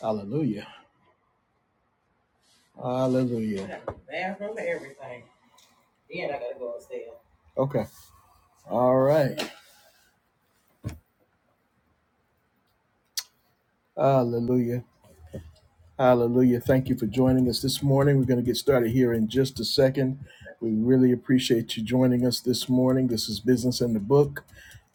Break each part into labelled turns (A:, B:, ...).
A: Hallelujah. Hallelujah. bathroom and everything. Then I gotta go upstairs. Okay. All right. Hallelujah. Hallelujah. Thank you for joining us this morning. We're going to get started here in just a second. We really appreciate you joining us this morning. This is Business in the Book.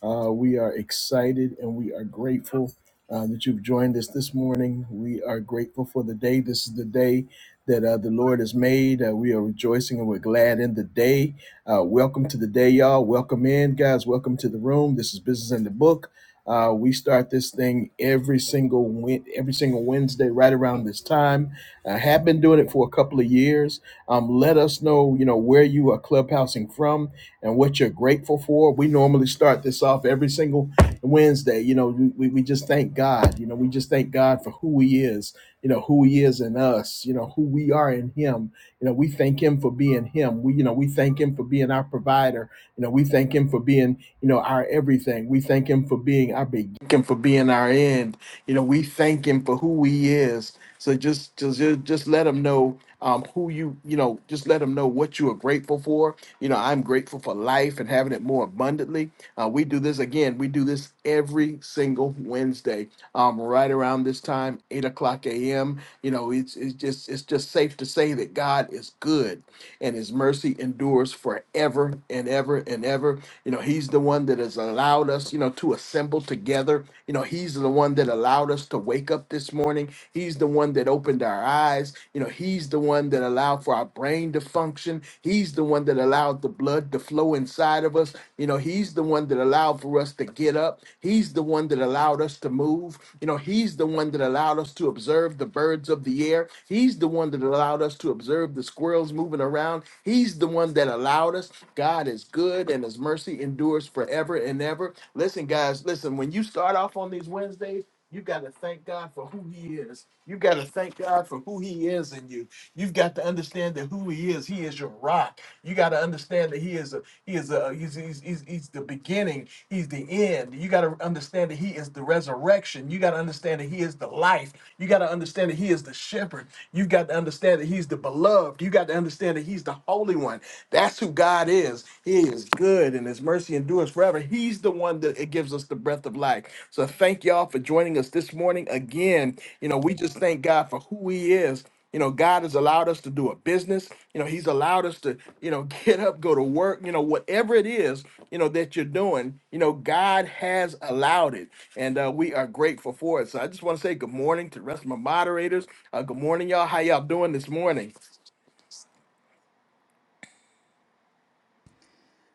A: Uh, we are excited and we are grateful uh, that you've joined us this morning. We are grateful for the day. This is the day that uh, the Lord has made. Uh, we are rejoicing and we're glad in the day. Uh, welcome to the day, y'all. Welcome in, guys. Welcome to the room. This is Business in the Book. Uh, we start this thing every single win- every single Wednesday right around this time. I have been doing it for a couple of years. Um, let us know, you know, where you are clubhousing from and what you're grateful for. We normally start this off every single Wednesday. You know, we, we just thank God. You know, we just thank God for who He is, you know, who He is in us, you know, who we are in Him. You know, we thank Him for being Him. We, you know, we thank Him for being our provider. You know, we thank Him for being, you know, our everything. We thank Him for being our beginning, for being our end. You know, we thank Him for who He is. So just just just let Him know um, who you you know just let Him know what you are grateful for you know, I'm grateful for life and having it more abundantly. Uh, we do this again. We do this every single Wednesday, um, right around this time, eight o'clock a.m. You know, it's it's just it's just safe to say that God is good, and His mercy endures forever and ever and ever. You know, He's the one that has allowed us, you know, to assemble together. You know, He's the one that allowed us to wake up this morning. He's the one that opened our eyes. You know, He's the one that allowed for our brain to function. He's the one that allowed the blood to flow inside of us. You know, He's the one that allowed for us to get up. He's the one that allowed us to move. You know, He's the one that allowed us to observe the birds of the air. He's the one that allowed us to observe the squirrels moving around. He's the one that allowed us. God is good and His mercy endures forever and ever. Listen, guys, listen, when you start off on these Wednesdays, you got to thank God for who He is. You got to thank God for who He is in you. You've got to understand that who He is. He is your rock. You got to understand that He is a He is a He's He's, he's, he's the beginning. He's the end. You got to understand that He is the resurrection. You got to understand that He is the life. You got to understand that He is the shepherd. You got to understand that He's the beloved. You got to understand that He's the holy one. That's who God is. He is good and his mercy endures forever. He's the one that it gives us the breath of life. So thank y'all for joining us this morning again. You know, we just thank God for who he is. You know, God has allowed us to do a business. You know, he's allowed us to, you know, get up, go to work, you know, whatever it is, you know, that you're doing, you know, God has allowed it. And uh, we are grateful for it. So I just want to say good morning to the rest of my moderators. Uh, good morning, y'all. How y'all doing this morning?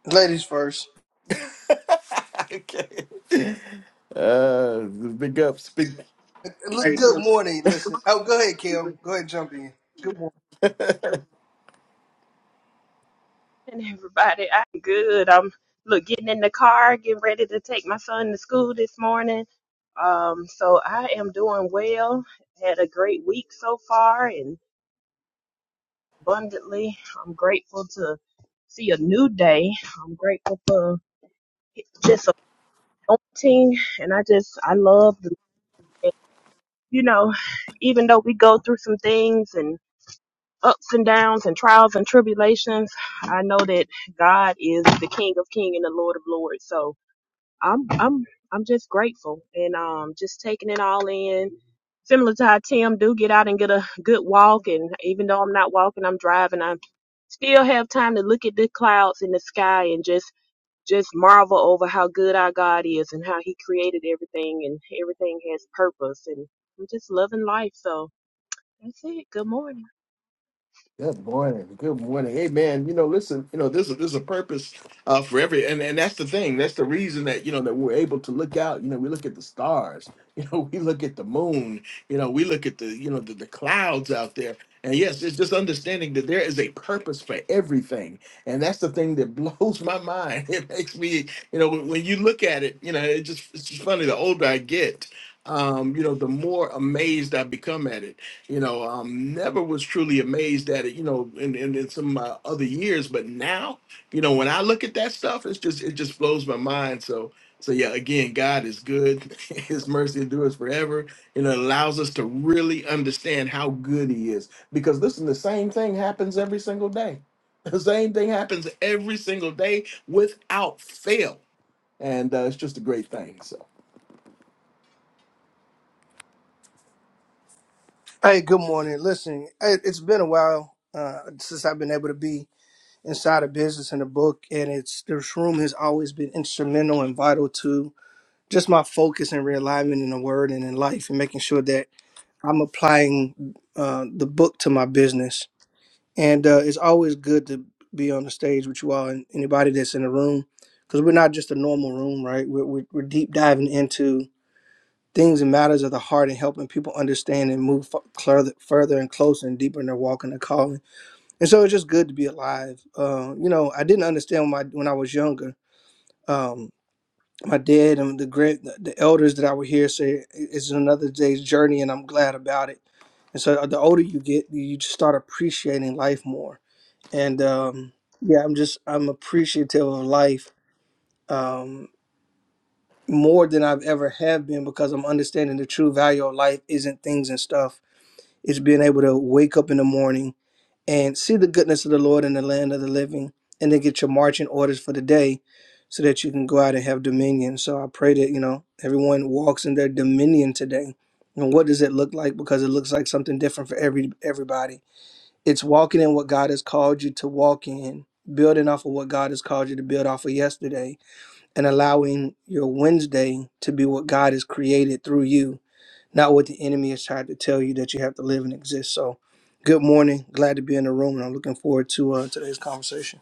B: Ladies first.
A: okay. Uh, big ups, big
B: Look,
A: Hey,
B: Good
A: so
B: morning. Listen. Oh, go ahead, Kim. Go ahead, jump in.
C: And everybody. I'm good. I'm look getting in the car, getting ready to take my son to school this morning. Um, so I am doing well. Had a great week so far, and abundantly, I'm grateful to see a new day. I'm grateful for this anointing, and I just I love the you know, even though we go through some things and ups and downs and trials and tribulations, I know that God is the King of King and the Lord of Lords. So I'm I'm I'm just grateful and um just taking it all in. Similar to how Tim do get out and get a good walk and even though I'm not walking, I'm driving, I still have time to look at the clouds in the sky and just just marvel over how good our God is and how he created everything and everything has purpose and I'm just loving life. So that's it. Good morning.
A: Good morning. Good morning. Hey man, you know, listen, you know, this is this is a purpose uh for every and, and that's the thing. That's the reason that you know that we're able to look out. You know, we look at the stars, you know, we look at the moon, you know, we look at the you know the, the clouds out there. And yes, it's just understanding that there is a purpose for everything. And that's the thing that blows my mind. It makes me, you know, when when you look at it, you know, it just it's just funny. The older I get, um, you know, the more amazed I become at it you know um never was truly amazed at it you know in in, in some uh, other years but now you know when i look at that stuff it's just it just blows my mind so so yeah again god is good his mercy endures forever and it allows us to really understand how good he is because listen the same thing happens every single day the same thing happens every single day without fail and uh, it's just a great thing So.
B: Hey, good morning. Listen, it- it's been a while uh, since I've been able to be inside a business and a book, and it's this room has always been instrumental and vital to just my focus and realignment in the word and in life, and making sure that I'm applying uh, the book to my business. And uh, it's always good to be on the stage with you all and anybody that's in the room, because we're not just a normal room, right? We're, we're, we're deep diving into things and matters of the heart and helping people understand and move f- further, further and closer and deeper in their walk and their calling. And so it's just good to be alive. Uh, you know, I didn't understand when I, when I was younger. Um, my dad and the great the the elders that I would hear say "I- it's another day's journey, and I'm glad about it. And so uh, the older you get, you just start appreciating life more. And um, yeah, I'm just I'm appreciative of life. Um, more than I've ever have been because I'm understanding the true value of life isn't things and stuff. It's being able to wake up in the morning and see the goodness of the Lord in the land of the living and then get your marching orders for the day so that you can go out and have dominion. So I pray that, you know, everyone walks in their dominion today. And what does it look like? Because it looks like something different for every everybody. It's walking in what God has called you to walk in, building off of what God has called you to build off of yesterday and allowing your Wednesday to be what God has created through you, not what the enemy has tried to tell you that you have to live and exist. So, good morning. Glad to be in the room, and I'm looking forward to uh, today's conversation.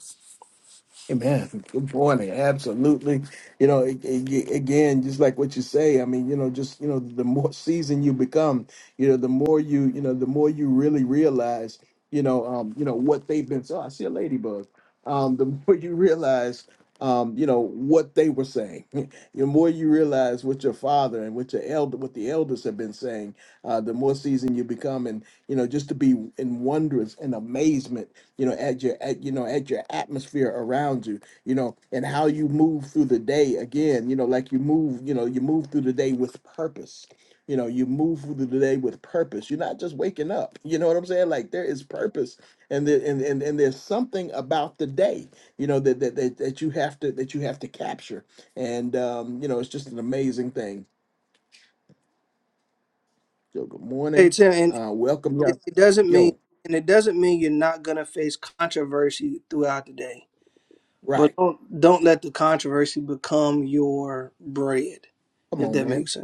A: Amen. Good morning. Absolutely. You know, a- a- again, just like what you say, I mean, you know, just, you know, the more seasoned you become, you know, the more you, you know, the more you really realize, you know, um, you know, what they've been. So I see a ladybug. Um, the more you realize, um, you know, what they were saying, the more you realize what your father and what your elder, what the elders have been saying, uh, the more seasoned you become and, you know, just to be in wonders and amazement you know at your at you know at your atmosphere around you you know and how you move through the day again you know like you move you know you move through the day with purpose you know you move through the day with purpose you're not just waking up you know what i'm saying like there is purpose and the and, and, and there's something about the day you know that, that that that you have to that you have to capture and um you know it's just an amazing thing so good
B: Hey,
A: morning
B: Tim, and
A: uh welcome yo,
B: it, it doesn't mean
A: yo
B: and it doesn't mean you're not gonna face controversy throughout the day, but
A: right
B: don't don't let the controversy become your bread,
A: come
B: if
A: on
B: that
A: man
B: makes sense.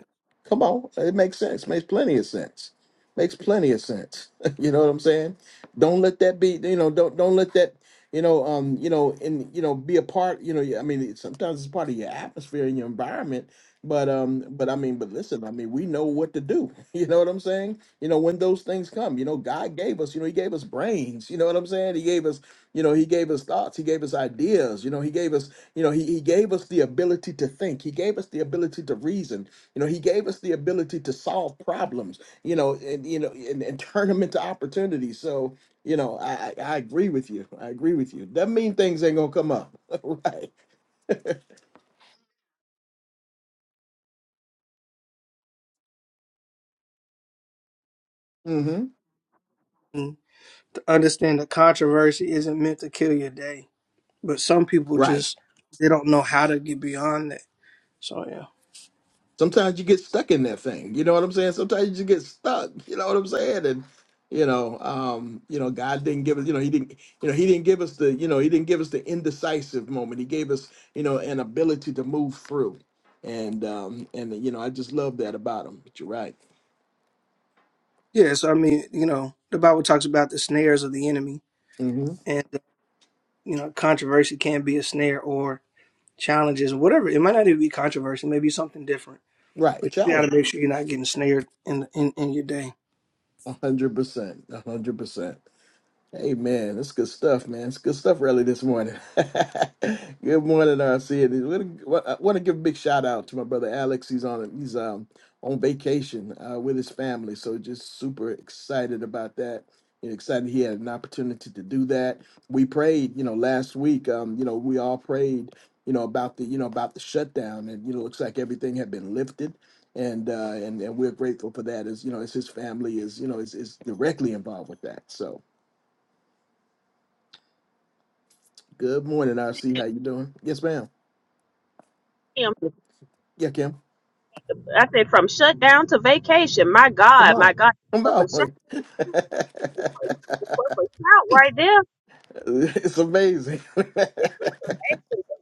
A: Come on, it makes sense. Makes plenty of sense. Makes plenty of sense. you know what I'm saying? Don't let that be. You know, don't don't let that. You know, um, you know, and you know, be a part. You know, I mean, it- sometimes it's part of your atmosphere and your environment. But um, but I mean, but listen, I mean, we know what to do. You know what I'm saying? You know, when those things come, you know, God gave us. You know, He gave us brains. You know what I'm saying? He gave us. You know, He gave us thoughts. He gave us ideas. You know, He gave us. You know, He He gave us the ability to think. He gave us the ability to reason. You know, he gave us the ability to solve problems, you know, and you know, and, and turn them into opportunities. So, you know, I, I I agree with you. I agree with you. Doesn't mean things ain't gonna come up. right. Mm-hmm.
B: Mm, to understand that controversy isn't meant to kill your day, but some people
A: Right.
B: just they don't know how to get beyond that. So yeah,
A: Sometimes you get stuck in that thing. You know what I'm saying? Sometimes you just get stuck. You know what I'm saying? And you know, um, you know, God didn't give us, you know, he didn't, you know, he didn't give us the, you know, he didn't give us the indecisive moment. He gave us, you know, an ability to move through. And um, and you know, I just love that about him. But you're right.
B: yeah. So I mean, you know, the Bible talks about the snares of the enemy,
A: hmm
B: and uh, you know, controversy can be a snare or challenges or whatever. It might not even be controversy, maybe something different.
A: Right.
B: But you got
A: Challenge.
B: to make sure you're not getting snared in in, in your day.
A: A hundred percent. A hundred percent. Hey man, that's good stuff, man. It's good stuff early this morning. good morning, RC. I want to give a big shout out to my brother Alex. He's on he's um on vacation uh, with his family, so just super excited about that. And excited he had an opportunity to do that. We prayed, you know, last week. Um, you know, we all prayed, you know, about the you know about the shutdown, and you know, looks like everything had been lifted. And, uh, and and we're grateful for that as you know as his family is you know is, is directly involved with that so Good morning, RC. How you doing? Yes, ma'am.
C: Tim,
A: Yeah, Kim.
C: I said from shutdown to vacation. My
A: Come
C: God, my
A: on.
C: God,
A: Come
C: work for shout,
A: on.
C: work for shout right there.
A: it's amazing.
C: It's, it's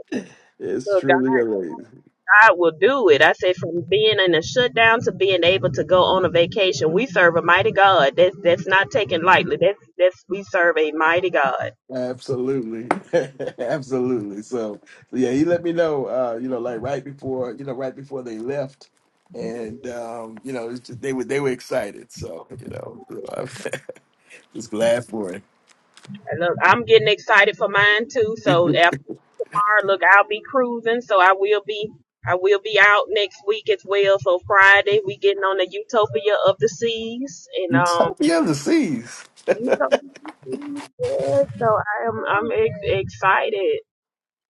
A: it's
C: amazing
A: truly amazing.
C: God will do it. I said, from being in a shutdown to being able to go on a vacation, we serve a mighty God. That's that's not taken lightly. That's that's we serve a mighty God.
A: Absolutely. Absolutely. So yeah, he let me know, uh, you know, like right before, you know, right before they left. And um, you know, it's just- they were they were excited. So, you know, I'm just glad for it.
C: And look, I'm getting excited for mine too. So after tomorrow, look, I'll be cruising. So I will be I will be out next week as well. So Friday, we getting on the Utopia of the Seas and um.
A: Utopia of the seas.
C: Utopia of the Seas, yeah. So I am I'm ex- excited.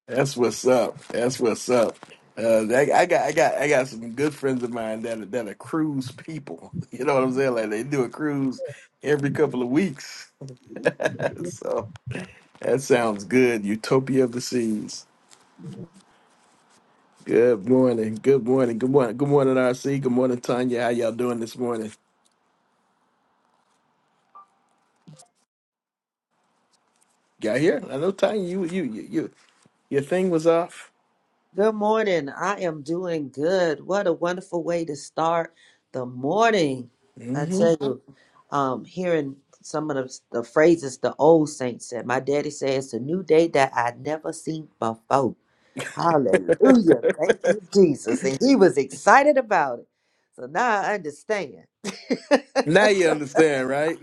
A: That's what's up. That's what's up. Uh, I, I got, I got, I got some good friends of mine that are, that are cruise people. You know what I'm saying? Like they do a cruise every couple of weeks. so that sounds good. Utopia of the seas. Good morning. Good morning. Good morning. Good morning, RC. Good morning, Tanya. How y'all doing this morning? Got here? I know Tanya. You, you, you, you your thing was off.
D: Good morning. I am doing good. What a wonderful way to start the morning. I
A: hmm
D: tell you, um, hearing some of the, the phrases the old saints said. My daddy said, It's a new day that I never seen before. Hallelujah. Thank you, Jesus. And he was excited about it. So now I understand.
A: Now you understand, right?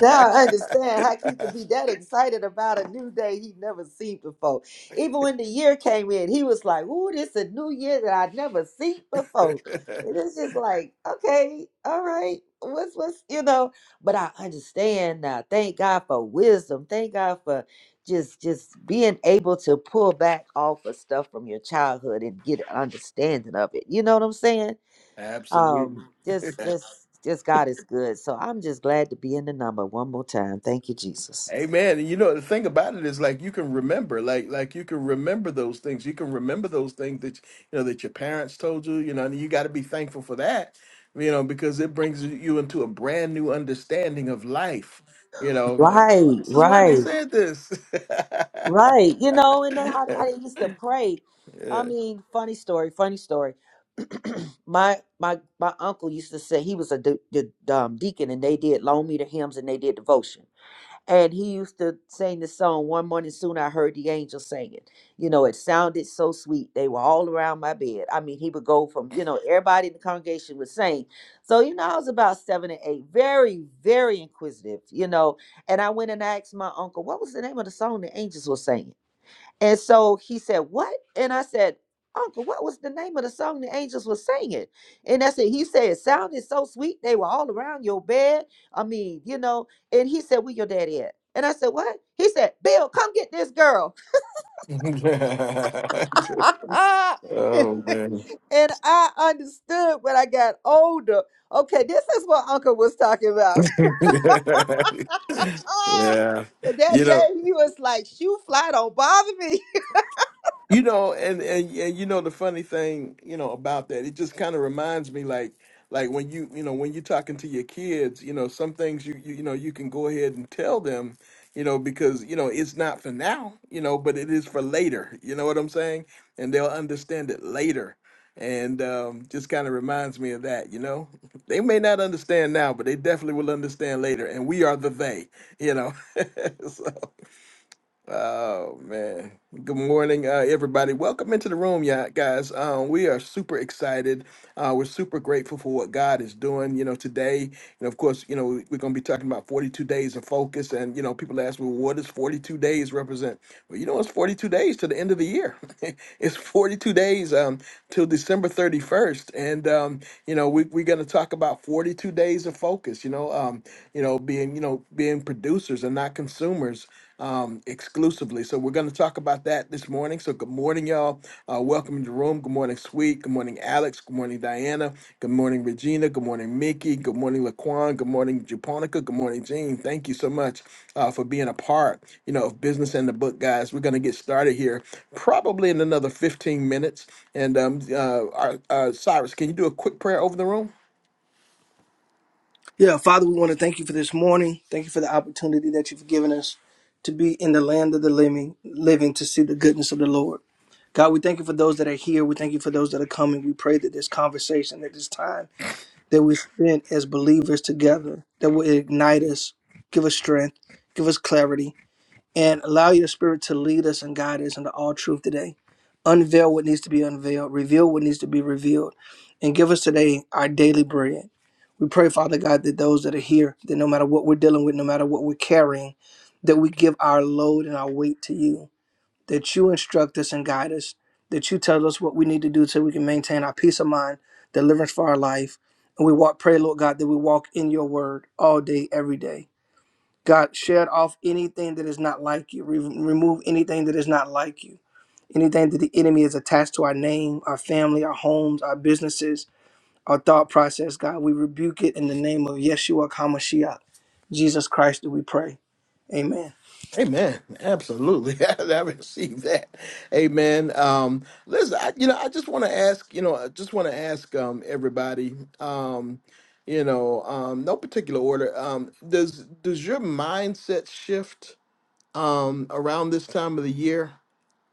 D: now I understand how he could be that excited about a new day he never seen before. Even when the year came in, he was like, "Ooh, this a new year that I never seen before." And it's just like, okay, all right, what's what's you know? But I understand now. Thank God for wisdom. Thank God for just just being able to pull back off of stuff from your childhood and get an understanding of it. You know what I'm saying?
A: Absolutely.
D: Um, just, just, just God is good. So I'm just glad to be in the number one more time. Thank you, Jesus.
A: Amen. And you know, the thing about it is like you can remember, like like you can remember those things. You can remember those things that you know that your parents told you, you know, and you got to be thankful for that, you know, because it brings you into a brand new understanding of life. You know, like, oh,
D: Right,
A: this is why they
D: right,
A: said this.
D: right. You know, and then how, how they used to pray. I
A: Yeah.
D: mean, funny story, funny story. my my my uncle used to say he was a de- de- um, deacon, and they did long meter hymns and they did devotion. And he used to sing the song, One Morning Soon I Heard the Angels Singing. You know, it sounded so sweet. They were all around my bed. I mean, he would go from, you know, everybody in the congregation would sing. So, you know, I was about seven and eight, very, very inquisitive, you know. And I went and asked my uncle, what was the name of the song the angels were singing? And so he said, What? And I said, Uncle, what was the name of the song the angels were singing? And I said, He said, It sounded so sweet. They were all around your bed. I mean, you know. And he said, Where your daddy at? And I said, What? He said, Bill, come get this girl. and
A: oh man.
D: and I understood when I got older. Okay, this is what Uncle was talking about. Ah,
A: yeah.
D: but that
A: You know,
D: day he was like, Shoe fly, don't bother me.
A: You know, and, and and you know the funny thing, you know, about that, it just kind of reminds me like like when you you know when you're talking to your kids, you know, some things you you, you know you can go ahead and tell them, you know, because you know it's not for now, you know, but it is for later. You know what I'm saying? And they'll understand it later. And um, just kind of reminds me of that, you know. They may not understand now, but they definitely will understand later. And we are the they, you know. Oh man. Good morning, uh, everybody. Welcome into the room, yeah, guys. Um, we are super excited. Uh, we're super grateful for what God is doing. You know, today, and of course, you know, we- we're going to be talking about 42 days of focus. And you know, people ask me, well, what does 42 days represent? Well, you know, it's 42 days to the end of the year. it's 42 days um, till December 31st, and um, you know, we, we're going to talk about 42 days of focus. You know, um, you know, being you know being producers and not consumers um, exclusively. So we're going to talk about that this morning. So good morning, y'all. Uh, welcome to the room. Good morning, Sweet. Good morning, Alex. Good morning, Diana. Good morning, Regina. Good morning, Mickey. Good morning, Laquan. Good morning, Japonica. Good morning, Jean. Thank you so much uh, for being a part, you know, of Business and the Book, guys. We're going to get started here probably in another 15 minutes. And um, uh, our, uh, Cyrus, can you do a quick prayer over the room?
B: Yeah, Father, we want to thank you for this morning. Thank you for the opportunity that you've given us to be in the land of the living, living to see the goodness of the Lord. God, we thank you for those that are here. We thank you for those that are coming. We pray that this conversation, that this time that we spend as believers together, that will ignite us, give us strength, give us clarity, and allow your spirit to lead us and guide us into all truth today. Unveil what needs to be unveiled, reveal what needs to be revealed, and give us today our daily bread. We pray, Father God, that those that are here, that no matter what we're dealing with, no matter what we're carrying, that we give our load and our weight to you, that you instruct us and guide us, that you tell us what we need to do so we can maintain our peace of mind, deliverance for our life. And we walk, pray, Lord God, that we walk in your word all day, every day God, shed off anything that is not like you. Re- remove anything that is not like you. Anything that the enemy is attached to our name, our family, our homes, our businesses, our thought process, God, we rebuke it in the name of Yeshua HaMashiach, Jesus Christ, that we pray. Amen.
A: Amen. Absolutely. I received that. Amen. Um, listen, I, you know, I just want to ask, you know, I just want to ask um, everybody, um, you know, um, no particular order. Um, does does your mindset shift um, around this time of the year?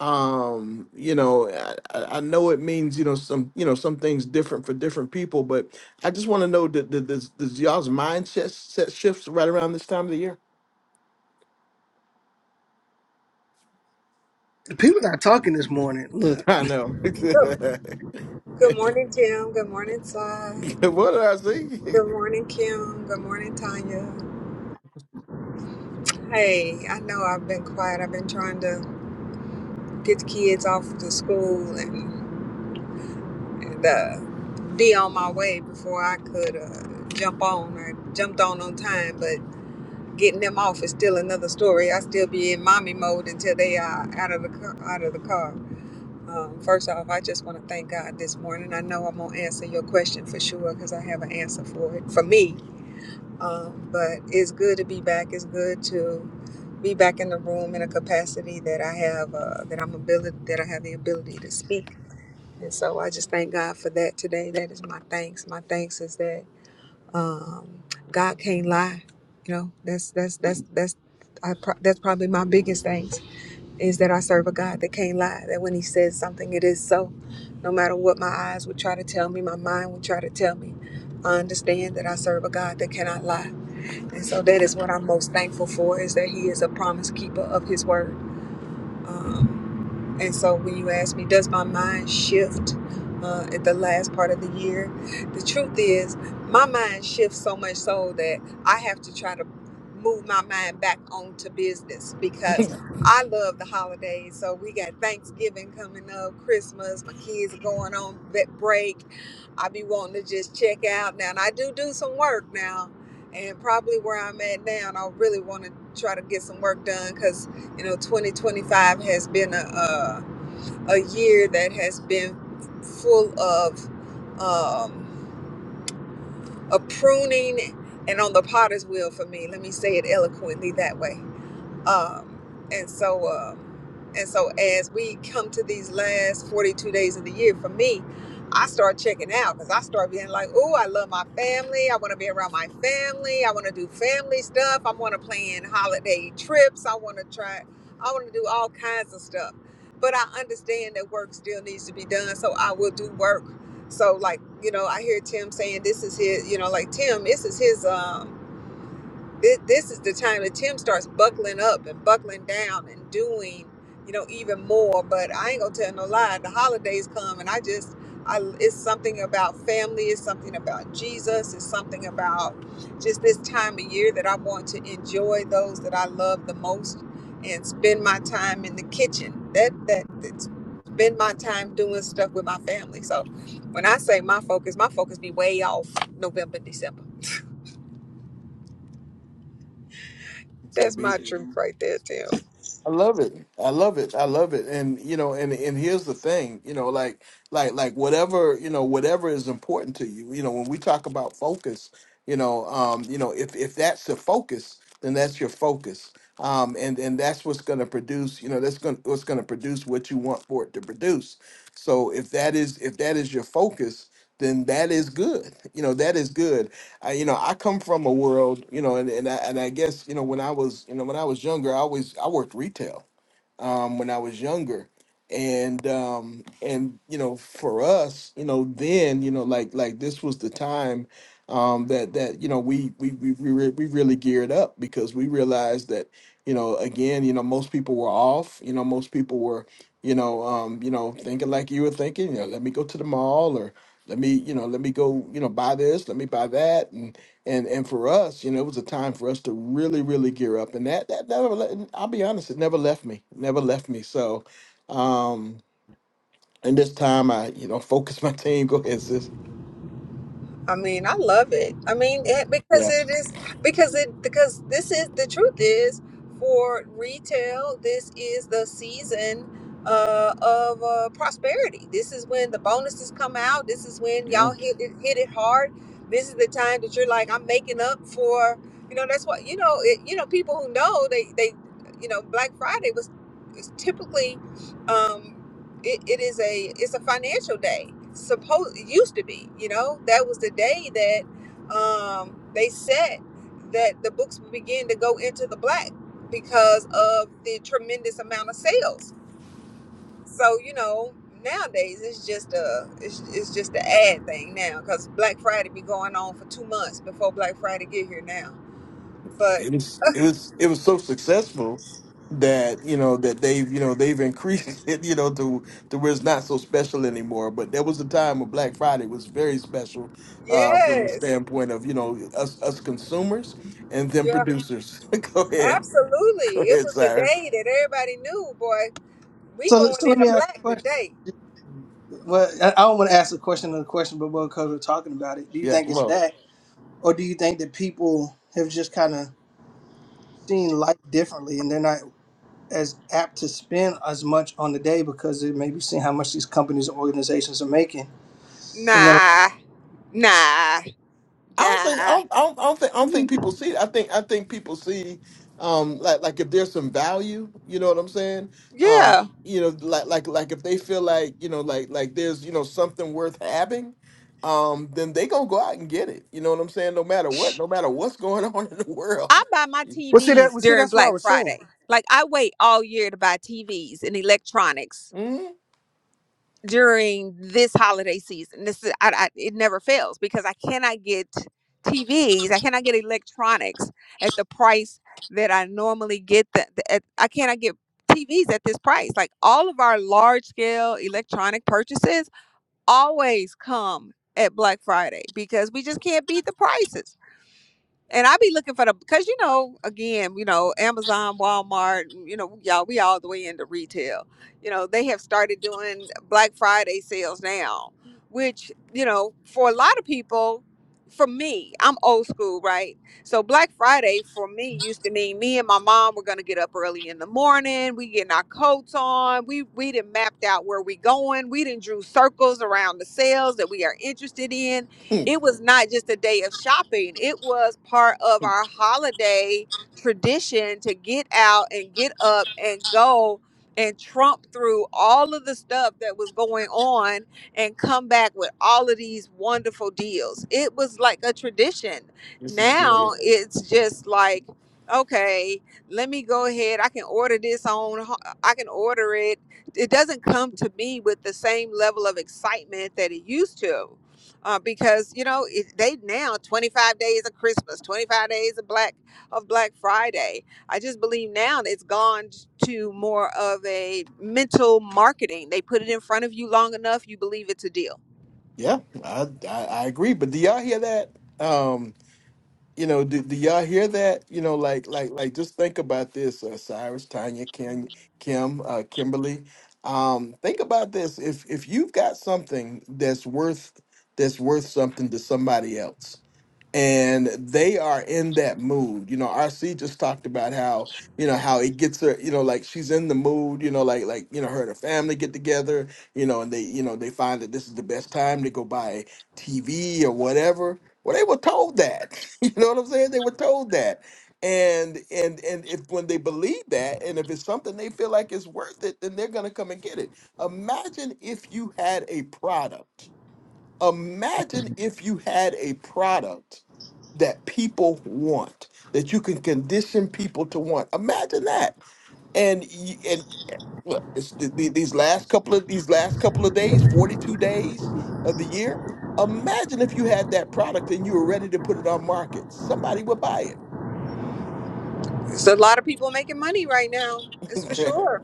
A: Um, you know, I, I I know it means you know some you know some things different for different people, but I just want to know that does, does y'all's mindset set shifts right around this time of the year?
B: The people not talking this morning. Look.
A: I know.
E: Good, good morning, Tim. Good morning, Sly.
A: what did I say?
E: Good morning, Kim. Good morning, Tanya. Hey, I know I've been quiet. I've been trying to get the kids off to school and, and uh, be on my way before I could uh, jump on. I jumped on on time, but getting them off is still another story. I still be in mommy mode until they are out of the car, out of the car. Um, first off, I just want to thank God this morning. I know I'm gonna answer your question for sure because I have an answer for it for me Um, but it's good to be back. It's good to be back in the room in a capacity that I have, uh, that I'm ability, that I have the ability to speak. And so I just thank God for that today. That is my thanks. My thanks is that um, God can't lie. You know, that's that's that's that's I pro- that's probably my biggest thanks is that I serve a God that can't lie. That when He says something, it is so. No matter what my eyes would try to tell me, my mind would try to tell me, I understand that I serve a God that cannot lie and so that is what I'm most thankful for is that he is a promise keeper of his word. Um, and so when you ask me, does my mind shift uh, at the last part of the year? The truth is, my mind shifts so much so that I have to try to move my mind back onto business because I love the holidays. So we got Thanksgiving coming up, Christmas, my kids are going on vet break. I be wanting to just check out now. And I do do some work now. And probably where I'm at now, and I really want to try to get some work done 'cause you know 2025 has been a, a, a year that has been full of um, a pruning and on the potter's wheel for me let me say it eloquently that way um, and so, um, and so as we come to these last 42 days of the year, for me, I start checking out because I start being like, oh, I love my family. I want to be around my family. I want to do family stuff. I want to plan holiday trips. I want to try, I want to do all kinds of stuff. But I understand that work still needs to be done. So I will do work. So like, you know, I hear Tim saying this is his, you know, like Tim, this is his um this, this is the time that Tim starts buckling up and buckling down and doing, you know, even more. But I ain't gonna tell no lie. The holidays come, and I just, I, it's something about family. It's something about Jesus. It's something about just this time of year that I want to enjoy those that I love the most and spend my time in the kitchen. That that that's spend my time doing stuff with my family. So when I say my focus, my focus be way off November, December. That's my truth right there, Tim.
A: I love it. I love it. I love it. And you know, and and here's the thing, you know, like like like whatever, you know, whatever is important to you, you know, when we talk about focus, you know, um, you know, if if that's the focus, then that's your focus. Um, and and that's what's going to produce, you know, that's going what's going to produce what you want for it to produce. So if that is if that is your focus, then that is good. You know, that is good. I, you know, I come from a world, you know, and and I, and I guess you know when I was, you know, when I was younger, I always I worked retail um, when I was younger, and um, and you know, for us, you know, then you know, like like this was the time um, that that you know we we we we, re- we really geared up because we realized that you know again, you know, most people were off, you know, most people were you know um, you know thinking like you were thinking, you know, let me go to the mall or let me you know let me go you know buy this let me buy that and and and for us you know it was a time for us to really really gear up and that that never le- i'll be honest it never left me It never left me so um and this time i you know focused my team go ahead sis.
E: I mean, I love it. I mean, it, because it is because it because this is the truth is for retail. This is the season uh, of uh, prosperity. This is when the bonuses come out. This is when y'all hit it, hit it hard. This is the time that you're like, I'm making up for. You know, that's what you know. It, you know, people who know they they, you know, Black Friday was, was typically. Um, it, it is a it's a financial day supposed it used to be you know that was the day that um they said that the books would begin to go into the black because of the tremendous amount of sales so you know nowadays it's just a it's, it's just an ad thing now because black friday be going on for two months before black friday get here now but
A: it was it was it was so successful that you know that they've you know they've increased it you know to to where it's not so special anymore but there was a time when black friday was very special uh from a
E: yes
A: standpoint of you know us us consumers and them
E: yeah
A: producers go ahead go
E: absolutely it
A: ahead
E: was the
A: cyrus
E: day that everybody knew boy we
B: So,
E: going
B: so let
E: in the
B: me ask
E: black
B: you a question.
E: today
B: Well, I I don't want to ask a question on the question, but because we're talking about it, do you
A: yeah
B: think
A: come
B: it's
A: on
B: that, or do you think that people have just kind of seen life differently, and they're not? as apt to spend as much on the day because it may be seeing how much these companies and organizations are making. And then,
E: Nah, nah,
A: i don't think i
E: nah.
A: don't i don't, I don't think i don't think people see it. i think i think people see um like like if there's some value you know what i'm saying
E: Yeah.
A: you know like like like if they feel like you know like like there's you know something worth having um then they gonna go out and get it you know what i'm saying no matter what no matter what's going on in the
E: I
A: world
E: buy my
B: well, see that,
E: TVs
B: well, see
E: during
B: that's what I
E: Black
B: was saying.
E: Friday. Like I wait all year to buy TVs and electronics
A: Mhm.
E: during this holiday season. This is I, I, it never fails because I cannot get TVs. I cannot get electronics at the price that I normally get. That at, I cannot get TVs at this price. Like all of our large scale electronic purchases always come at Black Friday because we just can't beat the prices and I be looking for the because you know again you know Amazon, Walmart, you know y'all we all the way into retail. You know they have started doing Black Friday sales now, which you know for a lot of people, for me I'm old school right. So Black Friday for me used to mean me and my mom were gonna get up early in the morning. We getting our coats on. We we didn't mapped out where we going. We didn't drew circles around the sales that we are interested in it was not just a day of shopping, it was part of our holiday tradition to get out and get up and go and trump through all of the stuff that was going on and come back with all of these wonderful deals. It was like a tradition. Now it's just like, okay, let me go ahead. I can order this on, I can order it. It doesn't come to me with the same level of excitement that it used to uh, because you know it, they now 25 days of christmas 25 days of black of black friday i just believe now that it's gone to more of a mental marketing they put it in front of you long enough you believe it's a deal
A: yeah I, I i agree but do y'all hear that um you know do, do y'all hear that you know like like like just think about this uh, cyrus tanya Ken, kim uh kimberly um think about this if if you've got something that's worth that's worth something to somebody else and they are in that mood. You know, RC just talked about how you know how it gets her. You know, like she's in the mood. You know, like like you know her and her family get together. You know, and they you know they find that this is the best time to go buy TV or whatever. Well, they were told that. You know what I'm saying? They were told that. And and and if when they believe that, and if it's something they feel like is worth it, then they're gonna come and get it. Imagine if you had a product. Imagine if you had a product that people want that you can condition people to want imagine that and y- and look it's the, the- these last couple of these last couple of days 42 days of the year imagine if you had that product and you were ready to put it on market somebody would buy
E: so a lot of people making money right now it's for
A: it
E: sure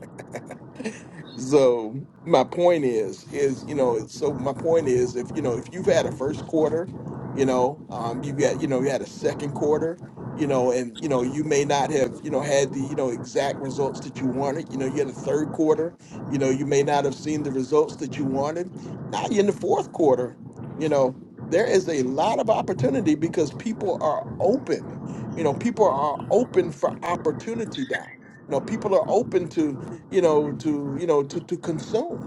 A: So my point is, is you know, so my point is, if you know, if you've had a first quarter, you know, um, you've got, you know, you had a second quarter, you know, and you know, you may not have, you know, had the, you know, exact results that you wanted. You know, you had a third quarter, you know, you may not have seen the results that you wanted. Now you're in the fourth quarter, you know, there is a lot of opportunity because people are open. You know, people are open for opportunity now. You know, people are open to you know, to you know to to consume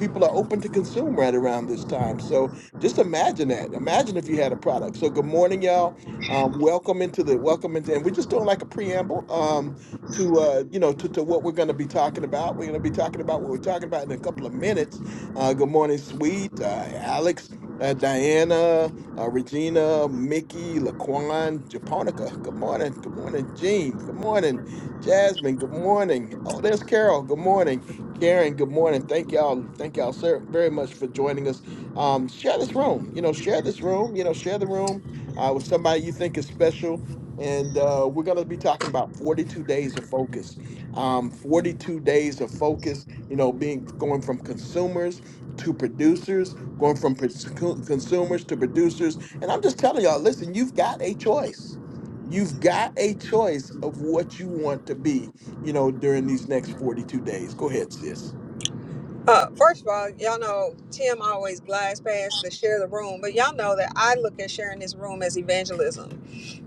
A: people are open to consume right around this time. So just imagine that. Imagine if you had a product. So good morning, y'all. Um, welcome into the welcome into, and we're just doing like a preamble um, to uh, you know to, to what we're going to be talking about. We're going to be talking about what we're talking about in a couple of minutes. Uh, good morning, sweet uh, Alex. Uh, Diana, uh, Regina, Mickey, Laquan, Japonica. Good morning. Good morning, Jean. Good morning, Jasmine. Good morning. Oh, there's Carol. Good morning. Karen, good morning. Thank y'all. Thank y'all, sir, very much for joining us. Um, share this room. You know, share this room. You know, share the room uh, with somebody you think is special. And uh, we're going to be talking about 42 days of focus. Um, 42 days of focus, you know, being going from consumers to producers, going from pers- co- consumers to producers. And I'm just telling y'all, listen, you've got a choice. You've got a choice of what you want to be, you know, during these next 42 days. Go ahead, sis.
E: Uh, first of all, y'all know Tim always glides past the share the room, but y'all know that I look at sharing this room as evangelism,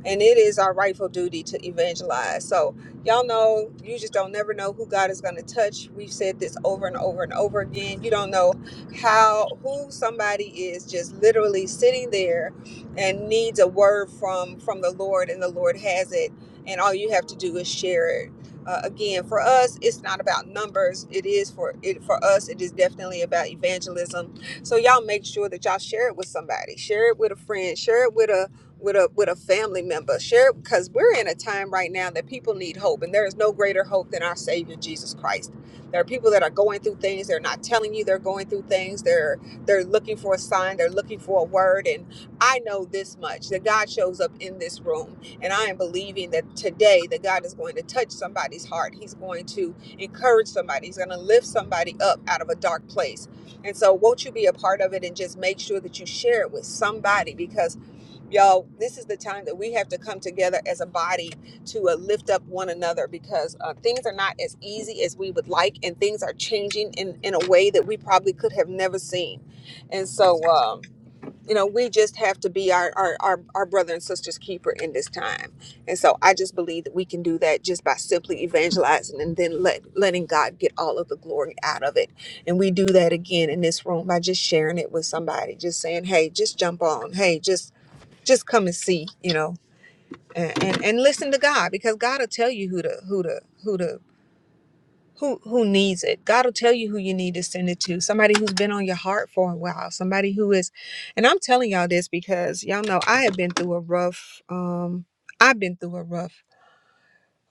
E: and it is our rightful duty to evangelize. So y'all know you just don't never know who God is going to touch. We've said this over and over and over again. You don't know how who somebody is just literally sitting there and needs a word from from the Lord, and the Lord has it, and all you have to do is share it uh, again for us it's not about numbers it is for it for us it is definitely about evangelism so y'all make sure that y'all share it with somebody share it with a friend share it with a with a with a family member share it because we're in a time right now that people need hope and there is no greater hope than our savior jesus christ there are people that are going through things they're not telling you they're going through things they're they're looking for a sign they're looking for a word and i know this much that god shows up in this room and I am believing that today that God is going to touch somebody's heart. He's going to encourage somebody. He's going to lift somebody up out of a dark place. And so won't you be a part of it and just make sure that you share it with somebody because y'all, this is the time that we have to come together as a body to uh, lift up one another because uh, things are not as easy as we would like and things are changing in, in a way that we probably could have never seen. And so, um, you know we just have to be our our our, our brother and sisters keeper in this time and so i just believe that we can do that just by simply evangelizing and then let letting god get all of the glory out of it and we do that again in this room by just sharing it with somebody just saying hey just jump on hey just just come and see you know and and, and listen to god because god will tell you who to who to who to who who needs it god will tell you who you need to send it to somebody who's been on your heart for a while somebody who is and i'm telling y'all this because y'all know i have been through a rough um i've been through a rough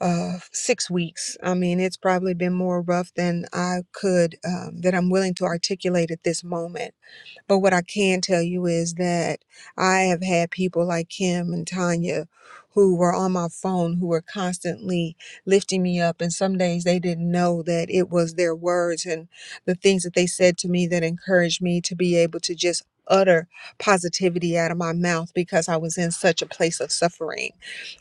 E: uh six weeks i mean it's probably been more rough than i could um that i'm willing to articulate at this moment but what I can tell you is that I have had people like Kim and Tanya who were on my phone who were constantly lifting me up. And some days they didn't know that it was their words and the things that they said to me that encouraged me to be able to just utter positivity out of my mouth because I was in such a place of suffering.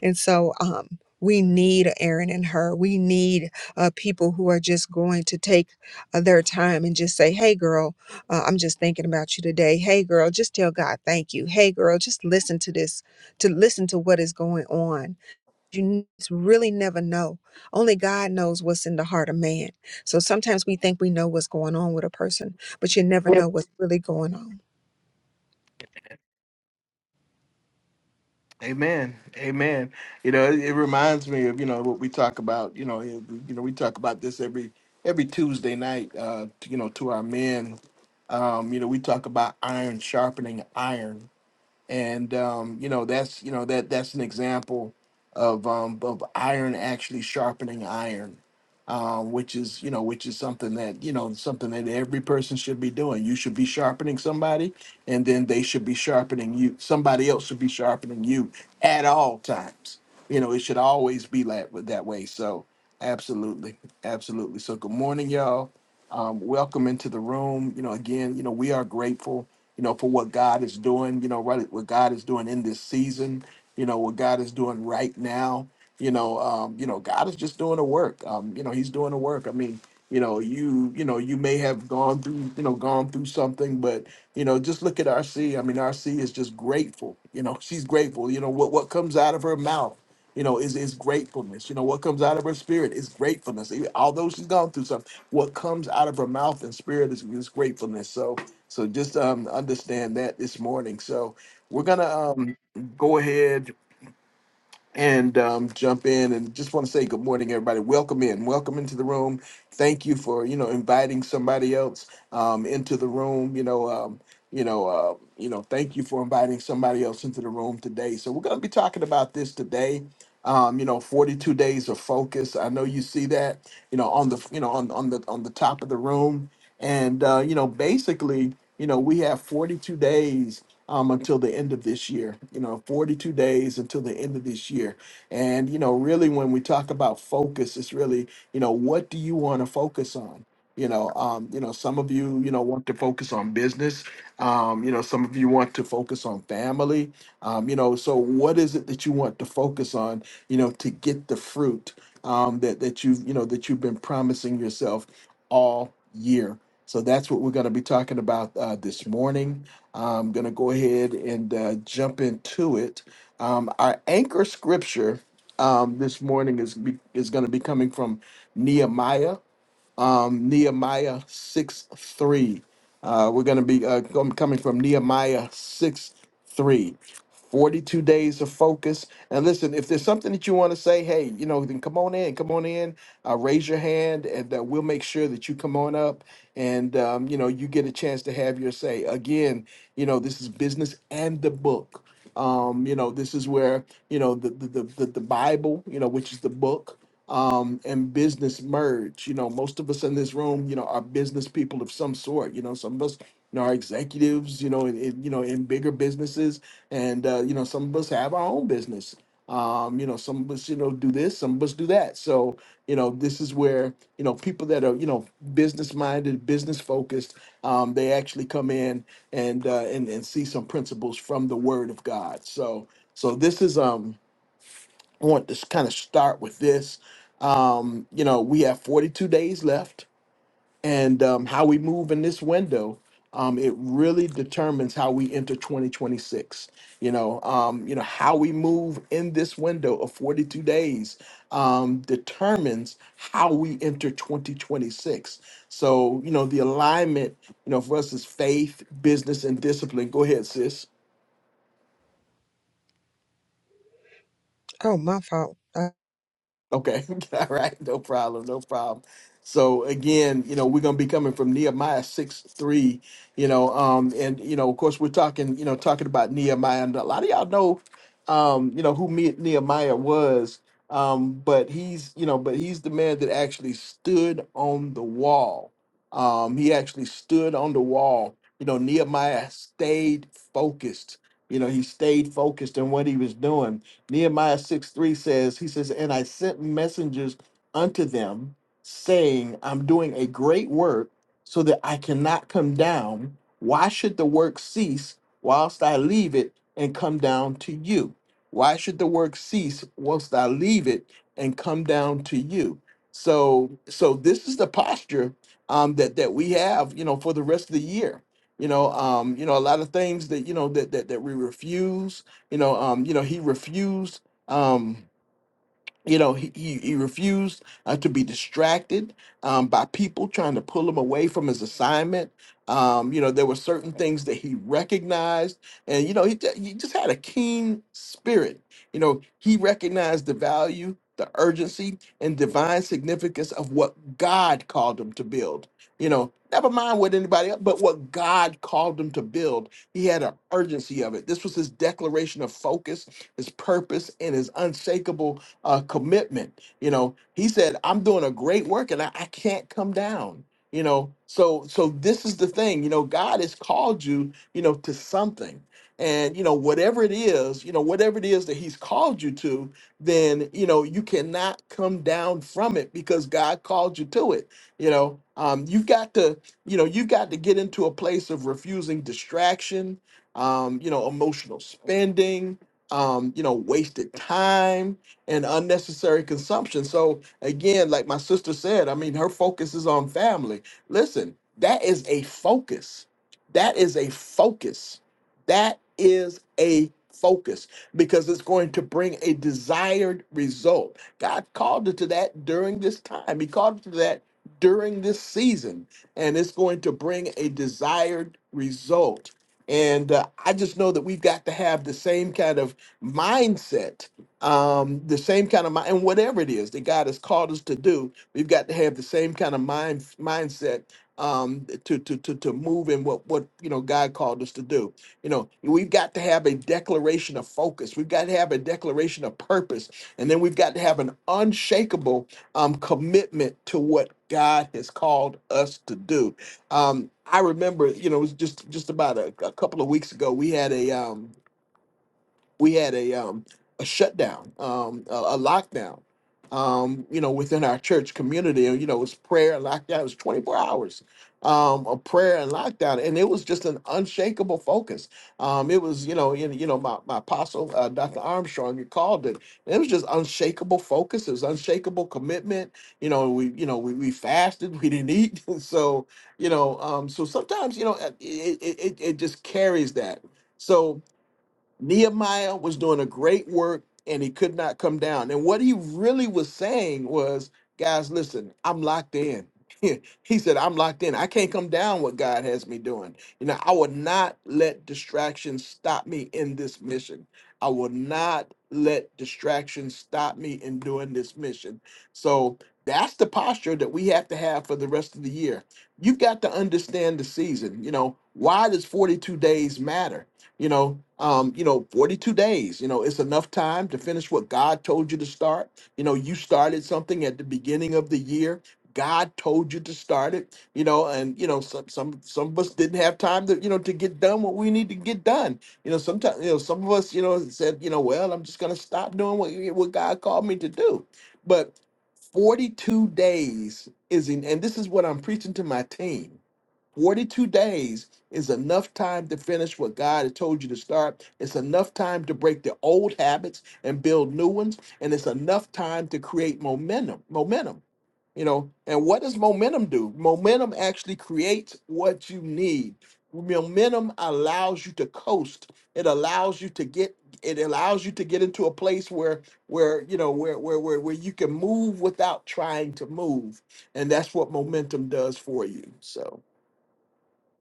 E: And so, um, we need Aaron and her. We need uh, people who are just going to take uh, their time and just say, hey, girl, uh, I'm just thinking about you today. Hey, girl, just tell God thank you. Hey, girl, just listen to this, to listen to what is going on. You n- really never know. Only God knows what's in the heart of man. So sometimes we think we know what's going on with a person, but you never know what's really going on.
A: Amen. Amen. You know, it, it reminds me of, you know, what we talk about, you know, you know, we talk about this every every Tuesday night uh, to, you know, to our men. Um, you know, we talk about iron sharpening iron and um, you know that's you know that that's an example of um, of iron actually sharpening iron, um, which is you know which is something that you know something that every person should be doing. You should be sharpening somebody, and then they should be sharpening you. Somebody else should be sharpening you at all times. You know it should always be that that way. So absolutely, absolutely. So good morning, y'all. Um, welcome into the room. You know again, you know we are grateful you know, for what God is doing, you know, right, what God is doing in this season, you know, what God is doing right now, you know, um, you know, God is just doing the work. Um, you know, He's doing the work. I mean, you know, you, you know, you may have gone through, you know, gone through something, but you know, just look at RC. I mean, RC is just grateful. You know, she's grateful. You know what what comes out of her mouth you know, is is gratefulness. You know, what comes out of her spirit is gratefulness. Even- Although she's gone through something, what comes out of her mouth and spirit is, is gratefulness. So, so just um, understand that this morning. So, we're gonna um, go ahead and um, jump in and just want to say good morning everybody welcome in welcome into the room thank you for you know inviting somebody else um, into the room you know um, you know uh, you know thank you for inviting somebody else into the room today so we're going to be talking about this today um, you know 42 days of focus i know you see that you know on the you know on, on the on the top of the room and uh, you know basically you know we have 42 days um, until the end of this year. You know, 42 days until the end of this year. And, you know, really when we talk about focus, it's really, you know, what do you want to focus on? You know, um, you know, some of you, you know, want to focus on business. Um, you know, some of you want to focus on family. Um, you know, so what is it that you want to focus on, you know, to get the fruit um, that that you've, you know, that you've been promising yourself all year. So that's what we're going to be talking about uh, this morning. I'm going to go ahead and uh, jump into it. Um, our anchor scripture um, this morning is be, is going to be coming from Nehemiah um, Nehemiah 6 3. Uh, we're going to be uh, com- coming from Nehemiah 6 3. 42 days of focus. And listen, if there's something that you want to say, hey, you know, then come on in, come on in, uh, raise your hand, and uh, we'll make sure that you come on up and, um, you know, you get a chance to have your say. Again, you know, this is business and the book. Um, you know, this is where, you know, the, the, the, the the Bible, you know, which is the book, um, and business merge. You know, most of us in this room, you know, are business people of some sort. You know, some of us you know, are executives. You know, in, in you know in bigger businesses, and uh, you know, some of us have our own business. Um, you know, some of us, you know, do this, some of us do that. So, you know, this is where, you know, people that are, you know, business minded, business focused, um, they actually come in and, uh, and, and see some principles from the word of God. So, so this is, um, I want to kind of start with this. Um, you know, we have 42 days left, and um, how we move in this window, um, it really determines how we enter 2026. You know, um, you know how we move in this window of 42 days um, determines how we enter 2026. So, you know, the alignment, you know, for us is faith, business, and discipline. Go ahead, sis.
E: Oh, my fault. Uh,
A: Okay. All right. No problem. No problem. So again, you know, we're gonna be coming from Nehemiah six three, you know, um, and you know, of course we're talking, you know, talking about Nehemiah and a lot of y'all know um, you know, who Me- Nehemiah was. Um, but he's, you know, but he's the man that actually stood on the wall. Um, he actually stood on the wall. You know, Nehemiah stayed focused. You know, he stayed focused on what he was doing Nehemiah 6 3 says, He says, And I sent messengers unto them, saying, I'm doing a great work so that I cannot come down. Why should the work cease whilst I leave it and come down to you? Why should the work cease whilst I leave it and come down to you? So, so this is the posture um, that that we have, you know, for the rest of the year. You know, um, you know, a lot of things that you know that that, that we refuse you know, um, you know, he refused. Um, you know he, he, he refused uh, to be distracted um, by people trying to pull him away from his assignment um, you know there were certain things that he recognized and you know he, ju- he just had a keen spirit you know he recognized the value the urgency and divine significance of what god called him to build you know never mind what anybody else but what god called him to build he had an urgency of it this was his declaration of focus his purpose and his unshakable uh, commitment. You know, he said, I'm doing a great work and I, I can't come down. You know, so so this is the thing, you know, God has called you, you know, to something. And you know, whatever it is, you know, whatever it is that He's called you to, then you know, you cannot come down from it because God called you to it. You know, um, you've got to, you know, you've got to get into a place of refusing distraction, um, you know, emotional spending, um, you know, wasted time and unnecessary consumption. So again, like my sister said, I mean, her focus is on family. Listen, that is a focus. That is a focus. That is a focus because it's going to bring a desired result. God called it to that during this time. He called it to that during this season, and it's going to bring a desired result. And uh, I just know that we've got to have the same kind of mindset um, the same kind of mind, and whatever it is that God has called us to do, we've got to have the same kind of mind mindset um, to to to to move in what what you know God called us to do. You know, we've got to have a declaration of focus. We've got to have a declaration of purpose, and then we've got to have an unshakable um, commitment to what God has called us to do. Um, I remember, you know, it was just just about a, a couple of weeks ago. We had a um, we had a um, a shutdown, um, a, a lockdown, um, you know, within our church community. And, You know, it was prayer and lockdown. It was 24 hours um, of prayer and lockdown, and it was just an unshakable focus. Um, it was, you know, you, you know, my, my apostle, uh, Dr. Armstrong, you called it. It was just unshakable focus. It was unshakable commitment. You know, we, you know, we, we fasted. We didn't eat. so, you know, um, so sometimes, you know, it, it, it, it just carries that. So Nehemiah was doing a great work and he could not come down. And what he really was saying was, guys, listen, I'm locked in. he said, I'm locked in. I can't come down what God has me doing. You know, I will not let distractions stop me in this mission. I will not let distractions stop me in doing this mission. So that's the posture that we have to have for the rest of the year. You've got to understand the season. You know, why does 42 days matter? you know um you know 42 days you know it's enough time to finish what god told you to start you know you started something at the beginning of the year god told you to start it you know and you know some some some of us didn't have time to you know to get done what we need to get done you know sometimes you know some of us you know said you know well i'm just going to stop doing what what god called me to do but 42 days is in and this is what i'm preaching to my team 42 days is enough time to finish what God has told you to start. It's enough time to break the old habits and build new ones. And it's enough time to create momentum. Momentum. You know, and what does momentum do? Momentum actually creates what you need. Momentum allows you to coast. It allows you to get it allows you to get into a place where where you know where where where, where you can move without trying to move. And that's what momentum does for you. So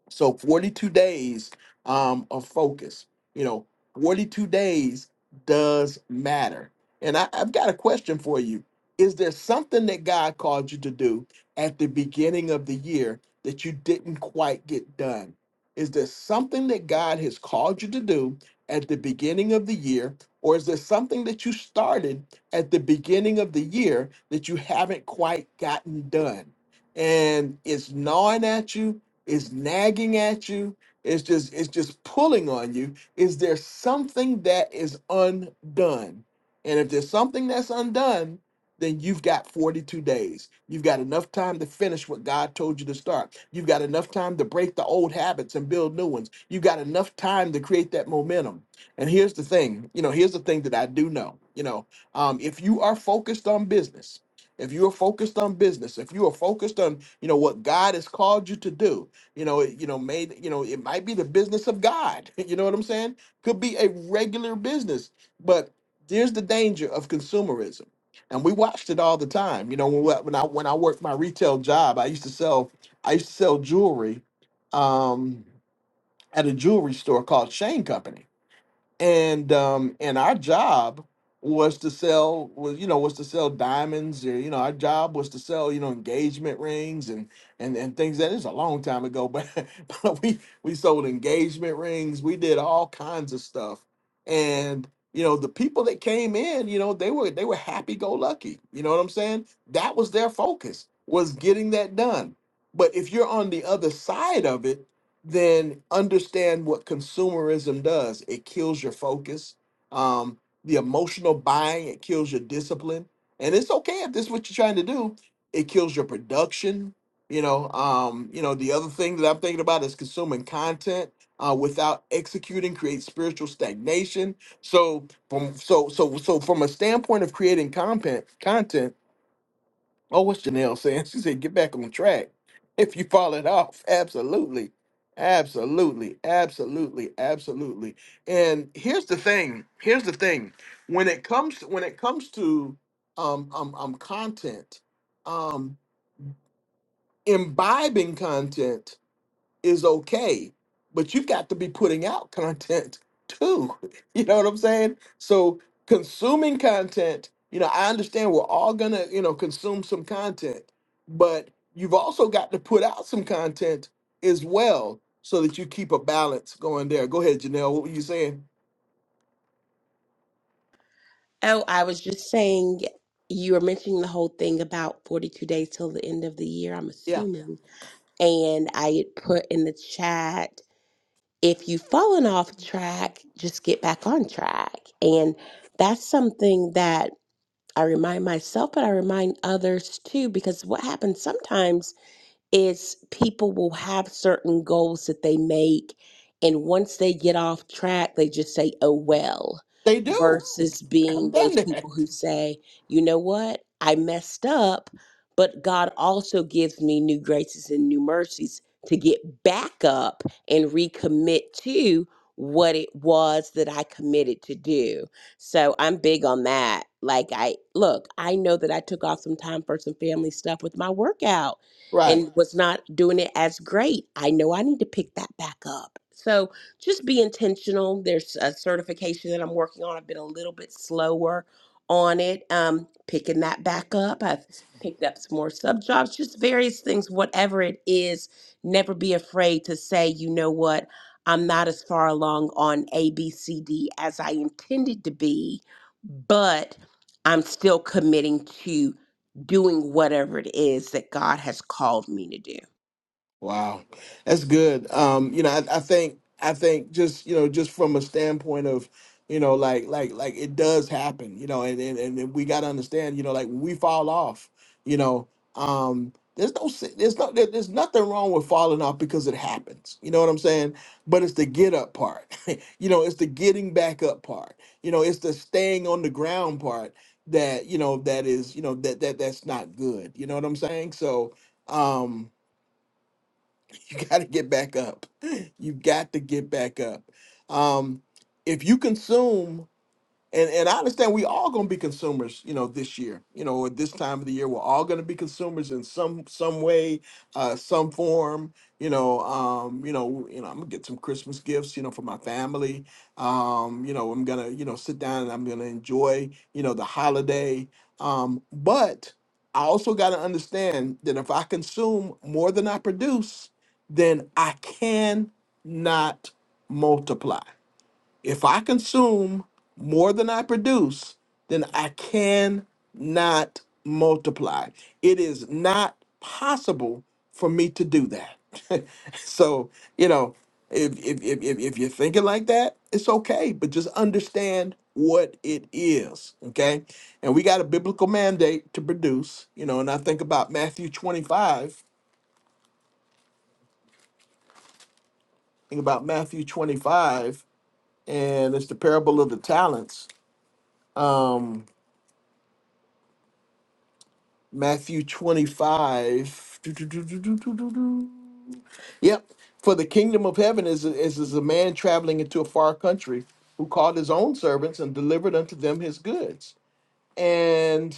A: so 42 days um, of focus, you know, 42 days does matter. And I, I've got a question for you. Is there something that God called you to do at the beginning of the year that you didn't quite get done? Is there something that God has called you to do at the beginning of the year? Or is there something that you started at the beginning of the year that you haven't quite gotten done? And it's gnawing at you it's nagging at you. It's just it's just pulling on you. Is there something that is undone? And if there's something that's undone, then you've got 42 days. You've got enough time to finish what God told you to start. You've got enough time to break the old habits and build new ones. You've got enough time to create that momentum. And here's the thing, you know, here's the thing that I do know. You know, um, if you are focused on business, if you are focused on business, if you are focused on, you know, what God has called you to do, you know it- you know made you know it might be the business of god you know what i'm saying could be a regular business but there's the danger of consumerism and we watched it all the time you know when, when i when i worked my retail job i used to sell i used to sell jewelry um at a jewelry store called shane company and um and our job was to sell was you know was to sell diamonds or you know our job was to sell you know engagement rings and and and things that is a long time ago but, but we we sold engagement rings we did all kinds of stuff and you know the people that came in you know they were they were happy go lucky you know what i'm saying that was their focus was getting that done but if you're on the other side of it then understand what consumerism does. It kills your focus. Um, the emotional buying, it kills your discipline. And it's okay if this is what you're trying to do. It kills your production. You know, um, you know, the other thing that I'm thinking about is consuming content uh, without executing creates spiritual stagnation. So from so so so from a standpoint of creating content content, Oh, what's Janelle saying? She said, get back on track. If you fall it off, absolutely. Absolutely. Absolutely. Absolutely. And here's the thing. Here's the thing. When it comes when it comes to um um, um content, um imbibing content is okay, but you've got to be putting out content too. You know what I'm saying? So consuming content, you know, I understand we're all gonna, you know, consume some content, but you've also got to put out some content as well so that you keep a balance going there. Go ahead, Janelle. What were you saying?
F: Oh, I was just saying you were mentioning the whole thing about 42 days till the end of the year, I'm
A: Yeah,
F: assuming. And I had put in the chat, if you've fallen off track, just get back on track. And that's something that I remind myself, but I remind others too, because what happens sometimes is people will have certain goals that they make and once they get off track they just say oh well
A: they
F: Mhm.
A: do.
F: versus
A: I've
F: being
A: done
F: those
A: that.
F: people who say you know what i messed up but god also gives me new graces and new mercies to get back up and recommit to what it was that i committed to do so i'm big on that like i look i know that i took off some time for some family stuff with my workout
A: Right.
F: and was not doing it as great. I know I need to pick that back up. So just be intentional. There's a certification that I'm working on. I've been a little bit slower on it, um, picking that back up. I've picked up some more sub jobs, just various things, whatever it is. Never be afraid to say, you know what, I'm not as far along on A, B, C, D as I intended to be, but I'm still committing to doing whatever it is that God has called me to do.
A: Wow, that's good. Um, you know, I, I think I think just you know just from a standpoint of you know like like like it does happen. You know, and and, and we got to understand. You know, like when we fall off. You know, um, there's no si- there's no there, there's nothing wrong with falling off because it happens. You know what I'm saying? But it's the get up part. you know, it's the getting back up part. You know, it's the staying on the ground part that you know that is you know that that that's not good. You know what I'm saying? So. um. you got to get back up. You got to get back up. Um, if you consume and and I understand we all going to be consumers, you know, this year, you know, at this time of the year, we're all going to be consumers in some some way, uh, some form, you know, um, you know, you know, I'm gonna get some Christmas gifts, you know, for my family, um, you know, I'm gonna, you know, sit down and I'm gonna enjoy, you know, the holiday, um, but I also got to understand that if I consume more than I produce, then I can not multiply if I consume more than I produce, then I cannot multiply. It is not possible for me to do that. so, you know, if, if, if, if if you're thinking like that, it's okay, but just understand what it is. Okay. And we got a biblical mandate to produce, you know, and I think about Matthew 25, think about Matthew 25, and it's the parable of the talents. Um, Matthew 25. Do, do, do, do, do, do, do, do. Yep. For the kingdom of heaven is, is as a man traveling into a far country who called his own servants and delivered unto them his goods. And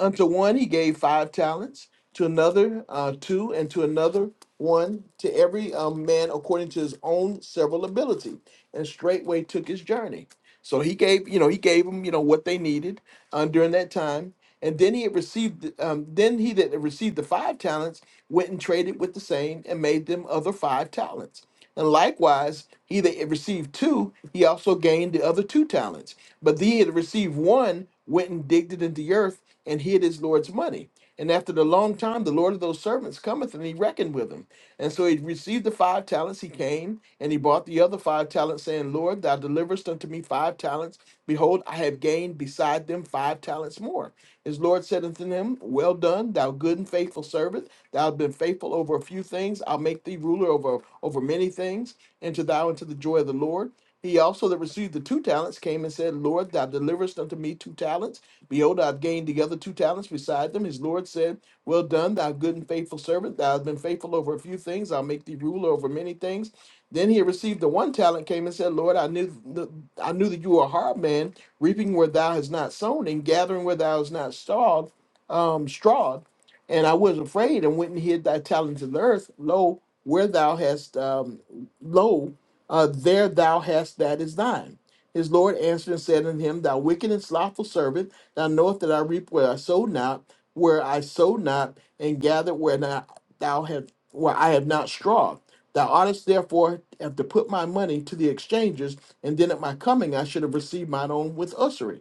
A: Unto one he gave five talents, to another uh, two, and to another one, to every um, man according to his own several ability. And straightway took his journey. So he gave, you know, he gave them, you know, what they needed uh, during that time. And then he had received, um, then he that received the five talents went and traded with the same and made them other five talents. And likewise, he that had received two, he also gained the other two talents. But he that had received one went and digged it into the earth and hid his Lord's money. And after the long time, the Lord of those servants cometh and he reckoned with him. And so he received the five talents. He came and he bought the other five talents, saying, Lord, thou deliverest unto me five talents. Behold, I have gained beside them five talents more. His Lord said unto him, Well done, thou good and faithful servant. Thou hast been faithful over a few things. I'll make thee ruler over, over many things. Enter thou into the joy of the Lord. He also that received the two talents came and said, Lord, thou deliverest unto me two talents. Behold, I've gained the other two talents beside them. His Lord said, Well done, thou good and faithful servant. Thou hast been faithful over a few things. I'll make thee ruler over many things. Then he received the one talent, came and said, Lord, I knew, th- I knew that you were a hard man reaping where thou hast not sown and gathering where thou hast not strawed, um, strawed. And I was afraid and went and hid thy talent in the earth. Lo, where thou hast, um, lo, uh, there thou hast that is thine. His Lord answered and said unto him, Thou wicked and slothful servant, thou knowest that I reap where I sowed not, where I sowed not, and gather where not thou have where I have not straw. Thou oughtest therefore have to put my money to the exchangers, and then at my coming I should have received mine own with usury.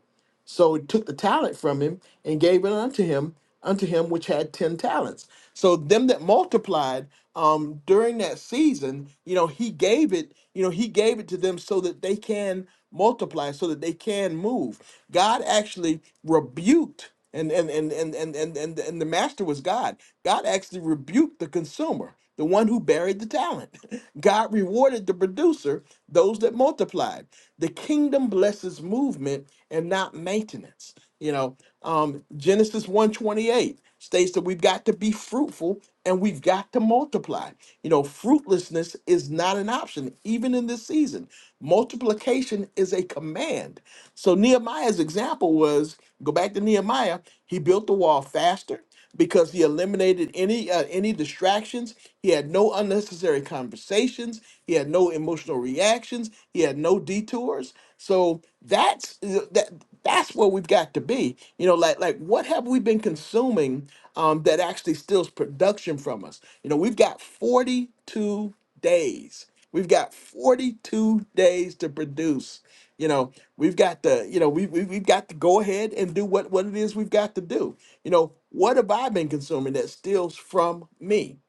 A: So he took the talent from him and gave it unto him, unto him which had ten talents. So them that multiplied um, during that season, you know, he gave it, you know, he gave it to them so that they can multiply, so that they can move. God actually rebuked and and and and and and and, and the master was god god actually rebuked the consumer the one who buried the talent god rewarded the producer those that multiplied the kingdom blesses movement and not maintenance you know um genesis 128 states that we've got to be fruitful and we've got to multiply. You know, fruitlessness is not an option, even in this season. Multiplication is a command. So Nehemiah's example was go back to Nehemiah, he built the wall faster because he eliminated any uh, any distractions. He had no unnecessary conversations. He had no emotional reactions. He had no detours. So that's uh, that. That's where we've got to be. You know, like like what have we been consuming um, that actually steals production from us? You know, we've got forty two days. We've got 42 days to produce. You know, we've got the, you know, we, we, we've got to go ahead and do what, what it is we've got to do. You know, what have I been consuming that steals from me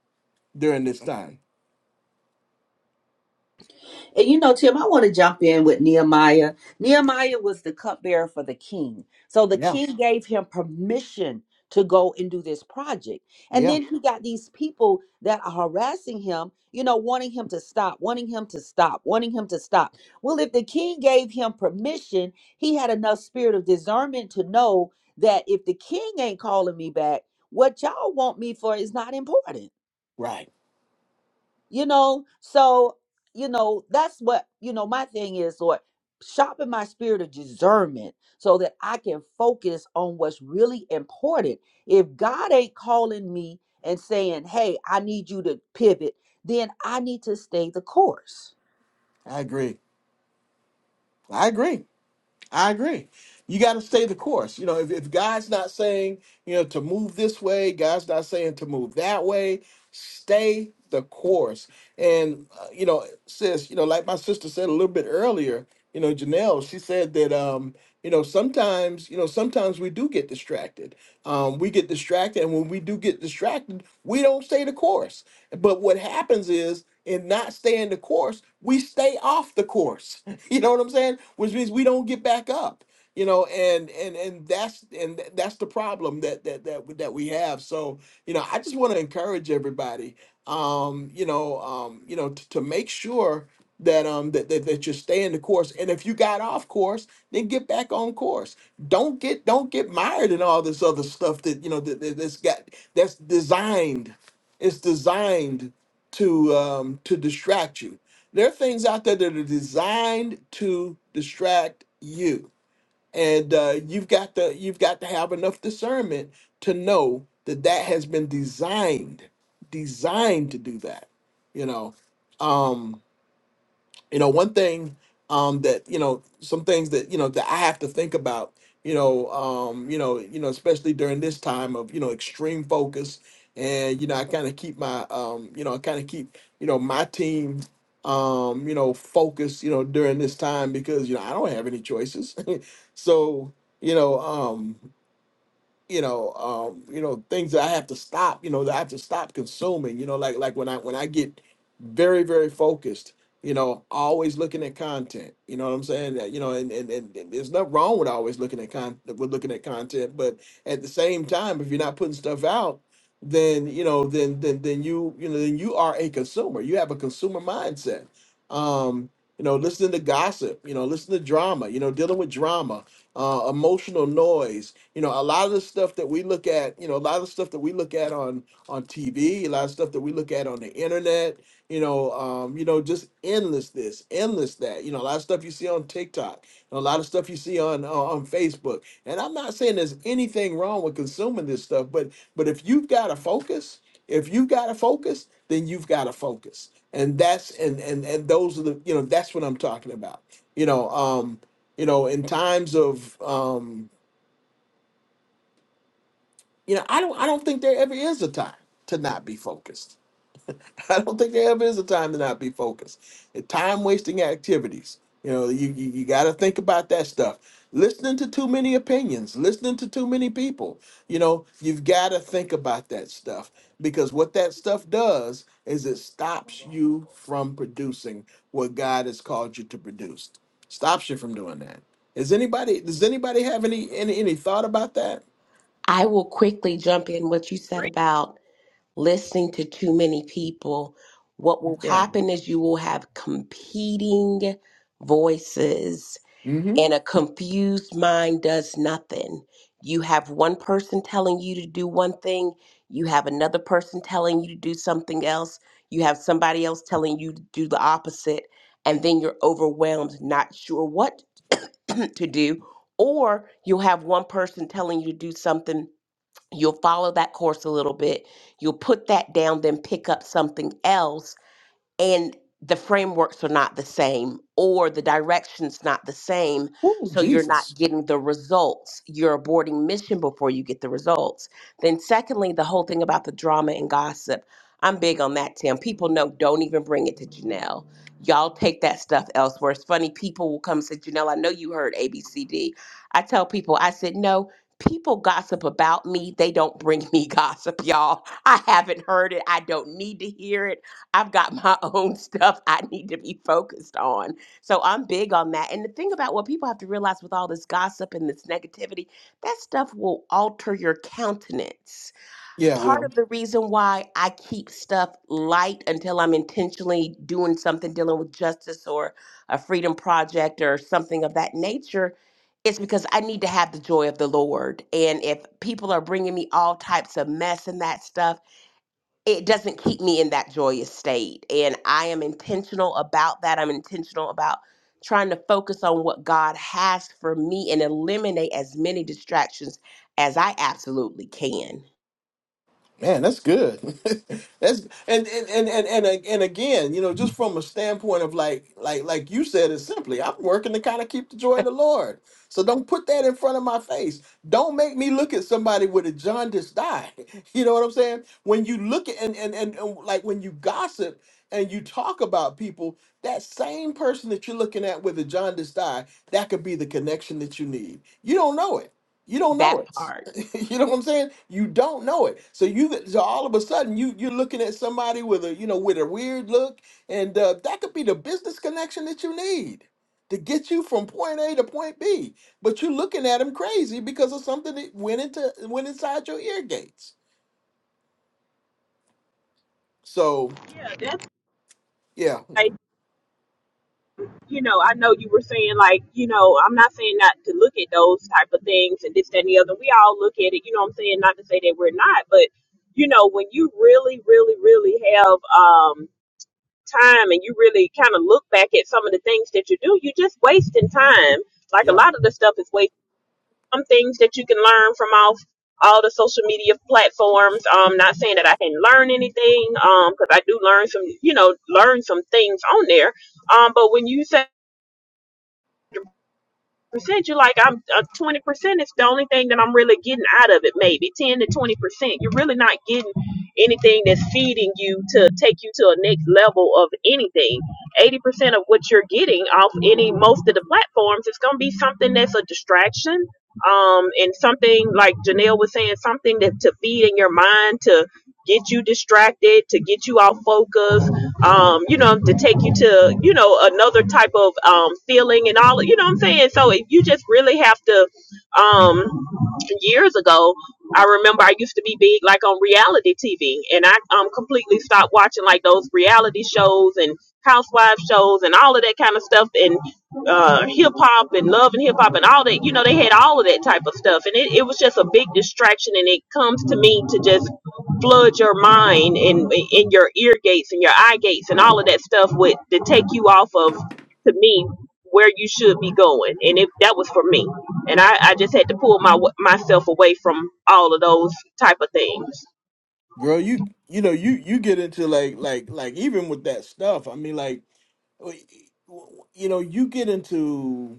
A: during this time?
D: And you know, Tim, I want to jump in with Nehemiah. Nehemiah was the cupbearer for the king. So the
A: Yeah.
D: king gave him permission to go and do this project. And
A: Yeah.
D: then he got these people that are harassing him, you know, wanting him to stop, wanting him to stop, wanting him to stop. Well, if the king gave him permission, he had enough spirit of discernment to know that if the king ain't calling me back, what y'all want me for is not important
A: Right.
D: you know so you know that's what you know my thing is lord sharpen my spirit of discernment so that i can focus on what's really important if god ain't calling me and saying hey i need you to pivot then i need to stay the course
A: I agree. I agree. I agree. You got to stay the course. You know, if, if God's not saying, you know, to move this way, God's not saying to move that way, stay the course. And, uh, you know, sis, you know, like my sister said a little bit earlier, you know, Janelle, she said that, um, you know, sometimes, you know, sometimes we do get distracted. Um, we get distracted. And when we do get distracted, we don't stay the course. But what happens is, in not staying the course, we stay off the course. You know what I'm saying? Which means we don't get back up. You know, and and and that's and th- that's the problem that that that w- that we have. So you know, I just want to encourage everybody. Um, you know, um, you know, t- to make sure that um that, that that you're staying the course. And if you got off course, then get back on course. Don't get don't get mired in all this other stuff that you know that that- that's got that's designed it's designed to um, to distract you. There are things out there that are designed to distract you, and uh, you've got to you've got to have enough discernment to know that that has been designed designed to do that. You know. Um, you know one thing um that you know some things that you know that i have to think about you know um you know you know especially during this time of you know extreme focus and you know i kind of keep my um you know i kind of keep you know my team um you know focused you know during this time because you know i don't have any choices so you know um you know, um, you know, things that I have to stop, you know, that I have to stop consuming, you know, like like when I when I get very, very focused, you know, always looking at content. You know what I'm saying? That, you know, and, and, and and there's nothing wrong with always looking at con with looking at content, but at the same time, if you're not putting stuff out, then you know, then then then you you know, then you are a consumer. You have a consumer mindset. Um, you know, listening to gossip, you know, listening to drama, you know, dealing with drama, uh, emotional noise you know, a lot of the stuff that we look at, you know, a lot of the stuff that we look at on on TV, a lot of stuff that we look at on the internet, you know, um, you know, just endless this, endless that. You know, a lot of stuff you see on TikTok, and a lot of stuff you see on uh, on Facebook. And I'm not saying there's anything wrong with consuming this stuff, but but if you've got to focus, if you've got to focus, then you've got to focus. And that's and and and those are the you know that's what I'm talking about. You know, um, you know, in times of um, you know, I don't I don't think there ever is a time to not be focused. I don't think there ever is a time to not be focused. time wasting activities. You know, you, you, you got to think about that stuff. Listening to too many opinions, listening to too many people, you know, you've got to think about that stuff because what that stuff does is it stops you from producing what God has called you to produce. Stops you from doing that. Is anybody, does anybody have any, any, any thought about that?
F: I will quickly jump in what you said
C: Great.
F: about listening to too many people. What will
A: Yeah.
F: happen is you will have competing voices
A: Mm-hmm.
F: and a confused mind does nothing. You have one person telling you to do one thing, you have another person telling you to do something else, you have somebody else telling you to do the opposite, and then you're overwhelmed, not sure what to do, or you'll have one person telling you to do something. You'll follow that course a little bit. You'll put that down, then pick up something else and the frameworks are not the same or the directions not the same
A: Oh,
F: so you're not
A: Jesus.
F: getting the results you're aborting mission before you get the results then secondly the whole thing about the drama and gossip i'm big on that tim people know don't even bring it to janelle y'all take that stuff elsewhere it's funny people will come and say janelle i know you heard abcd i tell people i said no people gossip about me they don't bring me gossip y'all i haven't heard it i don't need to hear it I've got my own stuff I need to be focused on. So I'm big on that. And the thing about what people have to realize with all this gossip and this negativity, that stuff will alter your countenance.
A: Yeah,
F: Part
A: well,
F: of the reason why I keep stuff light until I'm intentionally doing something dealing with justice or a freedom project or something of that nature is because I need to have the joy of the Lord. And if people are bringing me all types of mess and that stuff, it doesn't keep me in that joyous state. And I am intentional about that. I'm intentional about trying to focus on what God has for me and eliminate as many distractions as I absolutely can.
A: man, that's good. that's and and, and and and a- and again, you know, just from a standpoint of like like like you said it simply, I'm working to kind of keep the joy of the Lord. So don't put that in front of my face. Don't make me look at somebody with a jaundiced eye. You know what I'm saying? When you look at and and, and and like when you gossip and you talk about people, that same person that you're looking at with a jaundiced eye, that could be the connection that you need. You don't know it. You don't know
F: That
A: it.
F: part.
A: you know what I'm saying? You don't know it. So you so all of a sudden you you're looking at somebody with a you know with a weird look, and uh, that could be the business connection that you need to get you from point A to point B. But you're looking at them crazy because of something that went into went inside your ear gates. So
C: Yeah, that's
A: yeah,
C: right. you know, I know you were saying like, you know, I'm not saying not to look at those type of things and this, that, and the other. We all look at it, you know what I'm saying? Not to say that we're not, but you know, when you really, really, really have um time and you really kind of look back at some of the things that you do, you're just wasting time. Like a
A: yeah,
C: lot of the stuff is waste some things that you can learn from off all the social media platforms. Um not saying that I hadn't learned anything, um, because I do learn some, you know, learn some things on there. Um, but when you say percent. You're like, I'm uh, twenty percent is the only thing that I'm really getting out of it. Maybe ten to twenty percent. You're really not getting anything that's feeding you to take you to a next level of anything. Eighty percent of what you're getting off any most of the platforms is going to be something that's a distraction. Um, and something like Janelle was saying, something that to feed in your mind to get you distracted, to get you off focus, um, you know, to take you to, you know, another type of um, feeling and all, you know what I'm saying? So if you just really have to, um, years ago, I remember I used to be big like on reality TV and I um, completely stopped watching like those reality shows and housewife shows and all of that kind of stuff and uh, hip hop and love and hip hop and all that, you know, they had all of that type of stuff. And it, it was just a big distraction and it comes to me to just flood your mind and in your ear gates and your eye gates and all of that stuff with to take you off of to me where you should be going and if that was for me and I, I just had to pull my myself away from all of those type of things
A: girl, you you know you you get into like like like even with that stuff. I mean like w- you know you get into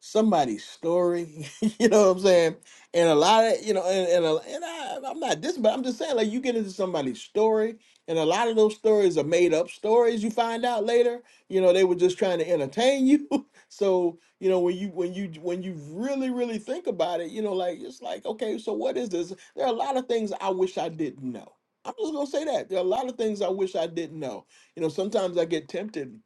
A: somebody's story. you know what I'm saying? And a lot of you know, and and, a, and I, I'm not this, but I'm just saying like you get into somebody's story, and a lot of those stories are made up stories. You find out later, you know, they were just trying to entertain you. so you know when you when you when you really really think about it, you know, like it's like okay, so what is this? There are a lot of things I wish I didn't know. I'm just gonna say that there are a lot of things I wish I didn't know. You know, sometimes I get tempted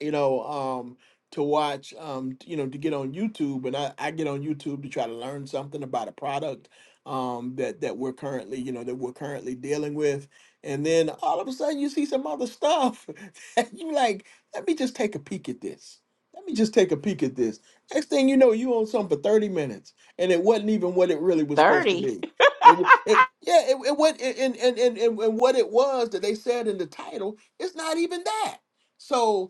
A: you know, um, to watch, um, you know, to get on YouTube, and I, I get on YouTube to try to learn something about a product um, that that we're currently, you know, that we're currently dealing with, and then all of a sudden you see some other stuff, and you like, let me just take a peek at this. Let me just take a peek at this. Next thing you know, you own something for thirty minutes, and it wasn't even what it really was supposed to
F: 30.
A: be. It, wa- it yeah, it, it what and, and and and and what it was that they said in the title, it's not even that. So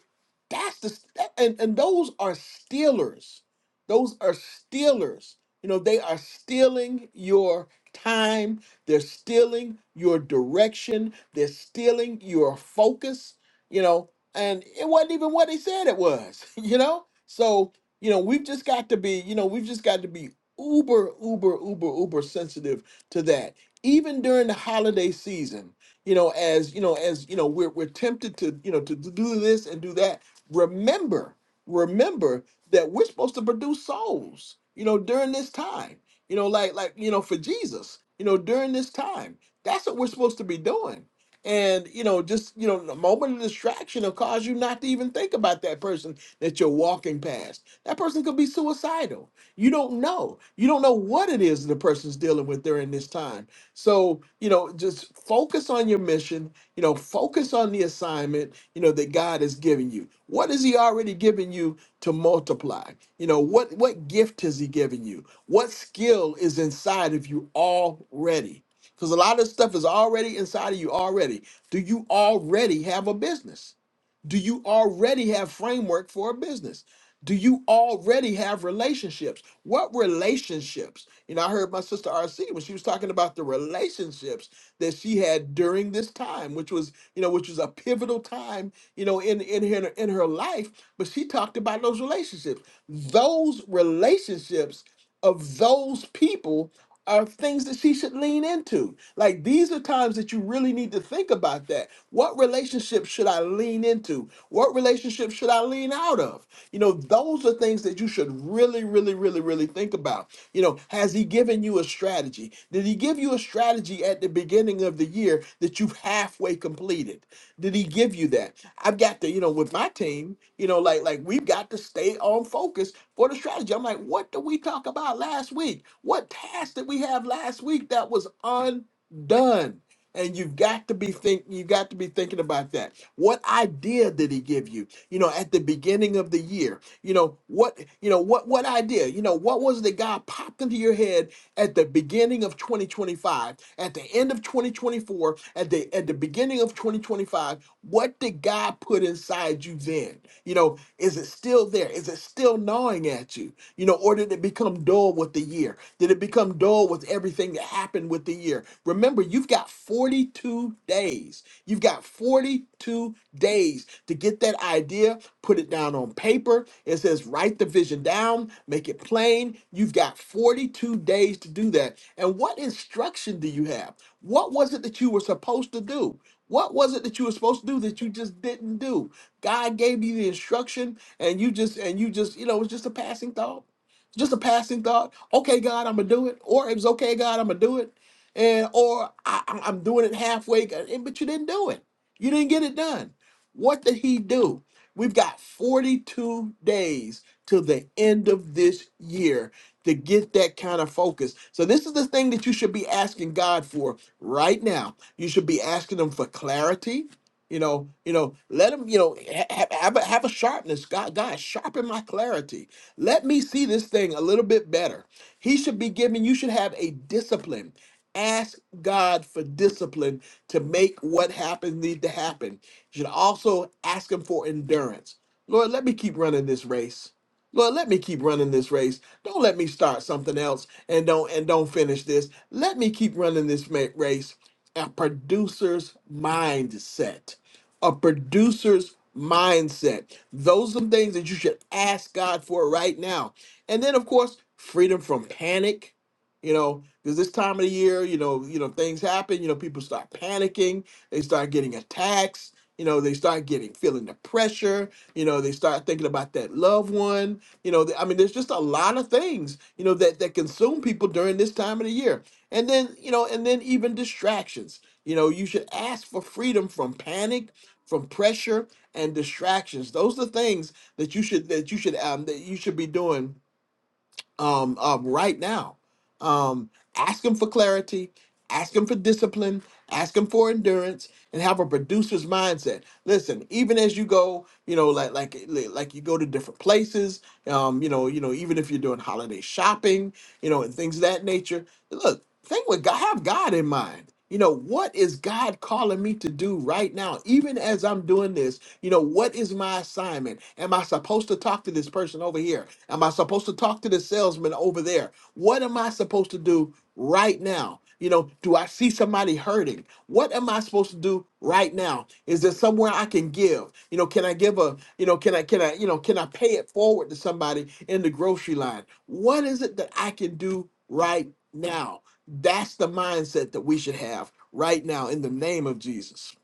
A: that's the that, and and those are stealers. Those are stealers. You know, they are stealing your time. They're stealing your direction. They're stealing your focus. You know, and it wasn't even what they said it was. You know, so you know we've just got to be. You know, we've just got to be uber, uber, uber, uber sensitive to that. Even during the holiday season, you know, as you know, as you know, we're we're tempted to you know to do this and do that remember, remember that we're supposed to produce souls, you know, during this time, you know, like, like, you know, for Jesus, you know, during this time. That's what we're supposed to be doing. And, you know, just, you know, a moment of distraction will cause you not to even think about that person that you're walking past. That person could be suicidal. You don't know. You don't know what it is the person's dealing with during this time. So, you know, just focus on your mission you know, focus on the assignment, you know, that God has given you. What has he already given you to multiply? You know, what what gift has he given you? What skill is inside of you already? Because a lot of stuff is already inside of you already. Do you already have a business? Do you already have framework for a business? Do you already have relationships? What relationships? You know, I heard my sister RC when she was talking about the relationships that she had during this time, which was, you know, which was a pivotal time, you know, in in her in her life. But she talked about those relationships. Those relationships of those people are things that she should lean into. Like these are times that you really need to think about that. What relationship should I lean into? What relationship should I lean out of? You know, those are things that you should really, really, really, really think about. You know, has he given you a strategy? Did he give you a strategy at the beginning of the year that you've halfway completed? did he give you that? I've got to, you know, with my team, you know, like like we've got to stay on focus for the strategy. I'm like, what did we talk about last week? What task did we have last week that was undone? And you've got to be think you got to be thinking about that. What idea did he give you? You know, at the beginning of the year, you know what you know what what idea? You know what was the guy popped into your head at the beginning of 2025, at the end of 2024, at the at the beginning of 2025? What did God put inside you then? You know, is it still there? Is it still gnawing coming at you? You know, or did it become dull with the year? Did it become dull with everything that happened with the year? Remember, you've got 42 days. You've got 42 days to get that idea, put it down on paper. It says write the vision down, make it plain. You've got 42 days to do that. And what instruction do you have? What was it that you were supposed to do? What was it that you were supposed to do that you just didn't do? God gave you the instruction, and you just and you just you know it's just a passing thought, just a passing thought. Okay, God, I'm gonna do it, or it was okay, God, I'm gonna do it, and or I, I'm I'm doing it halfway, and- but you didn't do it. You didn't get it done. What did He do? We've got 42 days to the end of this year to get that kind of focus. So this is the thing that you should be asking God for right now. You should be asking him for clarity. You know, you know, let him, you know, ha- ha- have, a, have a sharpness. God, God, sharpen my clarity. Let me see this thing a little bit better. He should be giving, you should have a discipline. Ask God for discipline to make what happens need to happen. You should also ask him for endurance. Lord, let me keep running this race. Lord, let me keep running this race. Don't let me start something else and don't and don't finish this. Let me keep running this ma- race. A producer's mindset a producer's mindset. Those are the things that you should ask God for right now. And then of course, freedom from panic, you know, because this time of the year, you know, you know, things happen, you know, people start panicking, they start getting attacks, you know, they start getting feeling the pressure, you know, they start thinking about that loved one, you know, th- I mean, there's just a lot of things, you know, that that consume people during this time of the year. And then, you know, and then even distractions. You know, you should ask for freedom from panic from pressure and distractions. Those are things that you should that you should um, that you should be doing um, um, right now. Um, ask him for clarity. Ask him for discipline. Ask him for endurance, and have a producer's mindset. Listen, even as you go, you know, like like like you go to different places. Um, you know, you know, even if you're doing holiday shopping, you know, and things of that nature. Look think with God, have God in mind. You know, what is God calling me to do right now? Even as I'm doing this, you know, what is my assignment? Am I supposed to talk to this person over here? Am I supposed to talk to the salesman over there? What am I supposed to do right now? You know, do I see somebody hurting? What am I supposed to do right now? Is there somewhere I can give? You know, can I give a, you know, can I, can I, you know, can I pay it forward to somebody in the grocery line? What is it that I can do right now? That's the mindset that we should have right now in the name of Jesus.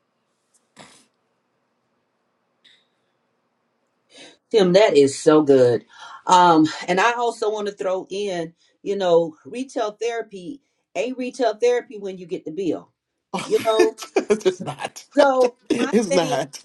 D: Tim, that is so good. Um, and I also want to throw in, you know, retail therapy, a retail therapy when you get the bill, you know.
A: it's not.
D: So my
A: it's
D: thing,
A: not.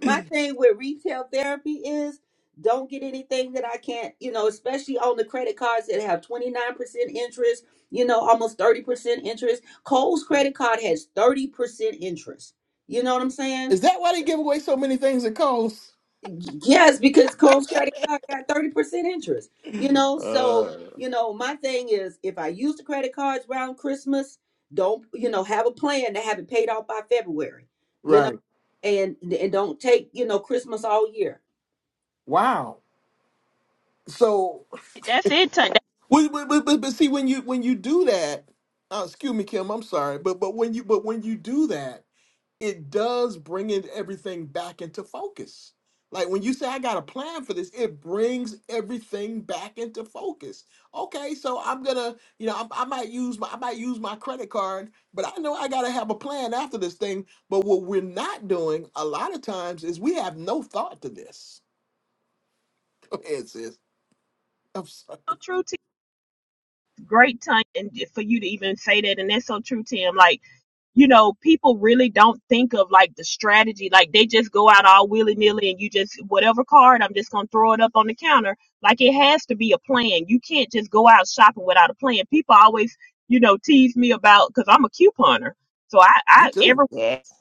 D: my thing with retail therapy is don't get anything that I can't, you know, especially on the credit cards that have 29% interest, you know, almost 30% interest. Cole's credit card has 30% interest. You know what I'm saying?
A: Is that why they give away so many things at Kohl's?
D: Yes, because Combs Credit Card got 30% interest. You know, so,
A: Uh,
D: you know, my thing is if I use the credit cards around Christmas, don't, you know, have a plan to have it paid off by February, you know,
A: right.
D: and and don't take, you know, Christmas all year.
A: Wow. So,
C: that's it Tanya.
A: but, but, but, but but see, when you when you do that, uh, excuse me, Kim, I'm sorry, but but when you but when you do that, it does bring in everything back into focus. Like when you say I got a plan for this, it brings everything back into focus. Okay, so I'm gonna, you know, I, I might use my I might use my credit card, but I know I gotta have a plan after this thing. But what we're not doing a lot of times is we have no thought to this. Go ahead, sis. I'm sorry.
C: that's so true great time and for you to even say that and that's so true tim like you know people really don't think of like the strategy like they just go out all willy-nilly and you just whatever card i'm just gonna throw it up on the counter like it has to be a plan you can't just go out shopping without a plan people always you know tease me about because i'm a couponer so i
A: You
C: i every
A: too.
F: Yes.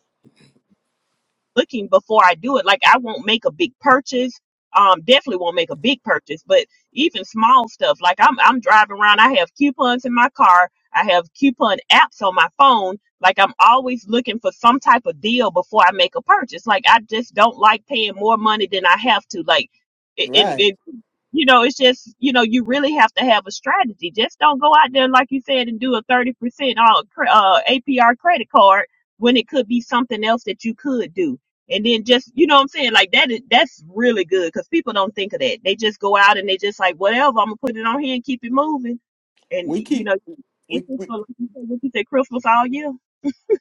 C: looking before I do it. Like I won't make a big purchase. Um, definitely won't make a big purchase, but even small stuff. Like I'm I'm driving around, I have coupons in my car, I have coupon apps on my phone. Like I'm always looking for some type of deal before I make a purchase. Like I just don't like paying more money than I have to. Like it, it,
A: Right.
C: it you know, it's just, you know, you really have to have a strategy. Just don't go out there, like you said, and do a 30% uh, cre- uh, APR credit card when it could be something else that you could do and then just, you know what I'm saying? Like that is, that's really good because people don't think of that. They just go out and they just like, whatever, I'm gonna put it on here and keep it moving. And
A: We
C: you
A: keep
C: know, it's
A: we
C: just
A: we
C: for like you said, what you say, Christmas all year.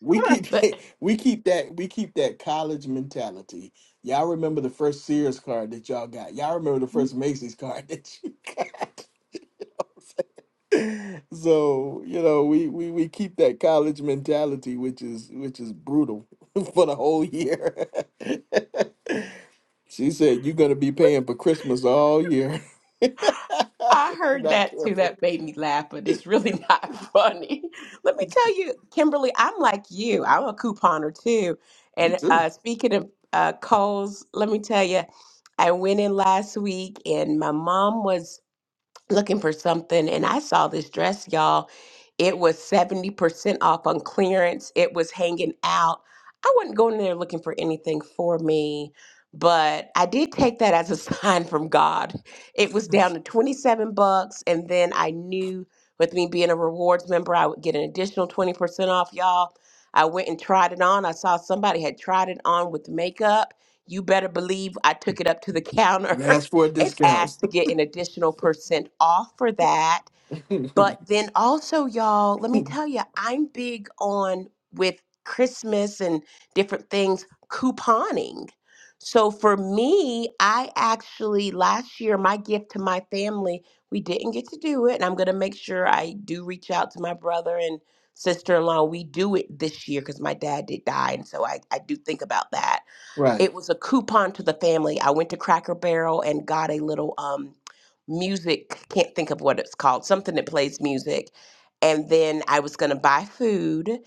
A: We keep
F: But
A: we keep that we keep that college mentality. Y'all remember the first Sears card that y'all got. Y'all remember the
C: The
A: first Macy's card that you got. You know what I'm saying? so you know we, we we keep that college mentality, which is which is brutal for the whole year. she said you're gonna be paying for Christmas all year. if
F: I
A: you're
F: heard
A: not
F: that too.
A: careful.
F: That made me laugh, but it's really not funny. Let me tell you, Kimberly, I'm like you. I'm a couponer too.
A: Me
F: And
A: too.
F: uh, speaking of uh, Kohl's, let me tell you, I went in last week and my mom was looking for something and I saw this dress, y'all. It was 70% off on clearance. It was hanging out. I wasn't going there looking for anything for me, but I did take that as a sign from God. It was down to 27 bucks and then I knew with me being a rewards member, I would get an additional 20% off, y'all. I went and tried it on. I saw somebody had tried it on with makeup. You better believe I took it up to the
A: And
F: counter
A: ask for
F: and
A: discounts.
F: asked to get an additional percent off for that. But then also, y'all, let me tell you, I'm big on with Christmas and different things, couponing. So for me, I actually last year, my gift to my family, we didn't get to do it. And I'm going to make sure I do reach out to my brother and sister in law. We do it this year because my dad did die. And so I, I do think about that
A: right.
F: it was a coupon to the family. I went to Cracker Barrel and got a little um music, can't think of what it's called, something that plays music. And then I was going to buy food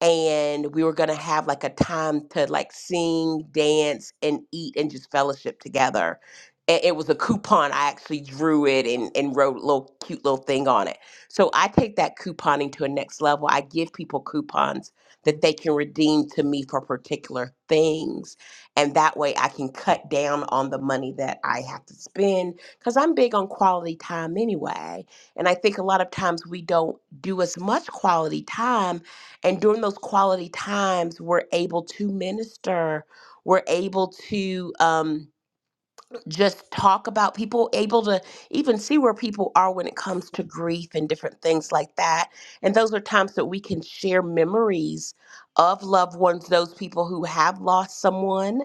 F: and we were gonna have like a time to like sing, dance, and eat and just fellowship together. And it was a coupon. I actually drew it and, and wrote a little cute little thing on it. So I take that couponing to a next level. I give people coupons that they can redeem to me for particular things. And that way I can cut down on the money that I have to spend because I'm big on quality time anyway. And I think a lot of times we don't do as much quality time and during those quality times, we're able to minister, we're able to. Um, just talk about people able to even see where people are when it comes to grief and different things like that and those are times that we can share memories of loved ones those people who have lost someone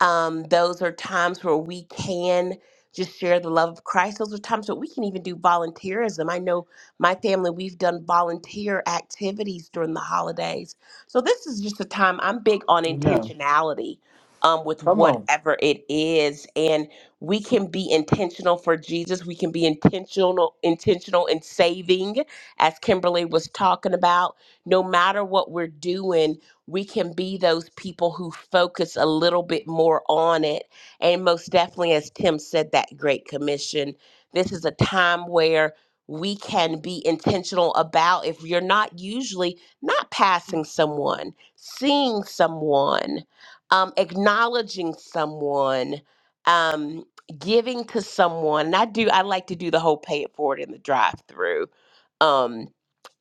F: um, those are times where we can just share the love of christ those are times that we can even do volunteerism i know my family we've done volunteer activities during the holidays so this is just a time i'm big on
A: No.
F: intentionality um, with
A: Come on.
F: whatever it is. And we can be intentional for Jesus. We can be intentional, intentional in saving, as Kimberly was talking about. No matter what we're doing, we can be those people who focus a little bit more on it. And most definitely, as Tim said, that Great Commission. This is a time where we can be intentional about if you're not usually not passing someone, seeing someone, um, acknowledging someone. um, giving to someone. And I do, I like to do the whole pay it forward in the drive through. Um,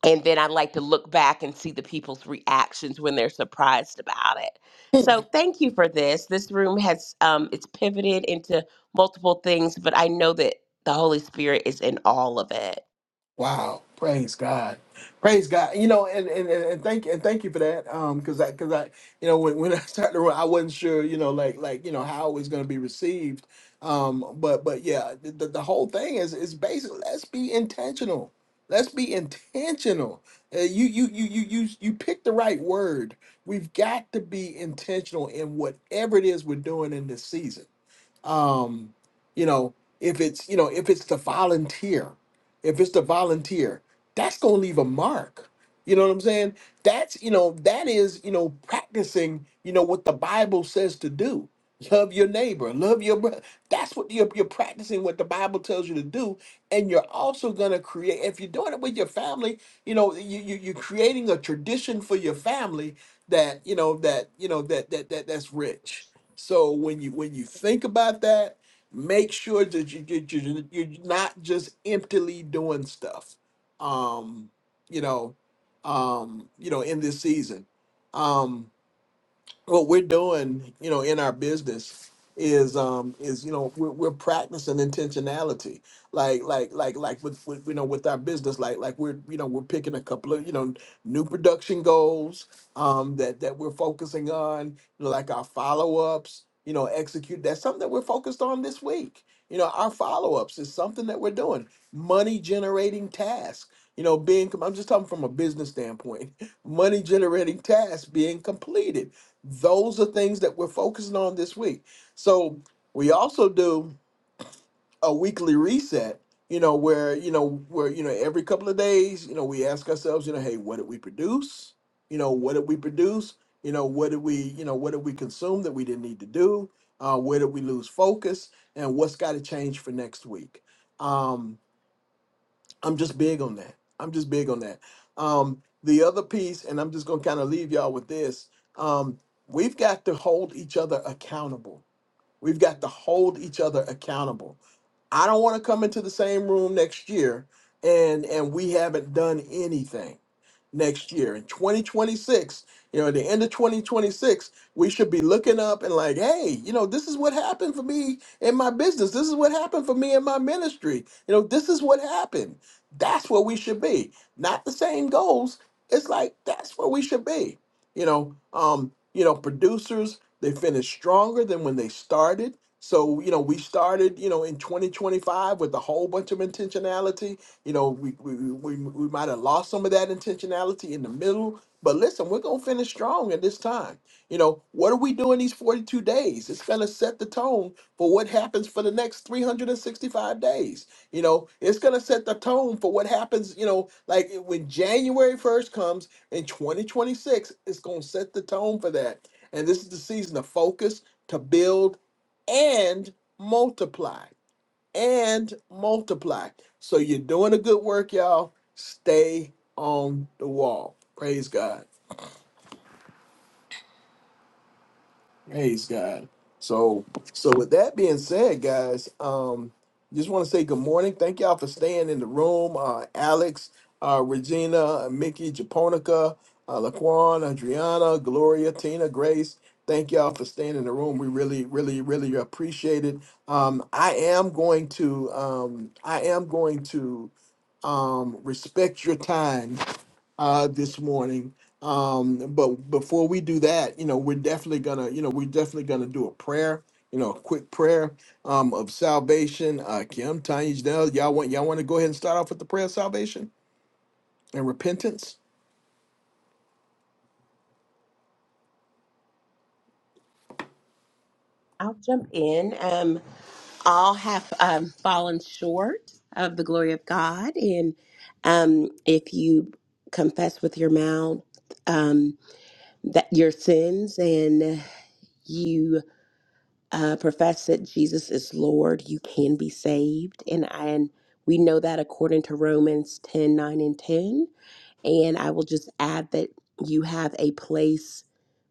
F: and then I like to look back and see the people's reactions when they're surprised about it. So thank you for this. This room has um, it's pivoted into multiple things, but I know that the Holy Spirit is in all of it.
A: Wow. Praise God. Praise God. You know, and and, and and thank and thank you for that. Um, cause I cause I you know when, when I started running, I wasn't sure, you know, like like you know how it was gonna be received. Um, but but yeah, the, the, the whole thing is is basically let's be intentional. Let's be intentional. Uh, you you you you you you picked the right word. We've got to be intentional in whatever it is we're doing in this season um, you know, if it's you know, if it's the volunteer, if it's the volunteer, that's gonna leave a mark. You know what I'm saying? That's you know, that is you know, practicing you know what the Bible says to do. Love your neighbor, love your brother. That's what you're, you're practicing what the Bible tells you to do, and you're also gonna create. If you're doing it with your family, you know you, you you're creating a tradition for your family that you know that you know that that that that's rich so when you when you think about that, make sure that you, you you- you're not just emptily doing stuff. Um, you know, um, you know, in this season. um what we're doing, you know, in our business is um is you know we're, we're practicing intentionality like like like like with, with you know with our business like like we're you know we're picking a couple of you know new production goals um that that we're focusing on you know, like our follow-ups you know execute that's something that we're focused on this week you know our follow-ups is something that we're doing money generating tasks you know being com- i'm just talking from a business standpoint money generating tasks being completed those are things that we're focusing on this week. So we also do a weekly reset, you know, where, you know, where, you know, every couple of days, you know, we ask ourselves, you know, hey, what did we produce? You know, what did we produce? You know, what did we, you know, what did we consume that we didn't need to do? Uh, where did we lose focus? And what's got to change for next week? Um, I'm just big on that. I'm just big on that. Um, the other piece, and I'm just going to kind of leave y'all with this um, we've got to hold each other accountable. We've got to hold each other accountable. I don't want to come into the same room next year and and we haven't done anything next year in 2026 you know at the end of 2026 we should be looking up and like hey you know this is what happened for me in my business this is what happened for me in my ministry you know this is what happened that's where we should be not the same goals it's like that's where we should be you know um you know producers they finished stronger than when they started so you know we started you know in 2025 with a whole bunch of intentionality you know, we we, we, we might have lost some of that intentionality in the middle, but listen, we're gonna finish strong at this time. You know, what are we doing these 42 days? It's gonna set the tone for what happens for the next 365 days. You know, it's gonna set the tone for what happens, you know, like eh, when January 1st comes in 2026, it's gonna set the tone for that. And this is the season to focus, to build, and multiply and multiply. So you're doing a good work, y'all. Stay on the wall. Praise God. Praise God. So so with that being said, guys, um, just want to say good morning. Thank y'all for staying in the room. Uh Alex, uh Regina, uh, Mickey, Japonica, uh Laquan, Adriana, Gloria, Tina, Grace. Thank y'all for staying in the room. We really, really, really appreciate it. Um, I am going to um I am going to um, respect your time uh, this morning. Um, but before we do that, you know, we're definitely gonna, you know, we're definitely gonna do a prayer, you know, a quick prayer um, of salvation. Uh, Kim, Tanya, Janelle, y'all want y'all want to go ahead and start off with the prayer of salvation and repentance.
F: I'll jump in. Um, all have um, fallen short of the glory of God, and um, if you confess with your mouth. Um, that your sins and you uh, profess that Jesus is Lord, you can be saved. And, and we know that according to Romans 10 9 and 10. And I will just add that you have a place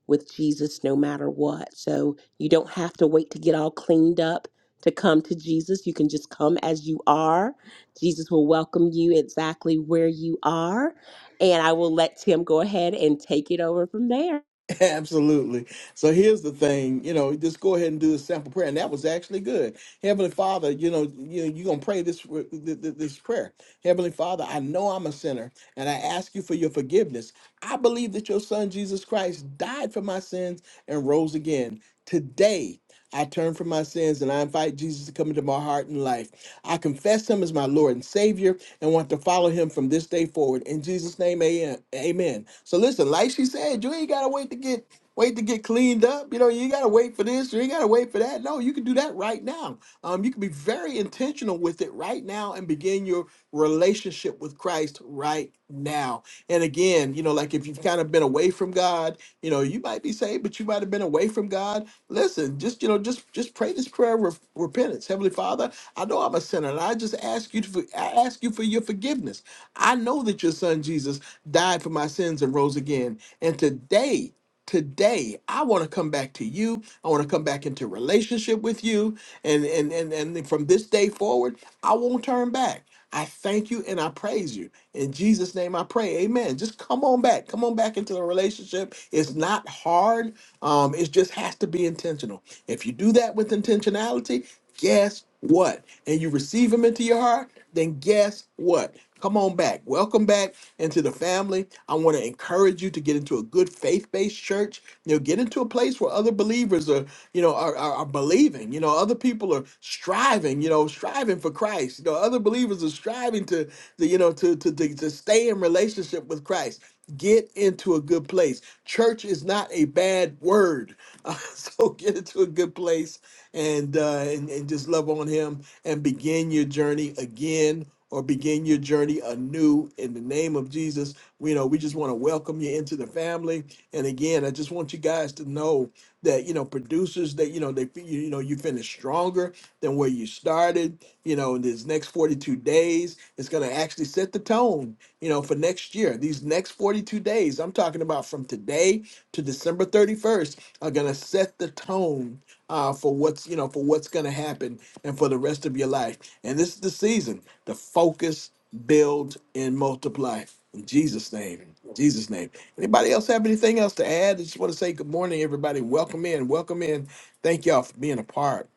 F: with Jesus no matter what. So you don't have to wait to get all cleaned up to come to Jesus. You can just come as you are. Jesus will welcome you exactly where you are. And I will let Tim go ahead and take it over from there.
A: Absolutely. So here's the thing, you know, just go ahead and do the sample prayer, and that was actually good. Heavenly Father, you know, you you're gonna pray this w- th- th- this prayer. Heavenly Father, I know I'm a sinner, and I ask you for your forgiveness. I believe that your Son Jesus Christ died for my sins and rose again today. I turn from my sins and I invite Jesus to come into my heart and life. I confess him as my Lord and Savior and want to follow him from this day forward. In Jesus' name, amen. Amen. So listen, like she said, you ain't gotta wait to get wait to get cleaned up. You know, you ain't gotta wait for this, you ain't gotta wait for that. No, you can do that right now. Um, you can be very intentional with it right now and begin your relationship with Christ right now. And again, you know, like if you've kind of been away from God, you know, you might be saved, but you might have been away from God Listen, just you know, just just pray this prayer of rep- repentance. Heavenly Father, I know I'm a sinner, and I just ask you to for- I ask you for your forgiveness. I know that your Son Jesus died for my sins and rose again, and today. Today, I want to come back to you. I want to come back into relationship with you, and and and and from this day forward, I won't turn back. I thank you and I praise you. In Jesus' name I pray. Amen. Just come on back. Come on back into the relationship. It's not hard. Um, it just has to be intentional. If you do that with intentionality, guess what? And you receive him into your heart, then guess what? Come on back. Welcome back into the family. I want to encourage you to get into a good faith-based church. You know, get into a place where other believers are, you know, are, are, are believing. You know, other people are striving. You know, striving for Christ. You know, other believers are striving to, to you know, to, to to to stay in relationship with Christ. Get into a good place. Church is not a bad word, so get into a good place and uh, and, and just love on him and begin your journey again or begin your journey anew in the name of Jesus. We you know we just want to welcome you into the family. And again, I just want you guys to know that you know producers that you know they you know you finish stronger than where you started. You know, in these next 42 days, it's going to actually set the tone, you know, for next year. These next 42 days, I'm talking about from today to December 31st, are going to set the tone uh, for what's you know for what's going to happen and for the rest of your life. And this is the season to focus, build, and multiply. In Jesus' name, in Jesus' name. Anybody else have anything else to add? I just want to say good morning, everybody. Welcome in, welcome in. Thank y'all for being a part.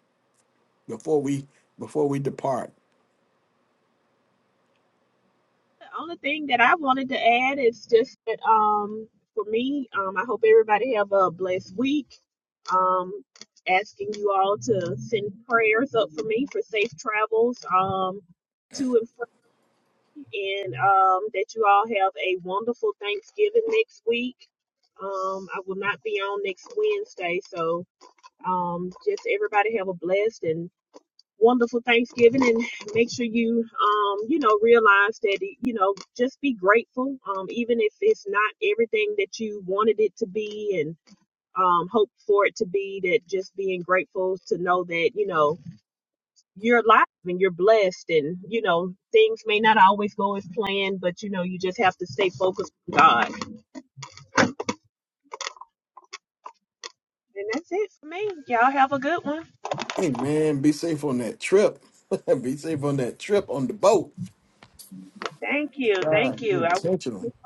A: Before we before we depart,
C: only thing that I wanted to add is just that um for me, um I hope everybody have a blessed week. Um asking you all to send prayers up for me for safe travels um to and and um, that you all have a wonderful Thanksgiving next week. Um, I will not be on next Wednesday, so um, just everybody have a blessed and wonderful Thanksgiving, and make sure you um, you know realize that you know just be grateful, um, even if it's not everything that you wanted it to be and um, hoped for it to be. That just being grateful to know that you know you're alive and you're blessed and you know things may not always go as planned but you know you just have to stay focused on god and that's it for me y'all have a good one
A: hey man, be safe on that trip. be safe on that trip on the boat.
C: thank you thank
A: God, be
C: you
A: intentional.
C: I,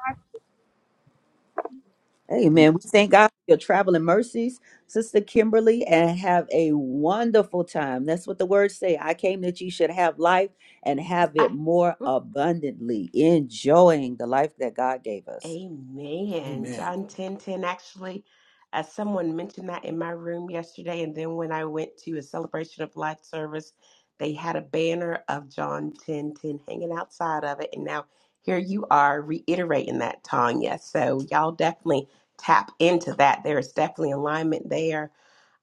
D: Amen.
A: Amen.
D: We thank God for your traveling mercies, Sister Kimberly, and have a wonderful time. That's what the words say. I came that you should have life and have it more abundantly, enjoying the life that God gave us.
F: Amen.
A: Amen.
F: John 10:10. Actually, uh, someone mentioned that in my room yesterday. And then when I went to a celebration of life service, they had a banner of John 10:10 hanging outside of it. And now here you are reiterating that, Tanya. So y'all definitely tap into that. There is definitely alignment there.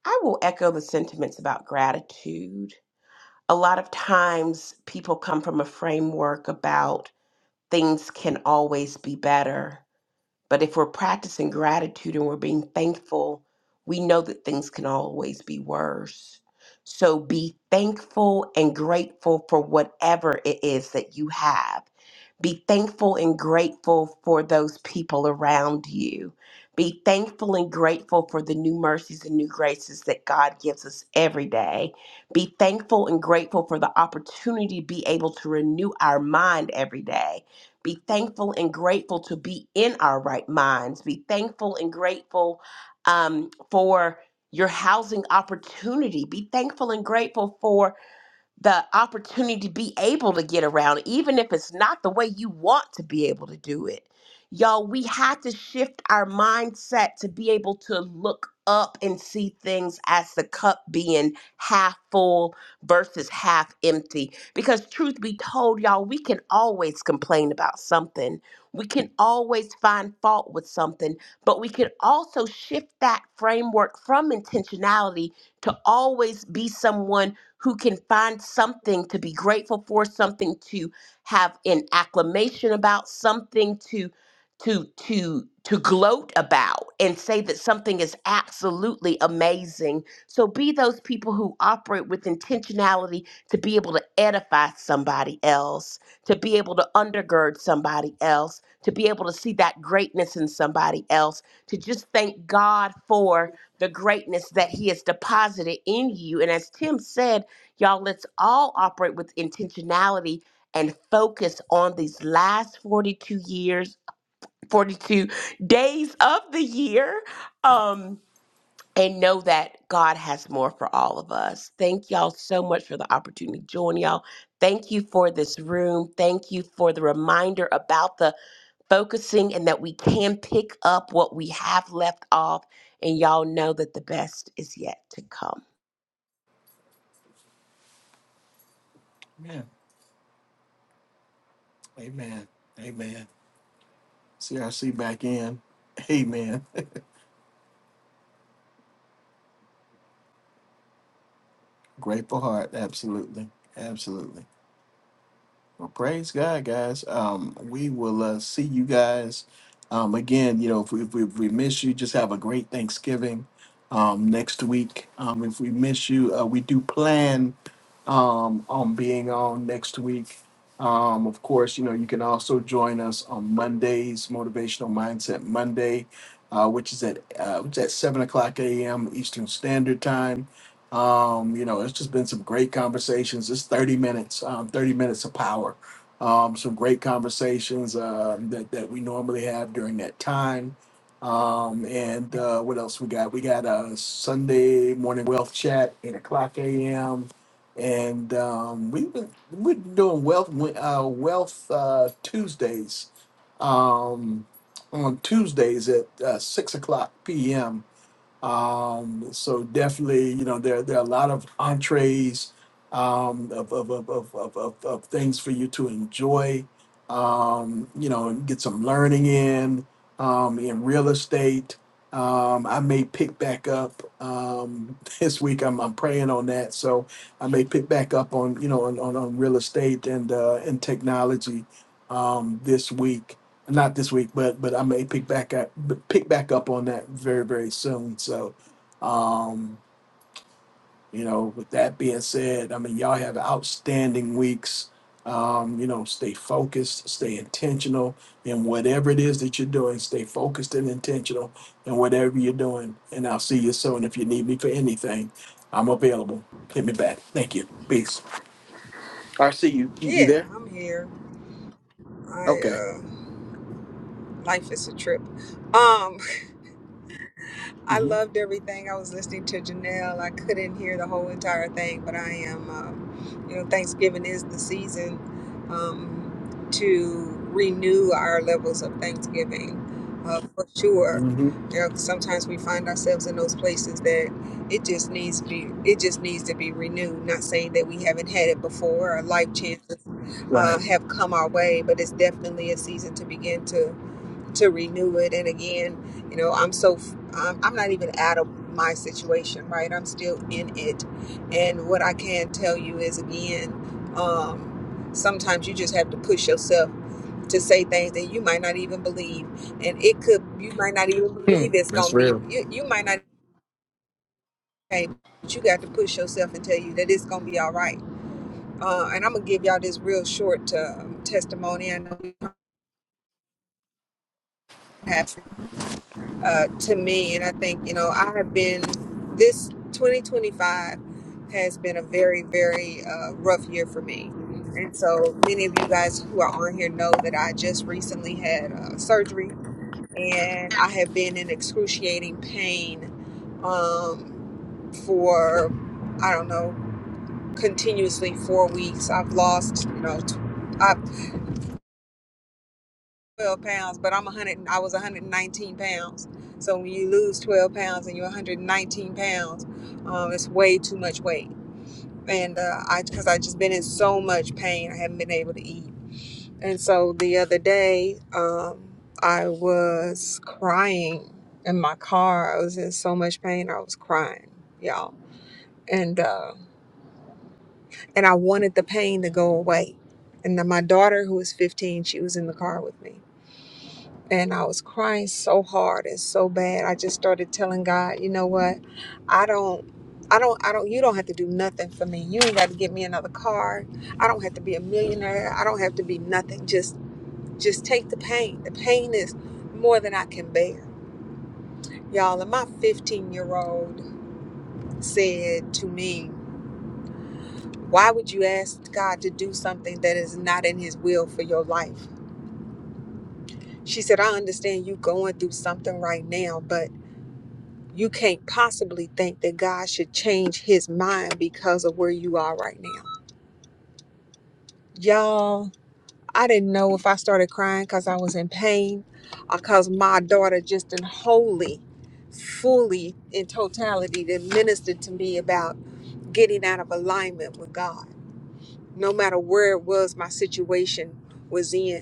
F: I will echo the sentiments about gratitude. A lot of times people come from a framework about things can always be better but if we're practicing gratitude and we're being thankful, we know that things can always be worse. So be thankful and grateful for whatever it is that you have. Be thankful and grateful for those people around you. Be thankful and grateful for the new mercies and new graces that God gives us every day. Be thankful and grateful for the opportunity to be able to renew our mind every day be thankful and grateful to be in our right minds. Be thankful and grateful um, for your housing opportunity. Be thankful and grateful for the opportunity to be able to get around, even if it's not the way you want to be able to do it. Y'all, we had to shift our mindset to be able to look up and see things as the cup being half full versus half empty. Because, truth be told, y'all, we can always complain about something, we can always find fault with something, but we can also shift that framework from intentionality to always be someone who can find something to be grateful for, something to have an acclamation about, something to to to to gloat about and say that something is absolutely amazing. So be those people who operate with intentionality to be able to edify somebody else, to be able to undergird somebody else, to be able to see that greatness in somebody else, to just thank God for the greatness that he has deposited in you. And as Tim said, Y'all, let's all operate with intentionality and focus on these last 42 years, 42 days of the year. Um, and know that God has more for all of us. Thank y'all so much for the opportunity to join y'all. Thank you for this room. Thank you for the reminder about the focusing and that we can pick up what we have left off. And y'all know that the best is yet to come.
A: Amen. Amen. CRC back in. Amen. Grateful heart. Absolutely. Absolutely. Well, praise God, guys. Um, we will uh, see you guys um, again. You know, if we, if, we, if we miss you, just have a great Thanksgiving um, next week. Um, if we miss you, uh, we do plan um, on being on next week. Um, of course, you know, you can also join us on Mondays, Motivational Mindset Monday, uh, which is at uh, it's at seven o'clock a.m. Eastern Standard Time. Um, you know, it's just been some great conversations. It's 30 minutes, um, 30 minutes of power. Um, some great conversations uh, that, that we normally have during that time. Um, and uh, what else we got? We got a Sunday morning wealth chat, 8 o'clock a.m. And um, we've been we're doing wealth uh, wealth uh, Tuesdays um, on Tuesdays at uh, 6 o'clock p.m um, so definitely, you know, there there are a lot of entrees um, of, of, of, of, of, of, of things for you to enjoy. Um, you know, and get some learning in um, in real estate. Um, I may pick back up um, this week. I'm, I'm praying on that, so I may pick back up on you know on, on, on real estate and uh, and technology um, this week not this week, but but I may pick back up pick back up on that very very soon. So, um, you know, with that being said, I mean y'all have outstanding weeks. Um, you know, stay focused, stay intentional in whatever it is that you're doing. Stay focused and intentional in whatever you're doing. And I'll see you soon. If you need me for anything, I'm available. Hit me back. Thank you. Peace. I see you. You
E: Yeah,
A: there?
E: I'm here. I uh life is a trip. Um I loved everything. I was listening to Janelle. I couldn't hear the whole entire thing, but I am, um, you know, Thanksgiving is the season um, to renew our levels of Thanksgiving uh, for sure.
A: Mm-hmm.
E: You know, sometimes we find ourselves in those places that it just needs to be it just needs to be renewed. Not saying that we haven't had it before, or life chances
A: Right.
E: uh, have come our way, but it's definitely a season to begin to to renew it. And again, you know, I'm so um, I'm not even out of my situation, right? I'm still in it. And what I can tell you is again, um, sometimes you just have to push yourself to say things that you might not even believe, and it could you might not even
A: Hmm.
E: believe it's
A: That's
E: gonna be
A: real.
E: you. You might not, hey, but you got to push yourself and tell you that it's gonna be all right. Uh, and I'm gonna give y'all this real short uh, testimony. I know we have. uh, to me. And I think, you know, I have been, this 2025 has been a very, very uh, rough year for me. And so many of you guys who are on here know that I just recently had uh, surgery and I have been in excruciating pain um, for, I don't know, continuously four weeks. I've lost, you know, t- I've 12 pounds, but I'm 100. I was 119 pounds. So when you lose 12 pounds and you're 119 pounds, um, it's way too much weight. And uh, I, because I just been in so much pain, I haven't been able to eat. And so the other day, um, I was crying in my car. I was in so much pain. I was crying, y'all. And uh, and I wanted the pain to go away. And then my daughter, who was 15, she was in the car with me and I was crying so hard and so bad. I just started telling God, you know what? I don't I don't I don't you don't have to do nothing for me. You ain't got to get me another car. I don't have to be a millionaire. I don't have to be nothing. Just just take the pain. The pain is more than I can bear. Y'all, and my 15-year-old said to me, "Why would you ask God to do something that is not in his will for your life?" She said, "I understand you going through something right now, but You can't possibly think that God should change his mind because of where you are right now. Y'all, I didn't know if I started crying because I was in pain or because my daughter just in wholly, fully, in totality, that ministered to me about getting out of alignment with God. No matter where it was my situation was in,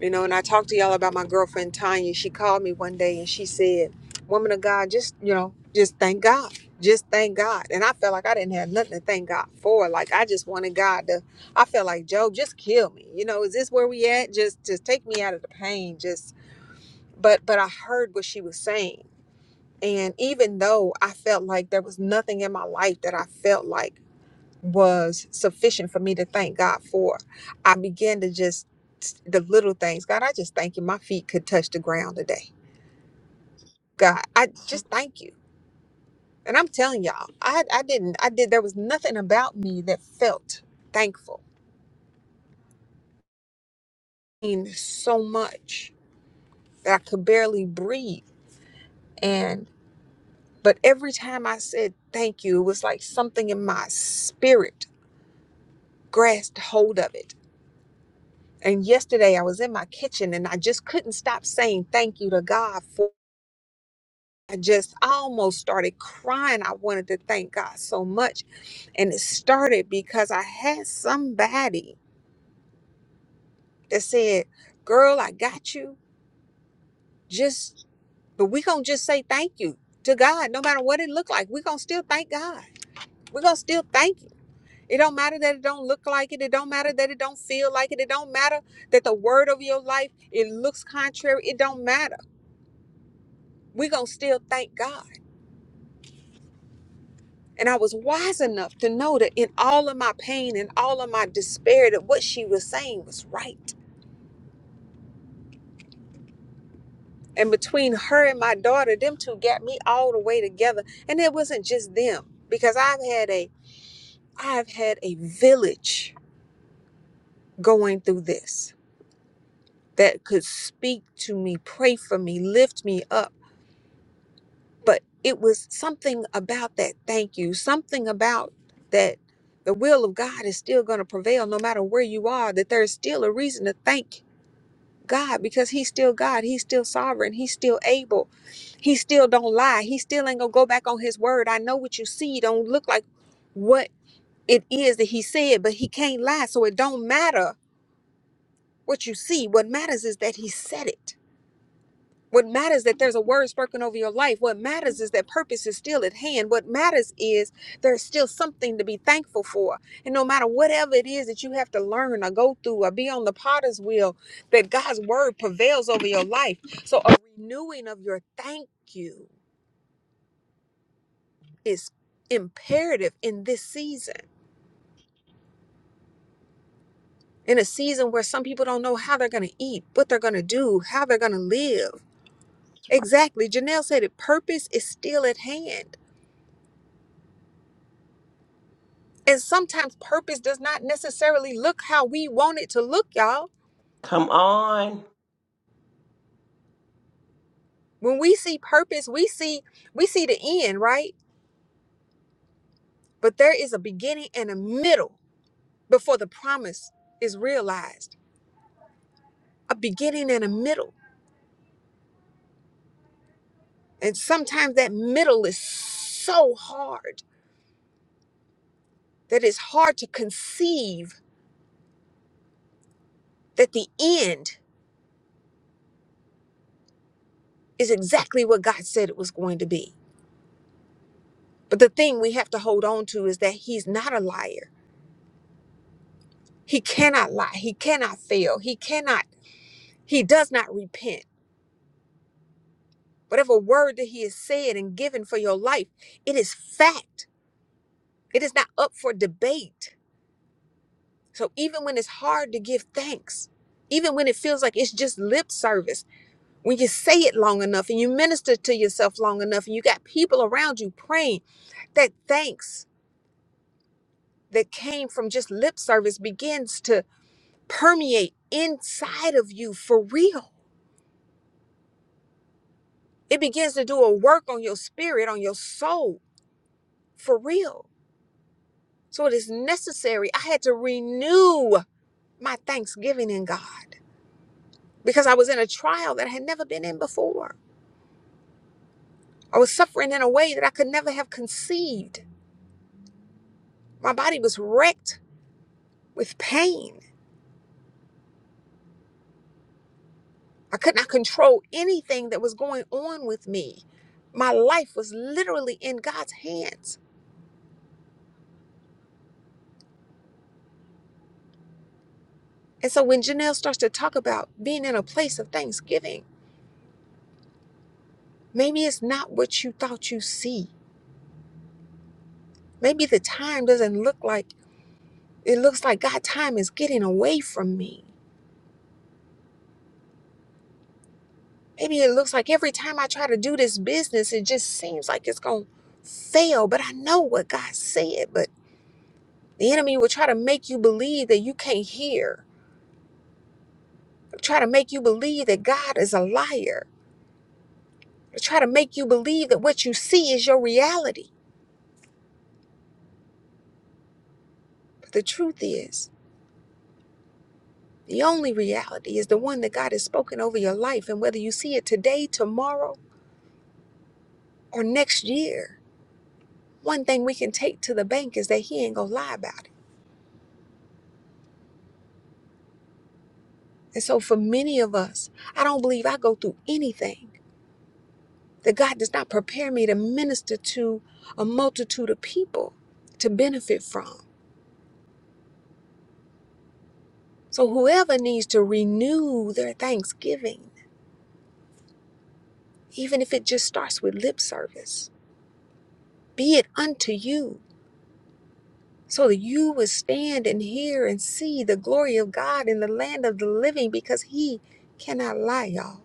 E: You know, and I talked to y'all about my girlfriend Tanya. She called me one day and she said, Woman of God, just, you know, just thank God. Just thank God. And I felt like I didn't have nothing to thank God for. Like I just wanted God to I felt like Job, just kill me. You know, is this where we at? Just just take me out of the pain. Just but but I heard what she was saying. And even though I felt like there was nothing in my life that I felt like was sufficient for me to thank God for. I began to just the little things. God, I just thank you. My feet could touch the ground today. God, I just thank you. And I'm telling y'all, I I didn't I did there was nothing about me that felt thankful. I mean, so much that I could barely breathe. And but every time I said thank you, it was like something in my spirit grasped hold of it. And yesterday I was in my kitchen and I just couldn't stop saying thank you to God for I just almost started crying. I wanted to thank God so much. And it started because I had somebody that said, Girl, I got you. Just, but we going to just say thank you to God, no matter what it looked like. we going to still thank God. we going to still thank you. It don't matter that it don't look like it. It don't matter that it don't feel like it. It don't matter that the word of your life, it looks contrary. It don't matter. we going to still thank God. And I was wise enough to know that in all of my pain and all of my despair, that what she was saying was right. And between her and my daughter, them two got me all the way together. And it wasn't just them, because I've had a I've had a village going through this that could speak to me, pray for me, lift me up. But it was something about that thank you, something about that the will of God is still going to prevail no matter where you are, that there's still a reason to thank God because he's still God. He's still sovereign. He's still able. He still don't lie. He still ain't gonna go back on his word. I know what you see don't look like what it is that he said, but he can't lie. So it don't matter what you see. What matters is that he said it. What matters is that there's a word spoken over your life. What matters is that purpose is still at hand. What matters is there's still something to be thankful for. And no matter whatever it is that you have to learn or go through or be on the potter's wheel, that God's word prevails over your life. So a renewing of your thank you is imperative in this season. In a season where some people don't know how they're going to eat, what they're going to do, how they're going to live. Exactly. Janelle said it. Purpose is still at hand. And sometimes purpose does not necessarily look how we want it to look, y'all.
F: Come on.
E: When we see purpose, we see we see the end, right? But there is a beginning and a middle before the promise is realized. A beginning and a middle. And sometimes that middle is so hard that it's hard to conceive that the end is exactly what God said it was going to be. But the thing we have to hold on to is that he's not a liar. He cannot lie. He cannot fail. He cannot He does not repent. Whatever word that he has said and given for your life, it is fact. It is not up for debate. So even when it's hard to give thanks, even when it feels like it's just lip service, when you say it long enough and you minister to yourself long enough and you got people around you praying, that thanks that came from just lip service begins to permeate inside of you for real. It begins to do a work on your spirit, on your soul for real So it is necessary. I had to renew my thanksgiving in God because I was in a trial that I had never been in before. I was suffering in a way that I could never have conceived. My body was wrecked with pain. I could not control anything that was going on with me. My life was literally in God's hands. And so when Janelle starts to talk about being in a place of thanksgiving, maybe it's not what you thought you see. Maybe the time doesn't look like It looks like God time is getting away from me. Maybe it looks like every time I try to do this business, it just seems like it's going to fail. But I know what God said. But the enemy will try to make you believe that you can't hear, They'll try to make you believe that God is a liar, They'll try to make you believe that what you see is your reality. But the truth is, the only reality is the one that God has spoken over your life. And whether you see it today, tomorrow, or next year, one thing we can take to the bank is that He ain't going to lie about it. And so, for many of us, I don't believe I go through anything that God does not prepare me to minister to a multitude of people to benefit from. So, whoever needs to renew their thanksgiving, even if it just starts with lip service, be it unto you, so that you would stand and hear and see the glory of God in the land of the living because He cannot lie, y'all.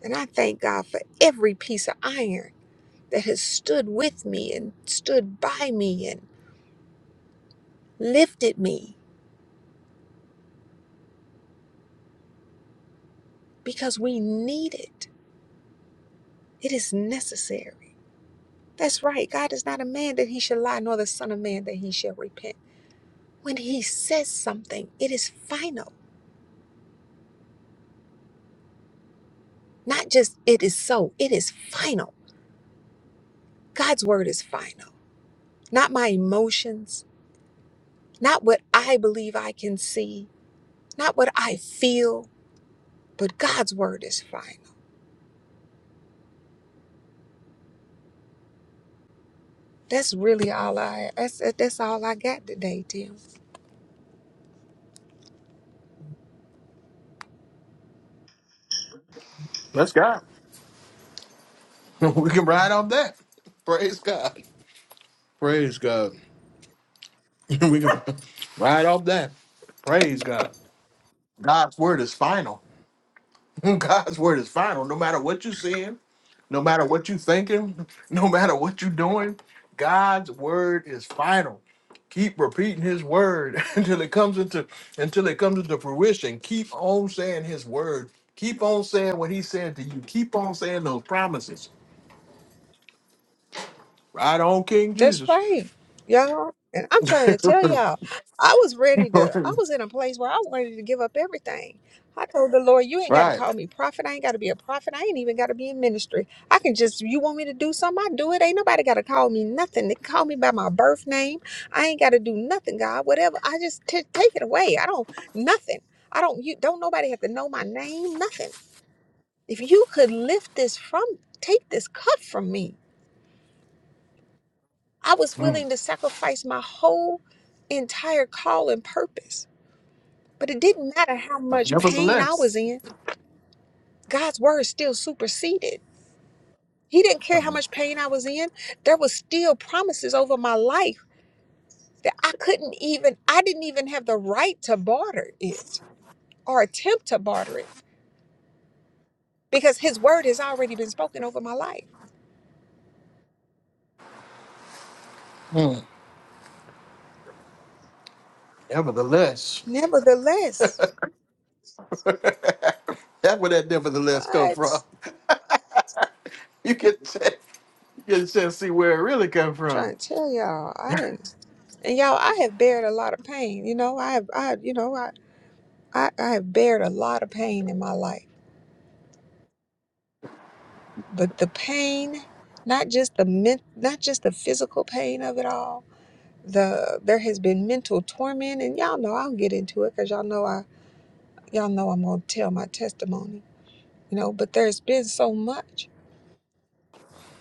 E: And I thank God for every piece of iron. that has stood with me and stood by me and lifted me because we need it. It is necessary. That's right. God is not a man that he should lie, nor the Son of Man that he shall repent. When he says something, it is final. Not just it is so, it is final. God's word is final. Not my emotions, not what I believe I can see, not what I feel, but God's word is final. That's really all I that's that's all I got today, Tim.
A: Let's go. We can ride off that. Praise God. Praise God. we can ride off that. Praise God. God's word is final. God's word is final. No matter what you're seeing, no matter what you're thinking, no matter what you're doing, God's word is final. Keep repeating his word until it comes into until it comes into fruition. Keep on saying his word. Keep on saying what he said to you. Keep on saying those promises. Right on, King Jesus.
E: That's right, y'all. And I'm trying to tell y'all, I was ready to, I was in a place where I wanted to give up everything. I told the Lord, you ain't got to
A: right.
E: call me prophet. I ain't got to be a prophet. I ain't even got to be in ministry. I can just, you want me to do something, I do it. Ain't nobody got to call me nothing. They can call me by my birth name. I ain't got to do nothing, God, whatever. I just t- take it away. I don't, nothing. I don't, you don't nobody have to know my name, nothing. If you could lift this from, take this cup from me. I was willing to sacrifice my whole entire call and purpose. But it didn't matter how much pain
A: Nevertheless.
E: I was in, God's word still superseded. He didn't care how much pain I was in. There was still promises over my life that I couldn't even, I didn't even have the right to barter it or attempt to barter it because his word has already been spoken over my life.
A: Hmm. Nevertheless,
E: Nevertheless,
A: that's where that nevertheless come from.
E: what?
A: You can check, you can just see where it really come
E: I'm
A: from.
E: trying to tell y'all, I didn't and y'all i have bared a lot of pain you know i have i you know I. I, I have bared a lot of pain in my life, but the pain, not just the men, not just the physical pain of it all. The there has been mental torment, and y'all know I'll get into it because y'all know I y'all know I'm gonna tell my testimony, you know. But there's been so much,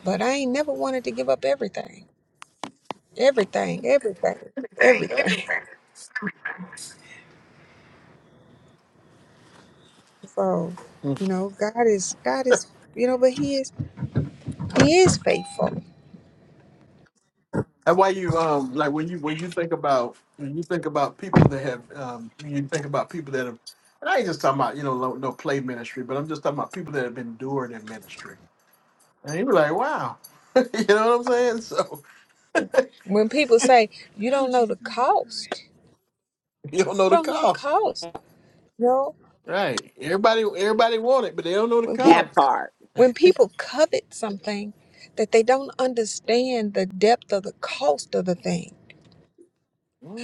E: but I ain't never wanted to give up everything, everything, everything,
A: Right.
E: everything.
A: That's
E: So, you know, God is God is you know, but He is He is faithful.
A: why you um like when you when you think about when you think about people that have um when you think about people that have and I ain't just talking about you know no, no play ministry, but I'm just talking about people that have endured in ministry. And you be like, wow, you know what I'm saying? So
E: When people say you don't know the cost, you
A: you don't know the
E: don't know the
A: cost,
E: cost No,
A: right? Everybody everybody want it, but they don't know the
E: when people
F: That
E: c-
F: part.
E: when people covet something that they don't understand the depth of the cost of the thing.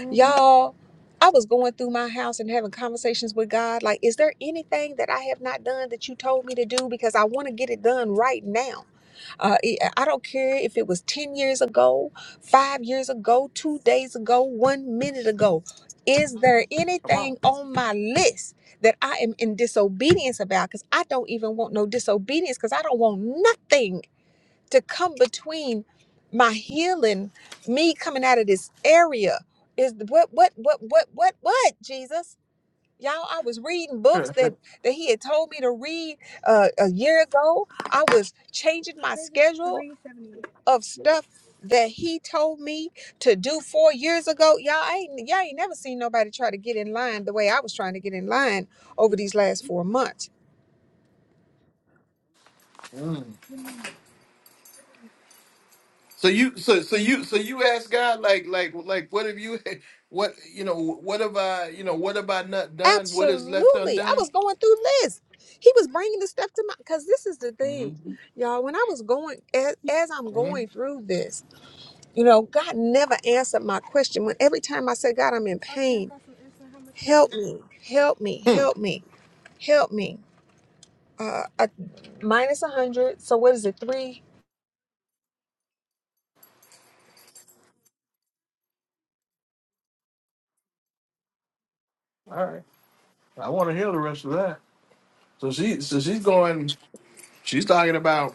E: Y'all, I was going through my house and having conversations with God like, is there anything that I have not done that you told me to do because I want to get it done right now? Uh, it- uh, I don't care if it was 10 years ago, five years ago, two days ago, one minute ago. Is there anything on my list that I am in disobedience about? Because I don't even want no disobedience because I don't want nothing to come between my healing, me coming out of this area. Is what, what, what, what, what, what, Jesus? Y'all, I was reading books that that he had told me to read uh, a year ago. I was changing my schedule of stuff that he told me to do four years ago. Y'all I ain't y'all ain't never seen nobody try to get in line the way I was trying to get in line over these last four months.
A: cost. So you so so you so you ask God like like like what have you what you know what have I you know what have I not done what is left
E: Absolutely, I was going through lists. He was bringing the stuff to my because this is the thing,
A: All
E: y'all. When I was going as as I'm going through this. You know, God never answered my question. When every time I said, God, I'm in pain, help me, help me, help me, help me. Uh, a, minus 100. So what is it? Three?
A: right. I want to hear the rest of that. So she, so she's going. She's talking about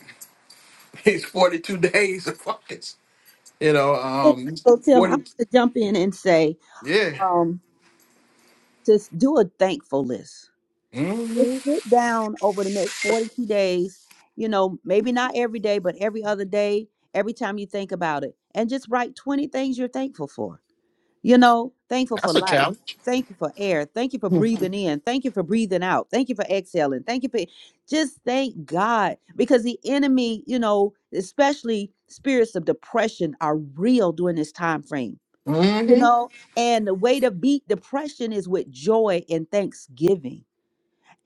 A: it's forty two days of fucking. You know,
D: So,
A: um,
D: Tim, I want
A: forty.
D: to jump in and say,
A: Yeah.
D: um, just do a thankful list.
A: hmm
D: Just sit down over the next 42 days, you know, maybe not every day, but every other day, every time you think about it, and just write 20 things you're thankful for You know, thankful for
A: That's a
D: life.
A: challenge.
D: Thank you for air. Thank you for breathing in. Thank you for breathing out. Thank you for exhaling. Thank you for just thank God because the enemy, you know, especially spirits of depression are real during this time frame. You
A: hmm
D: know, and the way to beat depression is with joy and thanksgiving.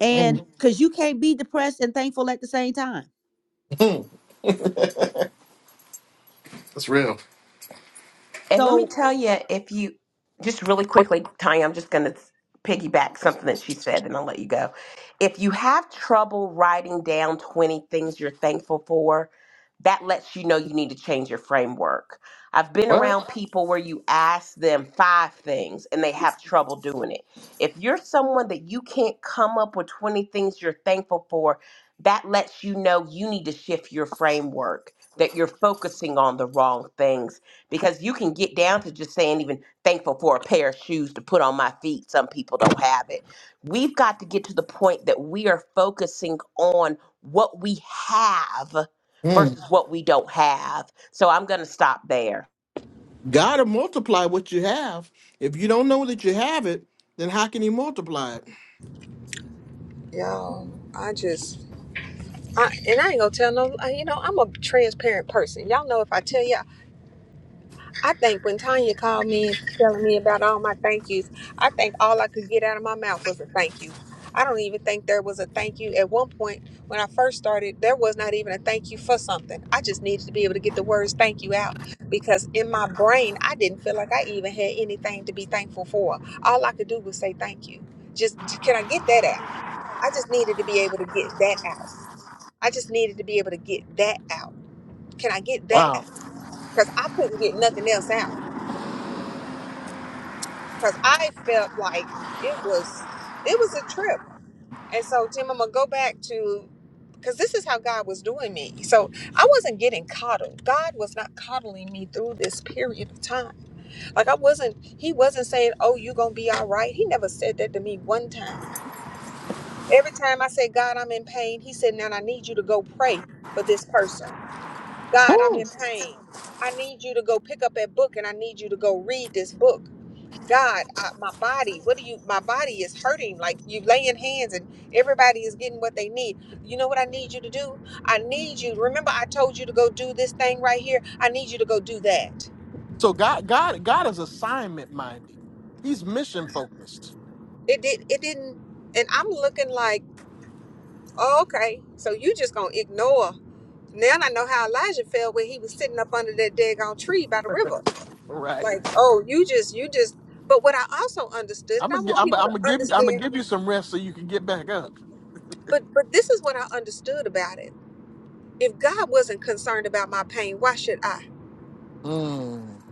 D: And because you can't be depressed and thankful at the same time.
A: That's real.
F: And let
D: so.
F: me tell you, if you just really quickly, Tanya, I'm just going to piggyback something that she said and I'll let you go. If you have trouble writing down 20 things you're thankful for, that lets you know you need to change your framework. I've been
A: What?
F: around people where you ask them five things and they have trouble doing it. If you're someone that you can't come up with 20 things you're thankful for, that lets you know you need to shift your framework, that you're focusing on the wrong things because you can get down to just saying even thankful for a pair of shoes to put on my feet some people don't have it we've got to get to the point that we are focusing on what we have
A: Mm.
F: versus what we don't have so i'm going to stop there
A: God will multiply what you have. If you don't know that you have it, then how can He multiply it?
E: Y'all, I just, I, and I ain't gonna tell no, uh, you know, I'm a transparent person. Y'all know if I tell you. I think when Tanya called me and telling me about all my thank yous, I think all I could get out of my mouth was a thank you. I don't even think there was a thank you. At one point, when I first started, there was not even a thank you for something. I just needed to be able to get the words thank you out because in my brain, I didn't feel like I even had anything to be thankful for. All I could do was say thank you. Just, j- can I get that out? I just needed to be able to get that out. I just needed to be able to get that out. Can I get that out?
A: Wow.
E: Because I couldn't get nothing else out. because I felt like it was it was a trip. And so Tim, I'm gonna go back to because this is how God was doing me. So I wasn't getting coddled. God was not coddling me through this period of time. Like I wasn't, He wasn't saying, "Oh, you gonna be all right." He never said that to me one time. Every time I said, "God, I'm in pain," He said, "Now I need you to go pray for this person." God, I'm in pain. I need you to go pick up that book and I need you to go read this book. God, I, my body, what do you, my body is hurting. Like you laying hands and everybody is getting what they need. You know what I need you to do? I need you. Remember, I told you to go do this thing right here. I need you to go do that.
A: So God, God, God is assignment minded. He's mission focused.
E: It did, it didn't. And I'm looking like, oh, okay, so you just gonna ignore. Now I know how Elijah felt when he was sitting up under that daggone tree by the river.
A: Right.
E: Like, oh, you just, you just, but what I also understood, and
A: I'm
E: I
A: gonna,
E: want
A: I'm
E: people
A: gonna I'm
E: to
A: gonna give you, I'm gonna
E: understand,
A: give you some rest so you can get back up.
E: but, but this is what I understood about it if God wasn't concerned about my pain, why should I?
A: Mm.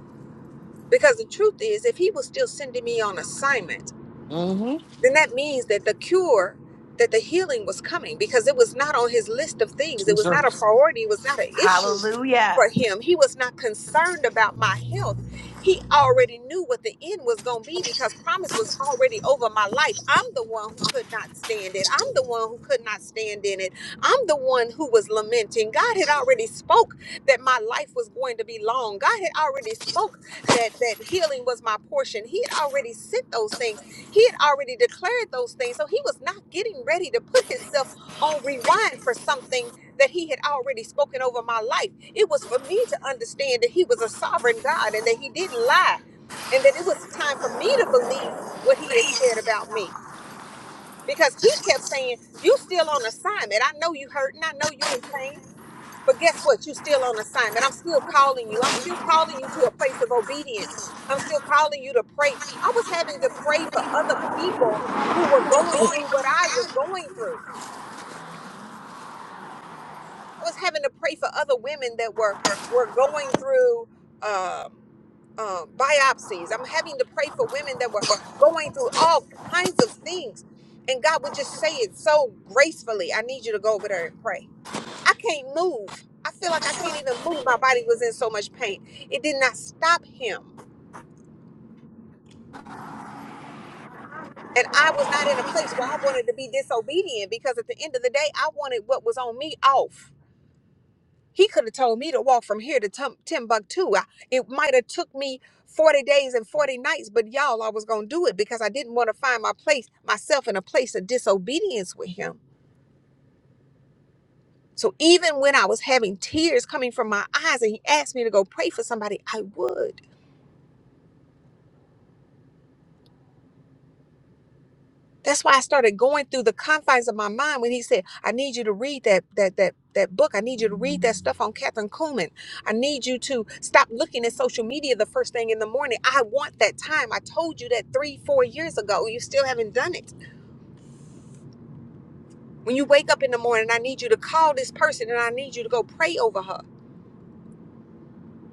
E: Because the truth is, if He was still sending me on assignment.
A: Hmm.
E: then that means that the cure, that the healing was coming because it was not on his list of things. It was not a priority. It was not an issue
F: hallelujah
E: for him. He was not concerned about my health. He already knew what the end was going to be because promise was already over my life. I'm the one who could not stand it. I'm the one who could not stand in it. I'm the one who was lamenting. God had already spoke that my life was going to be long. God had already spoke that that healing was my portion. He had already sent those things he had already declared those things, so he was not getting ready to put himself on rewind for something that he had already spoken over my life. It was for me to understand that he was a sovereign God and that he didn't lie, and that it was time for me to believe what he had said about me because he kept saying, You still on assignment. I know you hurt and I know you in pain. But guess what? You're still on assignment. I'm still calling you. I'm still calling you to a place of obedience. I'm still calling you to pray. I was having to pray for other people who were going through what I was going through. I was having to pray for other women that were were going through um, um, biopsies. I'm having to pray for women that were going through all kinds of things. And God would just say it so gracefully. I need you to go over there and pray. I can't move. I feel like I can't even move. My body was in so much pain. It did not stop him. And I was not in a place where I wanted to be disobedient because at the end of the day, I wanted what was on me off. He could have told me to walk from here to Tum- Timbuktu. I- It might have took me 40 days and 40 nights, but y'all, I was going to do it because I didn't want to find my place, myself in a place of disobedience with him. So even when I was having tears coming from my eyes and he asked me to go pray for somebody, I would. That's why I started going through the confines of my mind when he said, I need you to read that that that that book. I need you to read that stuff on Catherine Kuhlman. I need you to stop looking at social media the first thing in the morning. I want that time. I told you that three, four years ago. You still haven't done it. When you wake up in the morning, I need you to call this person and I need you to go pray over her.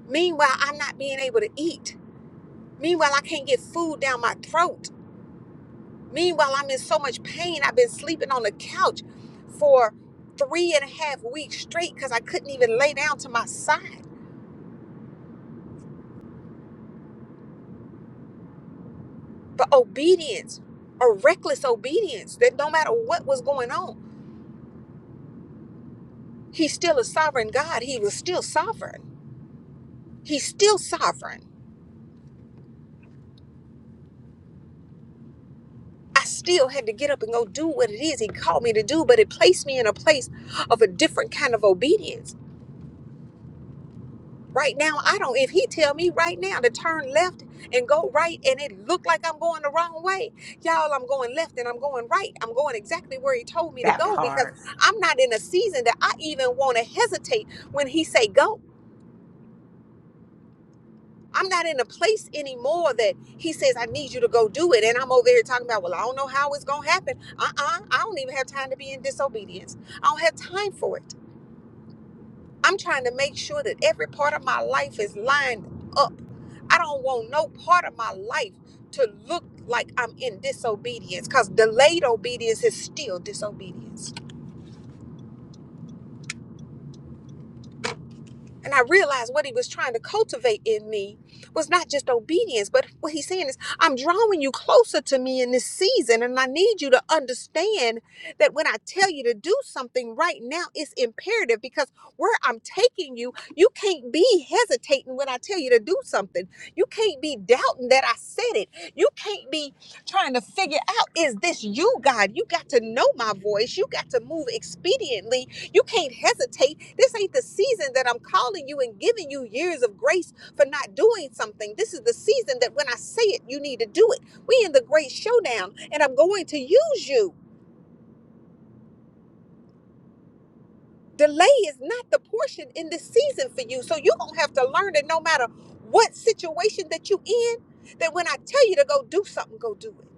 E: Meanwhile, I'm not being able to eat. Meanwhile, I can't get food down my throat. Meanwhile, I'm in so much pain. I've been sleeping on the couch for three and a half weeks straight because I couldn't even lay down to my side. But obedience, a reckless obedience, that no matter what was going on, he's still a sovereign God. He was still sovereign. He's still sovereign. I still had to get up and go do what it is he called me to do, but it placed me in a place of a different kind of obedience Right now, I don't. If he tell me right now to turn left and go right, and it look like I'm going the wrong way, y'all, I'm going left and I'm going right. I'm going exactly where he told me to
F: that
E: go because
F: part
E: I'm not in a season that I even want to hesitate when he say go. I'm not in a place anymore that he says I need you to go do it, and I'm over here talking about, well, I don't know how it's gonna happen. Uh-uh, I don't even have time to be in disobedience. I don't have time for it. I'm trying to make sure that every part of my life is lined up. I don't want no part of my life to look like I'm in disobedience because delayed obedience is still disobedience. And I realized what he was trying to cultivate in me was not just obedience, but what he's saying is, I'm drawing you closer to me in this season. And I need you to understand that when I tell you to do something right now, it's imperative because where I'm taking you, you can't be hesitating when I tell you to do something. You can't be doubting that I said it. You can't be trying to figure out, is this you, God? You got to know my voice. You got to move expediently you can't hesitate. This ain't the season that I'm calling you and giving you years of grace for not doing something. This is the season that when I say it, you need to do it. We in the great showdown, and I'm going to use you. Delay is not the portion in this season for you. So you're gonna have to learn that no matter what situation that you in, that when I tell you to go do something, go do it.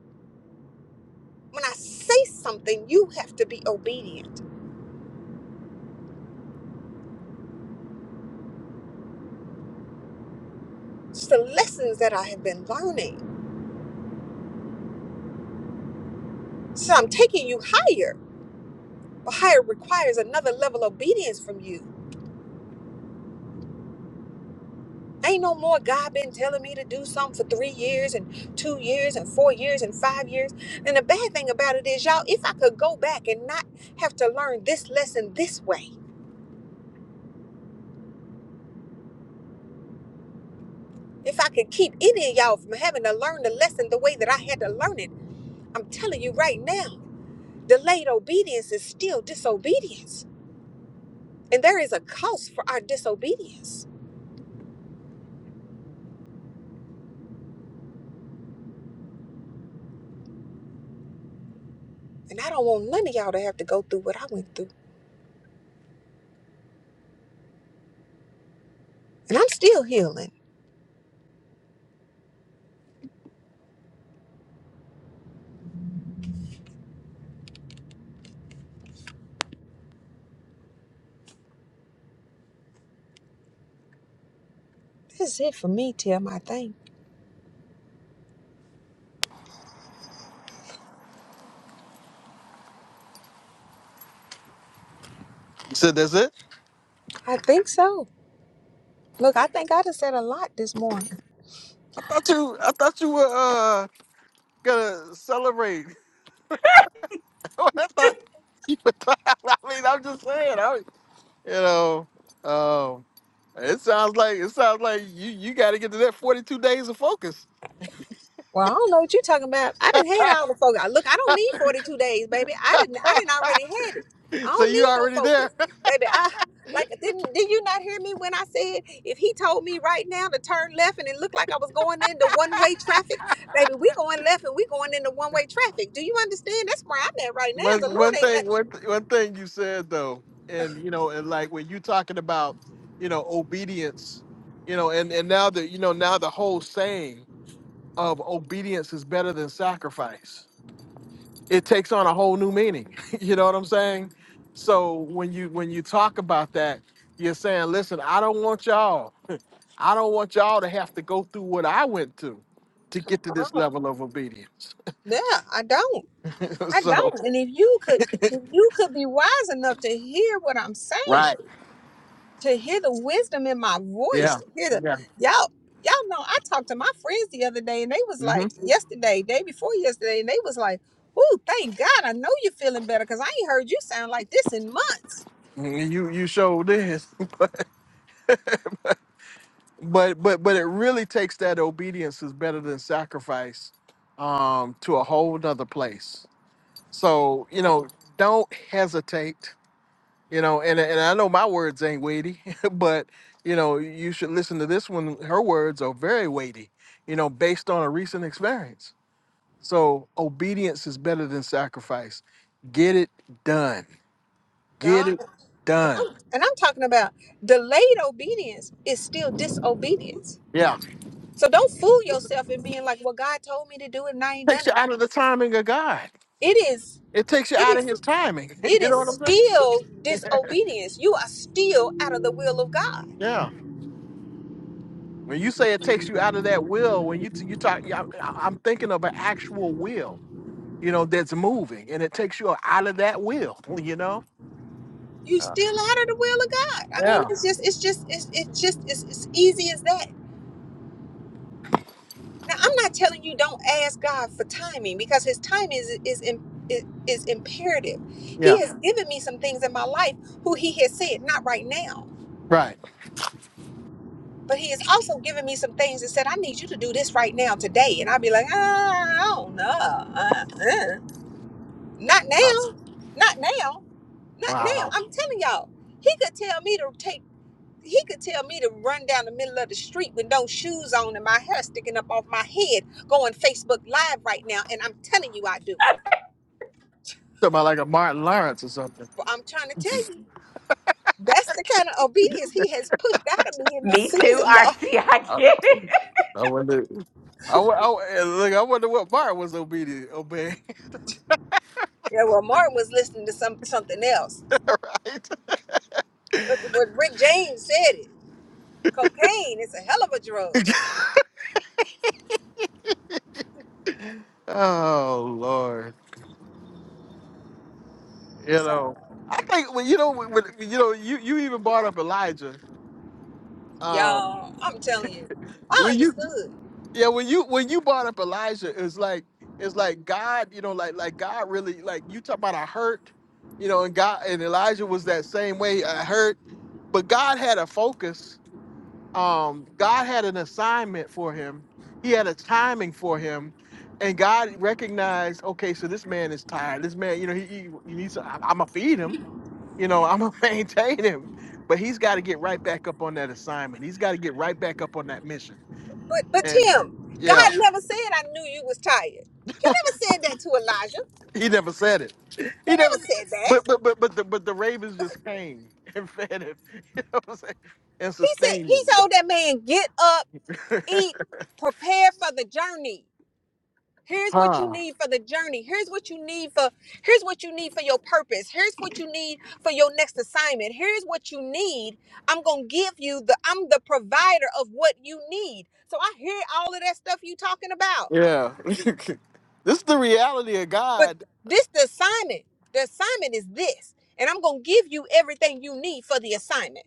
E: When I say something, you have to be obedient. It's the lessons that I have been learning. So I'm taking you higher But how requires another level of obedience from you. Ain't no more God been telling me to do something for three years and two years and four years and five years. And the bad thing about it is, y'all, if I could go back and not have to learn this lesson this way, if I could keep any of y'all from having to learn the lesson the way that I had to learn it, I'm telling you right now, delayed obedience is still disobedience. And there is a cost for our disobedience. And I don't want none of y'all to have to go through what I went through. And I'm still healing. That's it for me, Tim. I think.
A: So that's it.
E: I think so. Look, I think I done said a lot this morning.
A: I thought you, I thought you were uh gonna celebrate. I thought you were. I mean, I'm just saying. I, you know, um, it sounds like it sounds like you you got to get to that 42 days of focus.
E: Well, I don't know what you're talking about. I didn't had all the focus. Look, I don't need 42 days, baby. I didn't. I didn't already had it. I
A: So
E: don't
A: you
E: need no
A: already there.
E: focus, baby. I like didn't. Did you not hear me when I said if he told me right now to turn left and it looked like I was going into one way traffic, baby, we going left and we going into one way traffic. Do you understand? That's where I'm at right now.
A: One
E: The Lord
A: one
E: ain't
A: thing
E: got.
A: one th- one thing you said though, and you know, and like when you talking about, you know, obedience, you know, and and now the you know now the whole saying of obedience is better than sacrifice. It takes on a whole new meaning. you know what I'm saying? So when you when you talk about that, you're saying, listen, I don't want y'all, I don't want y'all to have to go through what I went to to get to this level of obedience.
E: Yeah, I don't. I don't. And if you could, if you could be wise enough to hear what I'm saying,
A: Right.
E: to hear the wisdom in my voice,
A: yeah.
E: to hear the
A: Yeah.
E: y'all, y'all know. I talked to my friends the other day, and they was like, yesterday, day before yesterday, and they was like, "Ooh, thank God, I know you're feeling better, cause I ain't heard you sound like this in months,
A: Mm, You you showed this. but but but it really takes that obedience is better than sacrifice um to a whole nother place so you know don't hesitate you know and and i know my words ain't weighty but you know you should listen to this one her words are very weighty you know based on a recent experience so obedience is better than sacrifice get it done get
E: y'all."
A: it done
E: And I'm talking about delayed obedience is still disobedience.
A: yeah
E: So don't fool yourself in being like, "Well, God told me to do it, and I ain't done
A: takes
E: it."
A: you out of the timing of god
E: It is.
A: it takes you
E: It
A: out
E: is.
A: of his timing
E: it
A: you know what
E: is
A: i'm saying
E: still disobedience. You are still out of the will of God.
A: yeah When you say it takes you out of that will, when you t- you talk, yeah, I- I'm thinking of an actual will, you know, that's moving, and it takes you out of that will, you know.
E: You still out of the will of God. I mean,
A: Yeah,
E: it's just, it's just, it's, it's just, it's, it's easy as that. Now, I'm not telling you don't ask God for timing because His timing is is im- is, is imperative. He
A: yeah,
E: has given me some things in my life who He has said not right now,
A: right.
E: but He has also given me some things that said I need you to do this right now today, and I'll be like, ah, I don't know, uh, uh, not now, not now. Not
A: Wow,
E: now. I'm telling y'all, he could tell me to take. He could tell me to run down the middle of the street with no shoes on and my hair sticking up off my head, going Facebook Live right now, and I'm telling you I do.
A: talking about like a Martin Lawrence or something.
E: But I'm trying to tell you, that's the kind of obedience he has pushed out of me in this
F: me too
E: season, y'all.
F: rc i
A: I,
F: get it
A: I wonder. I, wo- I, wo- eh, look, I wonder what Martin was obedient, obeying,
E: Yeah, well, Martin was listening to some something else.
A: right?
E: But what Rick James said it. Cocaine, it's a hell of a drug,
A: oh Lord, you know. I think when you know when, when- you know you you even brought up Elijah. Um,
E: y'all. I'm telling you, I
A: when you
E: understood.
A: Yeah, when you when you brought up Elijah, it's like it's like God, you know, like like God really like you talk about a hurt, you know, and God and Elijah was that same way, a hurt, but God had a focus. Um, God had an assignment for him. He had a timing for him, and God recognized, okay, so this man is tired. This man, you know, he, he, he needs. I'm gonna feed him. You know, I'm gonna maintain him, but he's got to get right back up on that assignment. He's got to get right back up on that mission.
E: But but Tim,
A: Yeah.
E: God never said I knew you was tired. He never said that to Elijah.
A: He never said it.
E: He
A: He never.
E: never said that.
A: But but but but the but the Ravens just came and fed him. You know what I'm saying? And
E: He said he told that man, get up,
A: so,
E: eat, prepare for the journey. Here's what you
A: huh?
E: need for the journey. Here's what you need for here's what you need for your purpose. Here's what you need for your next assignment. Here's what you need. I'm gonna give you the I'm the provider of what you need. So I hear all of that stuff you talking about.
A: Yeah. this is the reality of
E: But
A: God.
E: this the assignment. The assignment is this. And I'm gonna give you everything you need for the assignment.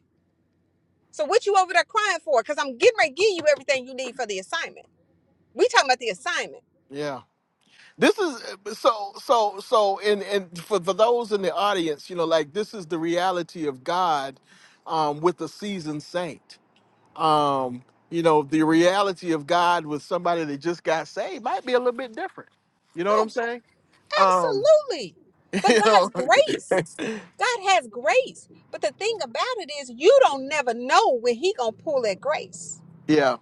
E: So what you over there crying for? Because I'm getting ready to give you everything you need for the assignment. We talking about the assignment.
A: Yeah. This is uh, so so so. And and for for those in the audience, you know, like this is the reality of God, um, with a seasoned saint. Um, you know, the reality of God with somebody that just got saved might be a little bit different. You know what
E: Oh,
A: I'm saying? Um,
E: absolutely. But
A: you
E: God's grace.
A: know.
E: God has grace. But the thing about it is you don't never know when he gonna pull that grace.
A: Yeah.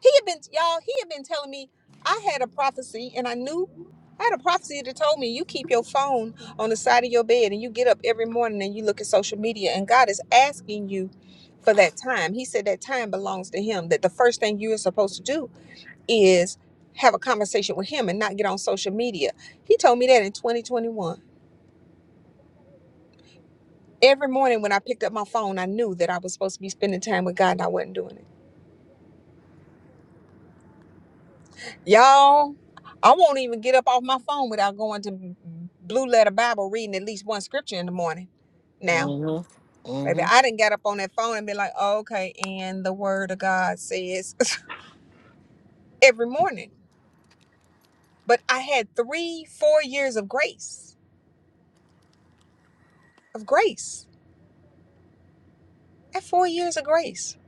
E: He had been, y'all, he had been telling me I had a prophecy and I knew I had a prophecy that told me you keep your phone on the side of your bed and you get up every morning and you look at social media and God is asking you for that time. He said that time belongs to him, that the first thing you are supposed to do is have a conversation with him and not get on social media. He told me that in 2021. Every morning when I picked up my phone, I knew that I was supposed to be spending time with God and I wasn't doing it. Y'all, I won't even get up off my phone without going to Blue Letter Bible reading at least one scripture in the morning. Now,
A: Mm-hmm. Mm-hmm.
E: baby, I didn't get up on that phone and be like, oh, okay, and the word of God says every morning. But I had three, four years of grace, of grace, and four years of grace.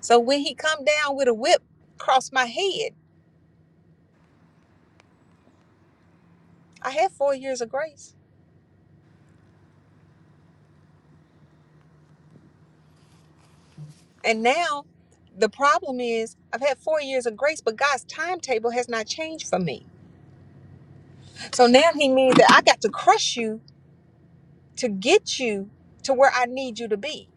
E: So when he come down with a whip across my head, I had four years of grace. And now the problem is I've had four years of grace, but God's timetable has not changed for me. So now he means that I got to crush you to get you to where I need you to be.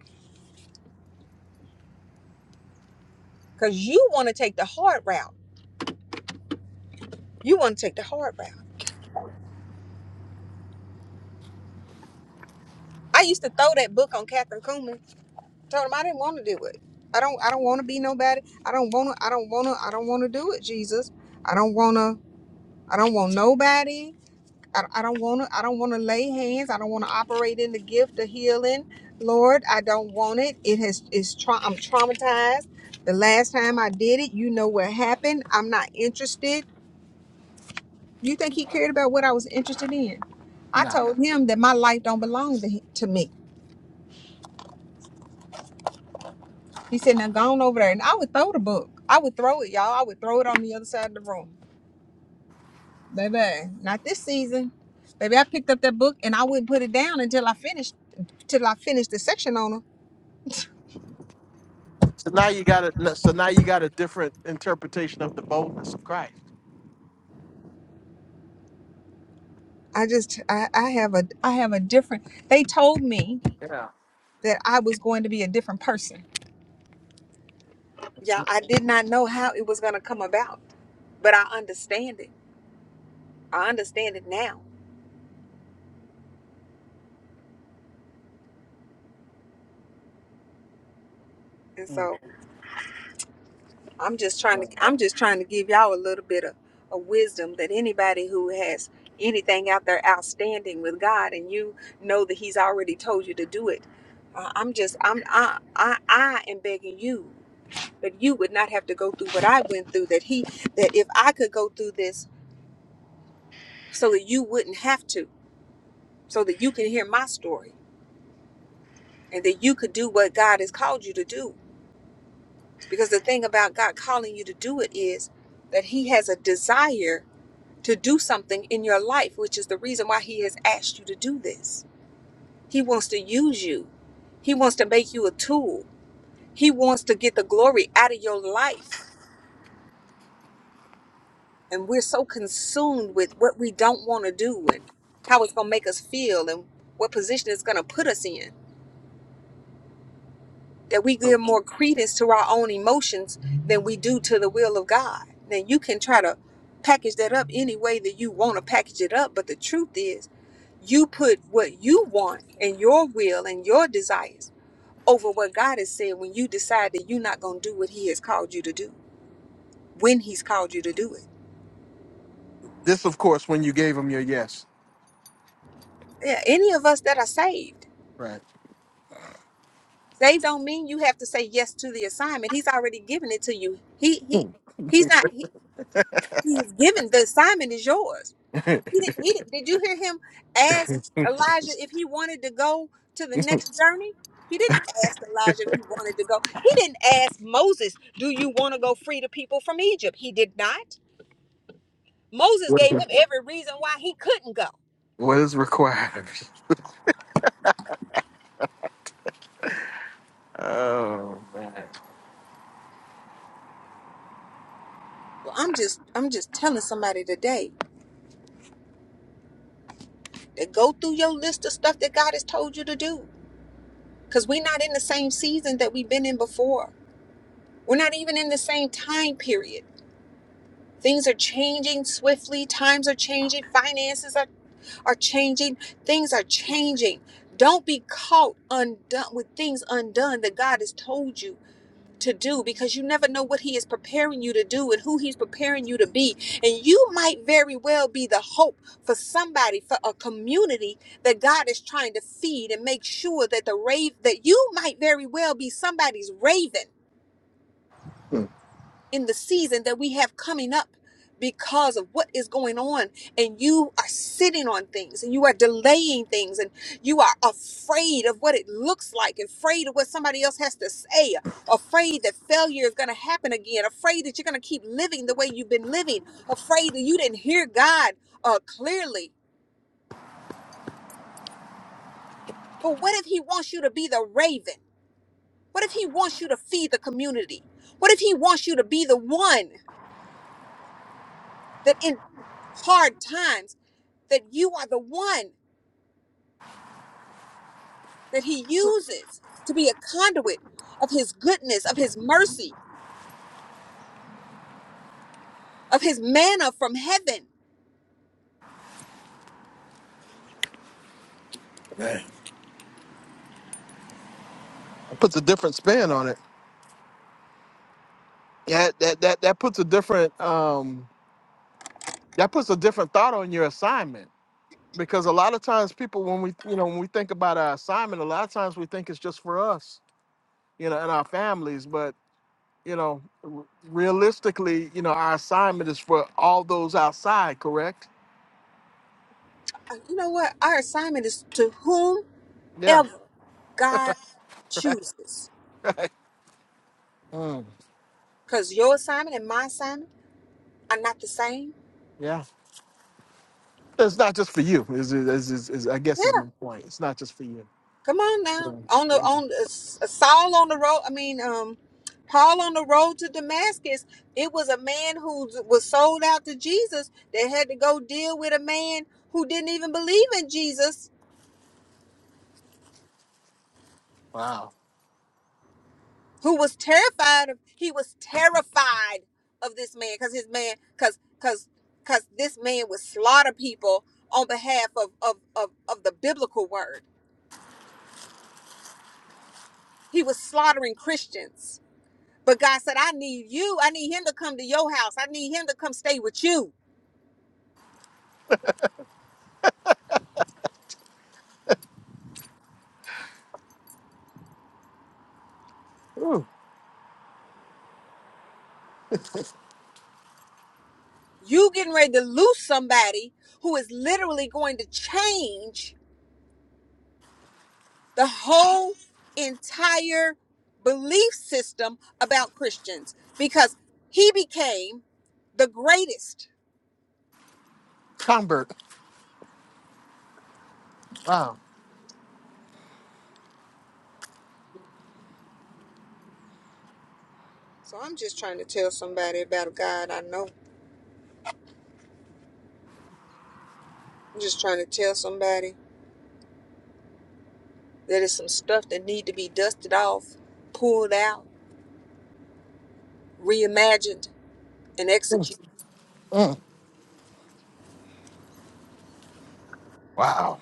E: Because you want to take the hard route. You want to take the hard route. I used to throw that book on Catherine Kuhlman. Told him I didn't want to do it. I don't I don't want to be nobody. I don't wanna I don't wanna I don't wanna do it, Jesus. I don't wanna I don't want nobody. I, I don't want to. I don't want to lay hands. I don't want to operate in the gift of healing, Lord. I don't want it. It has is. Tra- I'm traumatized. The last time I did it, you know what happened. I'm not interested. You think he cared about what I was interested in? I told him that my life don't belong to, he- to me. He said, "Now go on over there," and I would throw the book. I would throw it, y'all. I would throw it on the other side of the room, baby. Not this season, baby. I picked up that book and I wouldn't put it down until I finished till I finished the section on 'em
A: So now you got a so now you got a different interpretation of the boldness of Christ.
E: I just I, I have a I have a different they told me that I was going to be a different person. Yeah, I did not know how it was gonna come about, but I understand it. I understand it now. And so I'm just trying to I'm just trying to give y'all a little bit of, of wisdom that anybody who has anything out there outstanding with God and you know that he's already told you to do it. Uh, I'm just I'm I I I am begging you. But you would not have to go through what I went through. That he, that if I could go through this, so that you wouldn't have to, so that you can hear my story, and that you could do what God has called you to do. Because the thing about God calling you to do it is that He has a desire to do something in your life, which is the reason why He has asked you to do this. He wants to use you. He wants to make you a tool. He wants to get the glory out of your life. and we're so consumed with what we don't want to do and how it's going to make us feel and what position it's going to put us in that we give more credence to our own emotions than we do to the will of God. Then you can try to package that up any way that you want to package it up, but the truth is, you put what you want and your will and your desires over what God has said when you decide that you're not going to do what He has called you to do when He's called you to do it.
A: This, of course, when you gave him your yes.
E: Yeah, any of us that are saved.
A: Right.
E: Saved don't mean you have to say yes to the assignment. He's already given it to you. He he he's not he, he's given the assignment is yours. He didn't he didn't, did you hear him ask Elijah if he wanted to go to the next journey? He didn't ask Elijah if he wanted to go. He didn't ask Moses, "Do you want to go free the people from Egypt?" He did not. Moses gave him every reason why he couldn't go.
A: What is required? Oh,
E: So I'm just I'm just telling somebody today to go through your list of stuff that God has told you to do because we're not in the same season that we've been in before. We're not even in the same time period. Things are changing swiftly, times are changing, finances are, are changing, things are changing. Don't be caught undone with things undone that God has told you to do because you never know what he is preparing you to do and who he's preparing you to be. And you might very well be the hope for somebody, for a community that God is trying to feed and make sure that the rave that you might very well be somebody's raven
A: man.
E: in the season that we have coming up because of what is going on and you are sitting on things and you are delaying things and you are afraid of what it looks like afraid of what somebody else has to say afraid that failure is going to happen again afraid that you're going to keep living the way you've been living afraid that you didn't hear god uh, clearly but what if he wants you to be the raven what if he wants you to feed the community what if he wants you to be the one that in hard times that you are the one that he uses to be a conduit of his goodness, of his mercy, of his manna from heaven.
A: It puts a different spin on it. Yeah, that that that puts a different um that puts a different thought on your assignment because a lot of times people when we you know when we think about our assignment, a lot of times we think it's just for us, you know, and our families, but you know, r- realistically, you know, our assignment is for all those outside, correct?
E: Uh, You know what? Our assignment is to
A: Yeah.
E: whomever God chooses.
A: Mm,
E: Because your assignment and my assignment are not the same.
A: yeah. It's not just for you. Is, is, is, is I guess is my point. It's not just for you.
E: Come on now.
A: Mm.
E: On the on the, Saul on the road, I mean, um Paul on the road to Damascus, it was a man who was sold out to Jesus that had to go deal with a man who didn't even believe in Jesus,
A: Wow.
E: who was terrified of he was terrified of this man cuz his man cuz cuz cuz this man would slaughter people on behalf of of of of the biblical word. He was slaughtering Christians But God said, I need you. I need him to come to your house. I need him to come stay with you.
A: Ooh,
E: You getting ready to lose somebody who is literally going to change the whole entire belief system about Christians because he became the greatest.
A: convert. Wow.
E: So I'm just trying to tell somebody about God I know. I'm just trying to tell somebody that it's some stuff that need to be dusted off, pulled out, reimagined, and
A: Mm,
E: executed.
A: mm, wow.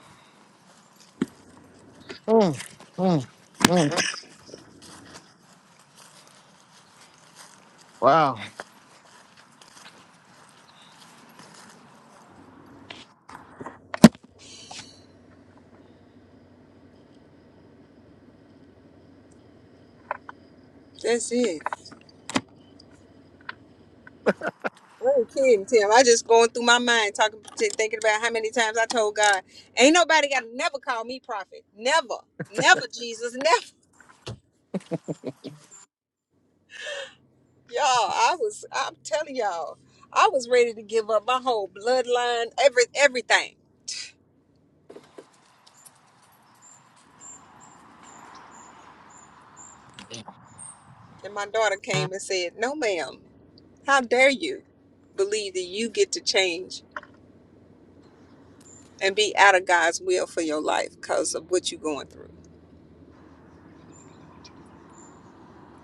A: Mm, wow.
E: That's it. i ain't kidding, Tim. I just going through my mind, talking, t- thinking about how many times I told God, "Ain't nobody got to never call me prophet. Never, never, Jesus, never." Y'all, I was, I'm telling y'all, I was ready to give up my whole bloodline, every everything. And my daughter came and said, "No, ma'am. How dare you believe that you get to change and be out of God's will for your life because of what you're going through?"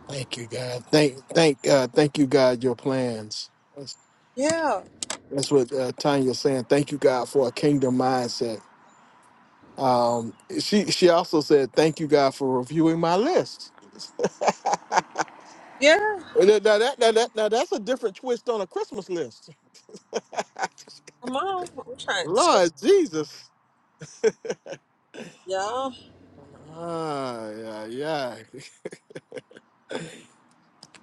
A: Thank you, God. Thank, thank, uh, thank you, God. Your plans. That's,
E: Yeah,
A: that's what uh, Tanya's saying. Thank you, God, for a kingdom mindset. Um, she she also said, "Thank you, God, for reviewing my list."
E: yeah.
A: Now, now that, now, that, now that's a different twist on a Christmas list.
E: Come on, I'm trying to,
A: Lord Jesus.
E: y'all.
A: Ah, yeah, yeah.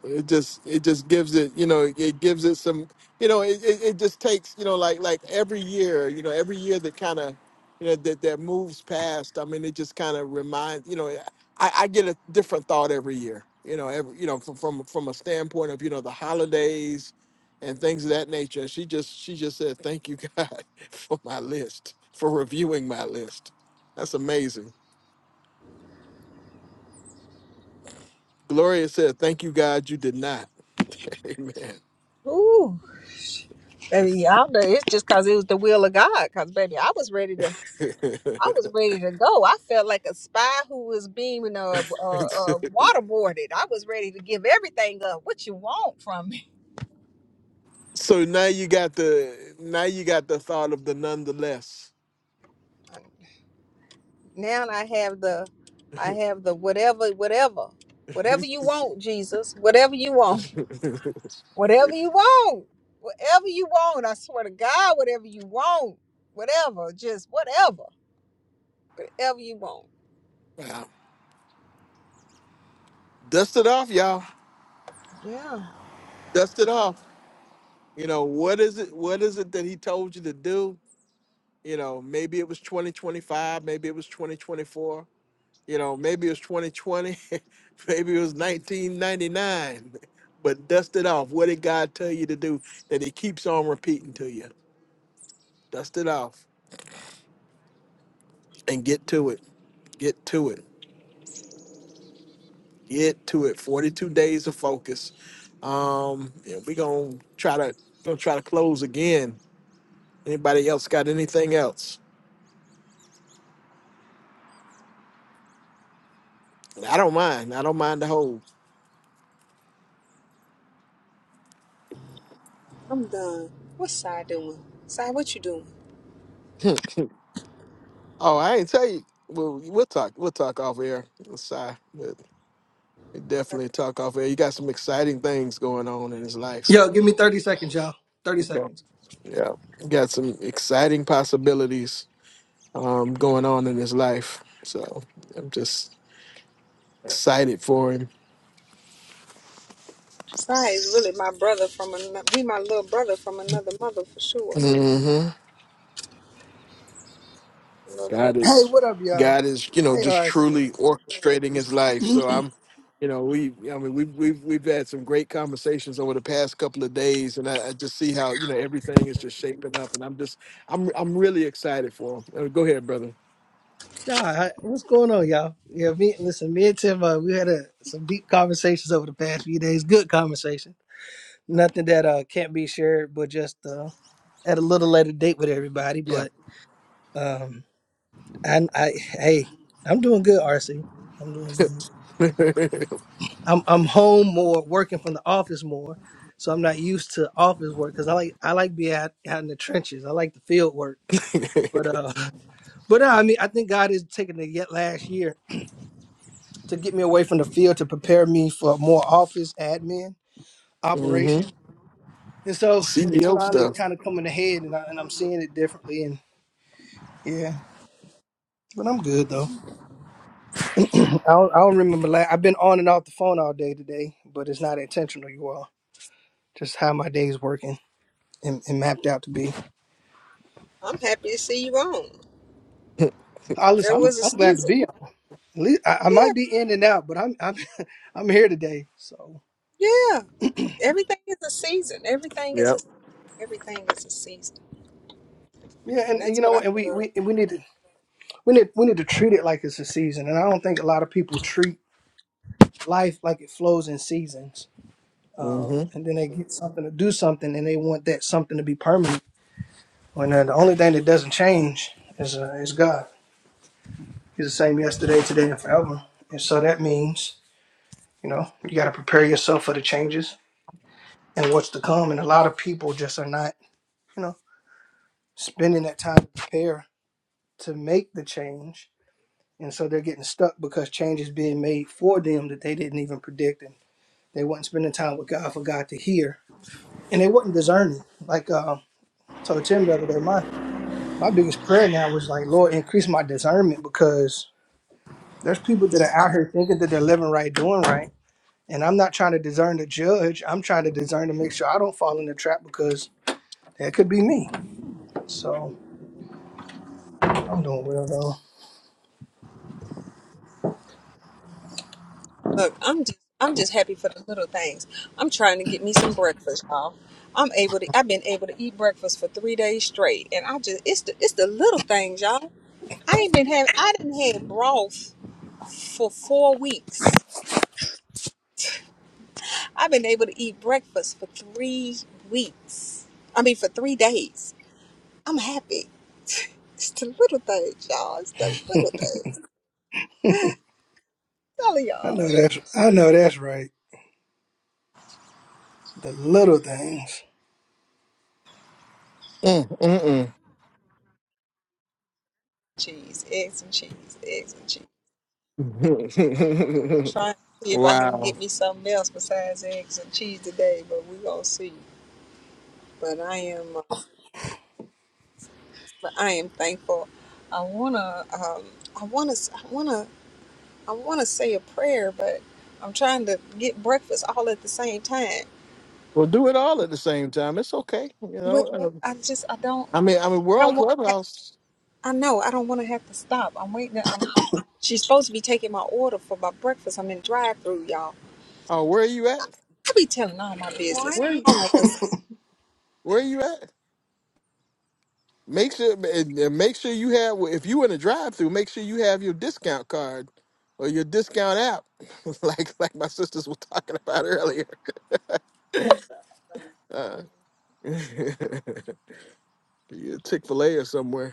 A: it just it just gives it you know it gives it some you know it, it, it just takes you know like like every year you know every year that kind of you know that that moves past i mean it just kind of reminds you know I, I get a different thought every year you know every you know from, from from a standpoint of you know the holidays and things of that nature she just she just said thank you god for my list for reviewing my list that's amazing gloria said thank you god you did not amen
E: Ooh. Baby, y'all know it's just cause it was the will of God. Cause baby, I was ready to, I was ready to go. I felt like a spy who was being uh, uh, uh waterboarded. I was ready to give everything up. What you want from me?
A: So now you got the now you got the thought of the nonetheless.
E: Now I have the, I have the whatever, whatever, whatever you want, Jesus. Whatever you want, whatever you want, whatever you want. I swear to God, whatever you want, whatever, just whatever, whatever you want.
A: Wow. Dust it off, y'all.
E: Yeah,
A: Dust it off. You know, what is it what is it that he told you to do? You know, maybe it was 2025, maybe it was 2024, you know, maybe it was 2020, maybe it was 1999. But dust it off. What did God tell you to do that he keeps on repeating to you? Dust it off and get to it. Get to it. Get to it. 42 days of focus. Um, yeah, we gonna try to gonna try to close again. Anybody else got anything else? I don't mind. I don't mind the whole.
E: I'm done. What's I doing? Si, what you doing?
A: oh, I ain't tell you. Well, we'll talk. We'll talk off air. Sorry, but we definitely talk off air. You got some exciting things going on in his life.
B: Yo, give me thirty seconds, y'all. Thirty
A: Okay.
B: seconds.
A: Yeah, you got some exciting possibilities um, going on in his life. So I'm just excited for him.
E: Sai is really my brother from another. He my little brother from another mother for sure.
A: hmm
E: Love him.
A: God
B: Hey,
A: is
B: what up, y'all?
A: God is you know
B: Hey,
A: just
B: RC.
A: truly orchestrating his life. So I'm you know we I mean we've we've we've had some great conversations over the past couple of days, and I, I just see how you know everything is just shaping up, and I'm just I'm I'm really excited for him. Uh, Go ahead, brother.
B: Nah, I- what's going on, y'all? Yeah, me. Listen, me and Tim, uh, we had a, some deep conversations over the past few days. Good conversation. Nothing that uh can't be shared, but just uh at a little later date with everybody.
A: Yeah.
B: But um, I, I, hey, I'm doing good, RC. I'm doing good. I'm I'm home more, working from the office more, so I'm not used to office work because I like I like being out, out in the trenches. I like the field work, but uh, but uh, I mean, I think God is taking the yet last year to get me away from the field to prepare me for more office admin
A: hmm
B: operation, and so it's
A: CEO
B: finally
A: stuff.
B: kind of coming ahead, and, I, and I'm seeing it differently, and yeah, but I'm good though. I don't, I don't remember. La- I've been on and off the phone all day today, but it's not intentional, you all. Just how my day's working and, and mapped out to be.
E: I'm happy to see you on.
B: I listen.
E: There
B: I'm
E: was a
B: I'm glad to
E: season.
B: be. on. At least I, I
E: Yeah,
B: might be in and out, but I'm I'm I'm here today. So
E: yeah. Everything is a season. Everything is a
A: Yep.
E: everything is a season.
B: yeah,
E: And
B: and, and
E: that's
B: you
E: what
B: know,
E: I
B: and we
E: love.
B: we and we need to we need we need to treat it like it's a season. And I don't think a lot of people treat life like it flows in seasons.
A: hmm
B: And then they get something to do something, and they want that something to be permanent. When uh, the only thing that doesn't change is uh, is God. He's the same yesterday, today, and forever. And so that means you know you got to prepare yourself for the changes and what's to come. And a lot of people just are not. you know. spending that time to prepare to make the change. And so they're getting stuck because change is being made for them that they didn't even predict. And they wasn't spending time with God for God to hear. And they wasn't discerning. Like uh, I told Tim the other day, my, my biggest prayer now was like, Lord, increase my discernment because there's people that are out here thinking that they're living right, doing right. And I'm not trying to discern to judge. I'm trying to discern to make sure I don't fall in the trap because that could be me. So I'm doing well though.
E: Look, I'm just I'm just happy for the little things. I'm trying to get me some breakfast, y'all. I'm able to. I've been able to eat breakfast for three days straight, and I just it's the it's the little things, y'all. I ain't been having. I didn't have broth for four weeks. I've been able to eat breakfast for three weeks. I mean, for three days. I'm happy. It's the little things, y'all. It's the little things. Tell
B: I know
E: y'all.
B: that's I know that's right. The little things.
A: Mm,
E: Cheese, eggs, and cheese, eggs, and cheese.
A: mm-mm.
E: Trying to see if I can
A: wow.
E: get me something else besides eggs and cheese today, but we're gonna see. But I am, uh, but I am thankful. I wanna, um, I wanna, I wanna, I wanna say a prayer, but I'm trying to get breakfast all at the same time.
A: We'll do it all at the same time. It's okay. You
E: Well,
A: know. uh,
E: I just, I don't.
A: I mean, I mean,
E: I
A: we're on
E: don't want to
A: Clubhouse.
E: I know. I don't want to have to stop. I'm waiting. I'm, I'm. She's supposed to be taking my order for my breakfast. I'm in drive-through, y'all.
A: Uh, where are you at?
E: I be telling all my business.
A: Where
E: Hold on one second.
A: Where are you at? Make sure and, and make sure you have. If you in a drive-through, make sure you have your discount card or your discount app, like like my sisters were talking about earlier. Uh, Chick Fil A or somewhere.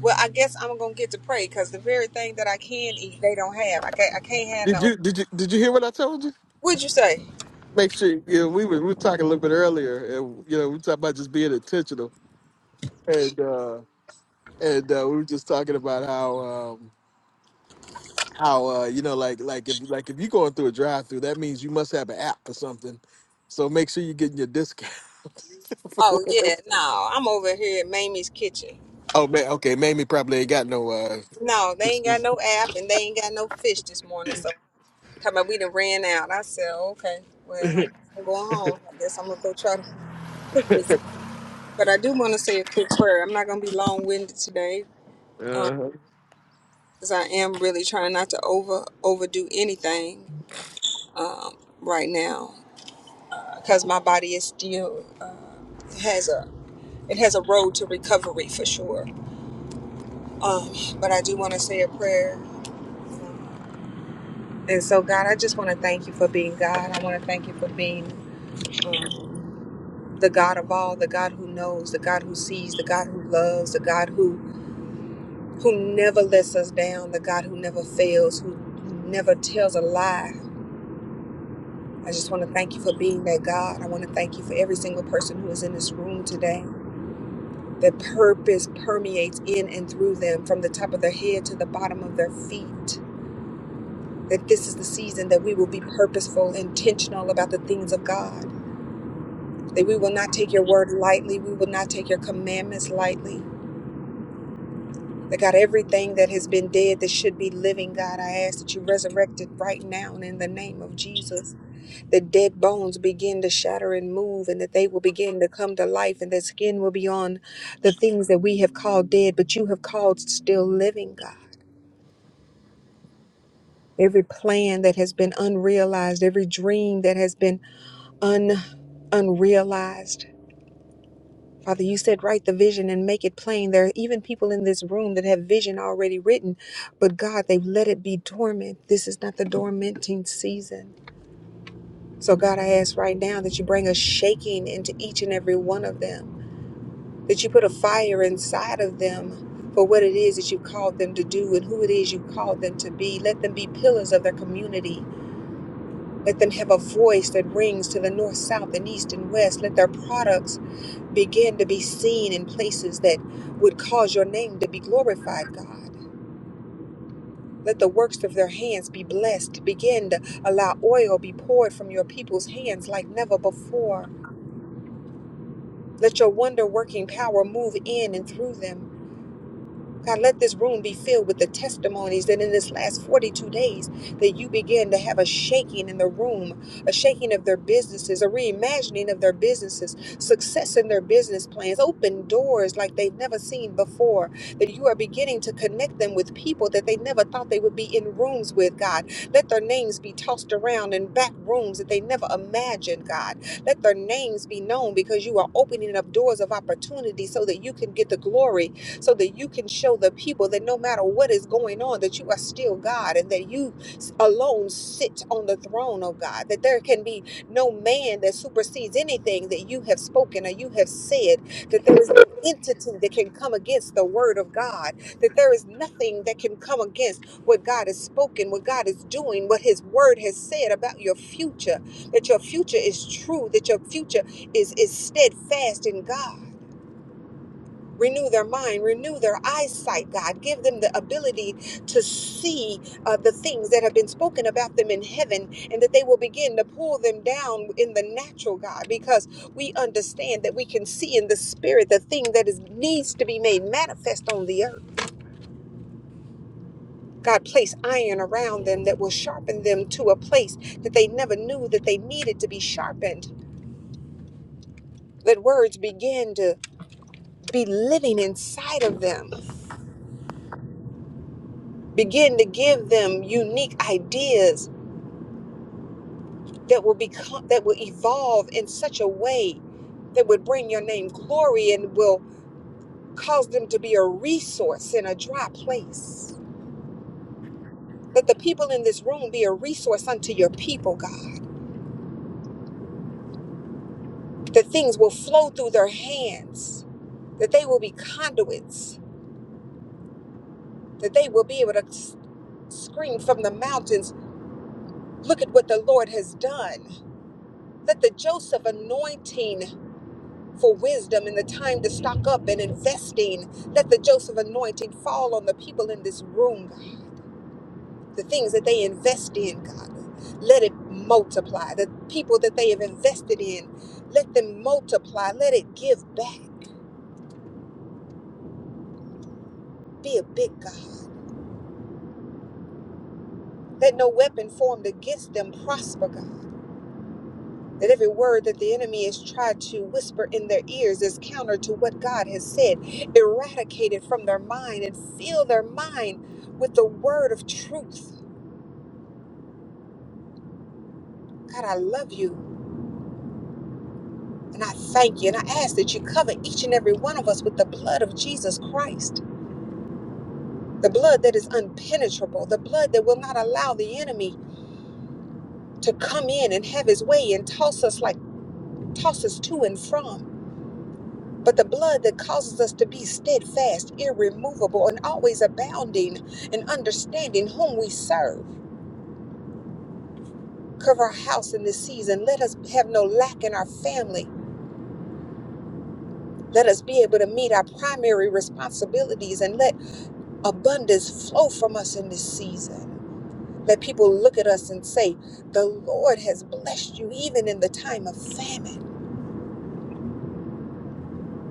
E: Well, I guess I'm gonna get to pray because the very thing that I can eat, they don't have. I can't. I can't have
A: Did
E: no.
A: you Did you Did you hear what I told you?
E: What'd you say?
A: Make sure you know, we were we were talking a little bit earlier, and you know we talked about just being intentional, and uh, and uh, we were just talking about how. Um, how uh you know like like if like if you're going through a drive through that means you must have an app or something so make sure you're getting your discount
E: Oh yeah, no. I'm over here at Mamie's kitchen.
A: oh man okay mamie probably ain't got no uh
E: No, they ain't got no app and they ain't got no fish this morning. So Talking about we done ran out. I said, "Oh, okay, well, I guess I'm going home. I guess I'm gonna go try to cook me some. But I do want to say a quick prayer. I'm not going to be long winded today because
A: uh
E: I am really trying not to over overdo anything um, right now because my body is still uh, it has a it has a road to recovery for sure. Um, but I do want to say a prayer. And so, God, I just want to thank you for being God. I want to thank you for being um, the God of all, the God who knows, the God who sees, the God who loves, the God who who never lets us down, the God who never fails, who never tells a lie. I just want to thank you for being that God. I want to thank you for every single person who is in this room today. That purpose permeates in and through them from the top of their head to the bottom of their feet. That this is the season that we will be purposeful, intentional about the things of God. That we will not take your word lightly. We will not take your commandments lightly. That God, everything that has been dead that should be living, God, I ask that you resurrect it right now and in the name of Jesus. That dead bones begin to shatter and move and that they will begin to come to life and that skin will be on the things that we have called dead, but you have called still living, God. Every plan that has been unrealized, every dream that has been un unrealized. Father, you said, write the vision and make it plain. There are even people in this room that have vision already written, but God, they've let it be dormant. This is not the dormanting season. So, God, I ask right now that you bring a shaking into each and every one of them, that you put a fire inside of them for what it is that you called them to do and who it is you called them to be. Let them be pillars of their community. Let them have a voice that rings to the north, south, and east and west. Let their products begin to be seen in places that would cause your name to be glorified, God. Let the works of their hands be blessed. Begin to allow oil be poured from your people's hands like never before. Let your wonder working power move in and through them. God, let this room be filled with the testimonies that in this last 42 days that you begin to have a shaking in the room, a shaking of their businesses, a reimagining of their businesses, success in their business plans, open doors like they've never seen before, that you are beginning to connect them with people that they never thought they would be in rooms with, God. Let their names be tossed around in back rooms that they never imagined, God. Let their names be known because you are opening up doors of opportunity so that you can get the glory so that you can show the people that no matter what is going on, that you are still God and that you alone sit on the throne, oh God, that there can be no man that supersedes anything that you have spoken or you have said, that there is no entity that can come against the word of God, that there is nothing that can come against what God has spoken, what God is doing, what his word has said about your future, that your future is true, that your future is, is steadfast in God Renew their mind, renew their eyesight, God. Give them the ability to see uh, the things that have been spoken about them in heaven and that they will begin to pull them down in the natural, God, because we understand that we can see in the spirit the thing that is needs to be made manifest on the earth. God, place iron around them that will sharpen them to a place that they never knew that they needed to be sharpened. Let words begin to be living inside of them, begin to give them unique ideas that will become that will evolve in such a way that would bring your name glory and will cause them to be a resource in a dry place. Let the people in this room be a resource unto your people, God. That things will flow through their hands, that they will be conduits, that they will be able to s- scream from the mountains, look at what the Lord has done. Let the Joseph anointing for wisdom and the time to stock up and investing. Let the Joseph anointing fall on the people in this room, God. The things that they invest in, God, let it multiply. The people that they have invested in, let them multiply. Let it give back. Be a big God. Let no weapon formed against them prosper, God. That every word that the enemy has tried to whisper in their ears is counter to what God has said. Eradicate it from their mind and fill their mind with the word of truth God, I love you and I thank you. And I ask that you cover each and every one of us with the blood of Jesus Christ, the blood that is unpenetrable, the blood that will not allow the enemy to come in and have his way and toss us like toss us to and from. But the blood that causes us to be steadfast, irremovable, and always abounding in understanding whom we serve. Cover our house in this season. Let us have no lack in our family. Let us be able to meet our primary responsibilities and let abundance flow from us in this season. Let people look at us and say, The Lord has blessed you even in the time of famine.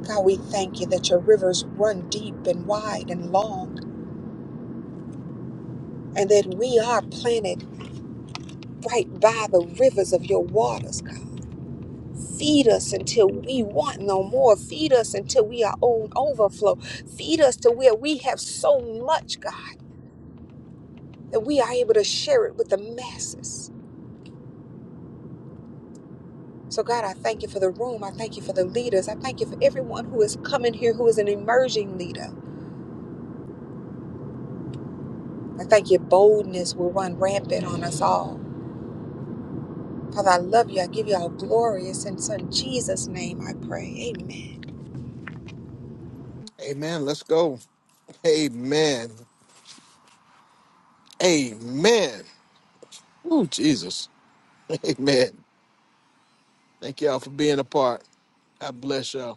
E: God, we thank you that your rivers run deep and wide and long, and that we are planted right by the rivers of your waters, God. Feed us until we want no more. Feed us until we are on overflow. Feed us to where we have so much, God, that we are able to share it with the masses. So, God, I thank you for the room. I thank you for the leaders. I thank you for everyone who is coming here who is an emerging leader. I thank your boldness will run rampant on us all. Father, I love you. I give you all glory. It's in Son Jesus' name I pray. Amen.
A: hey man let's go amen amen Ooh, jesus amen thank y'all for being a part god bless y'all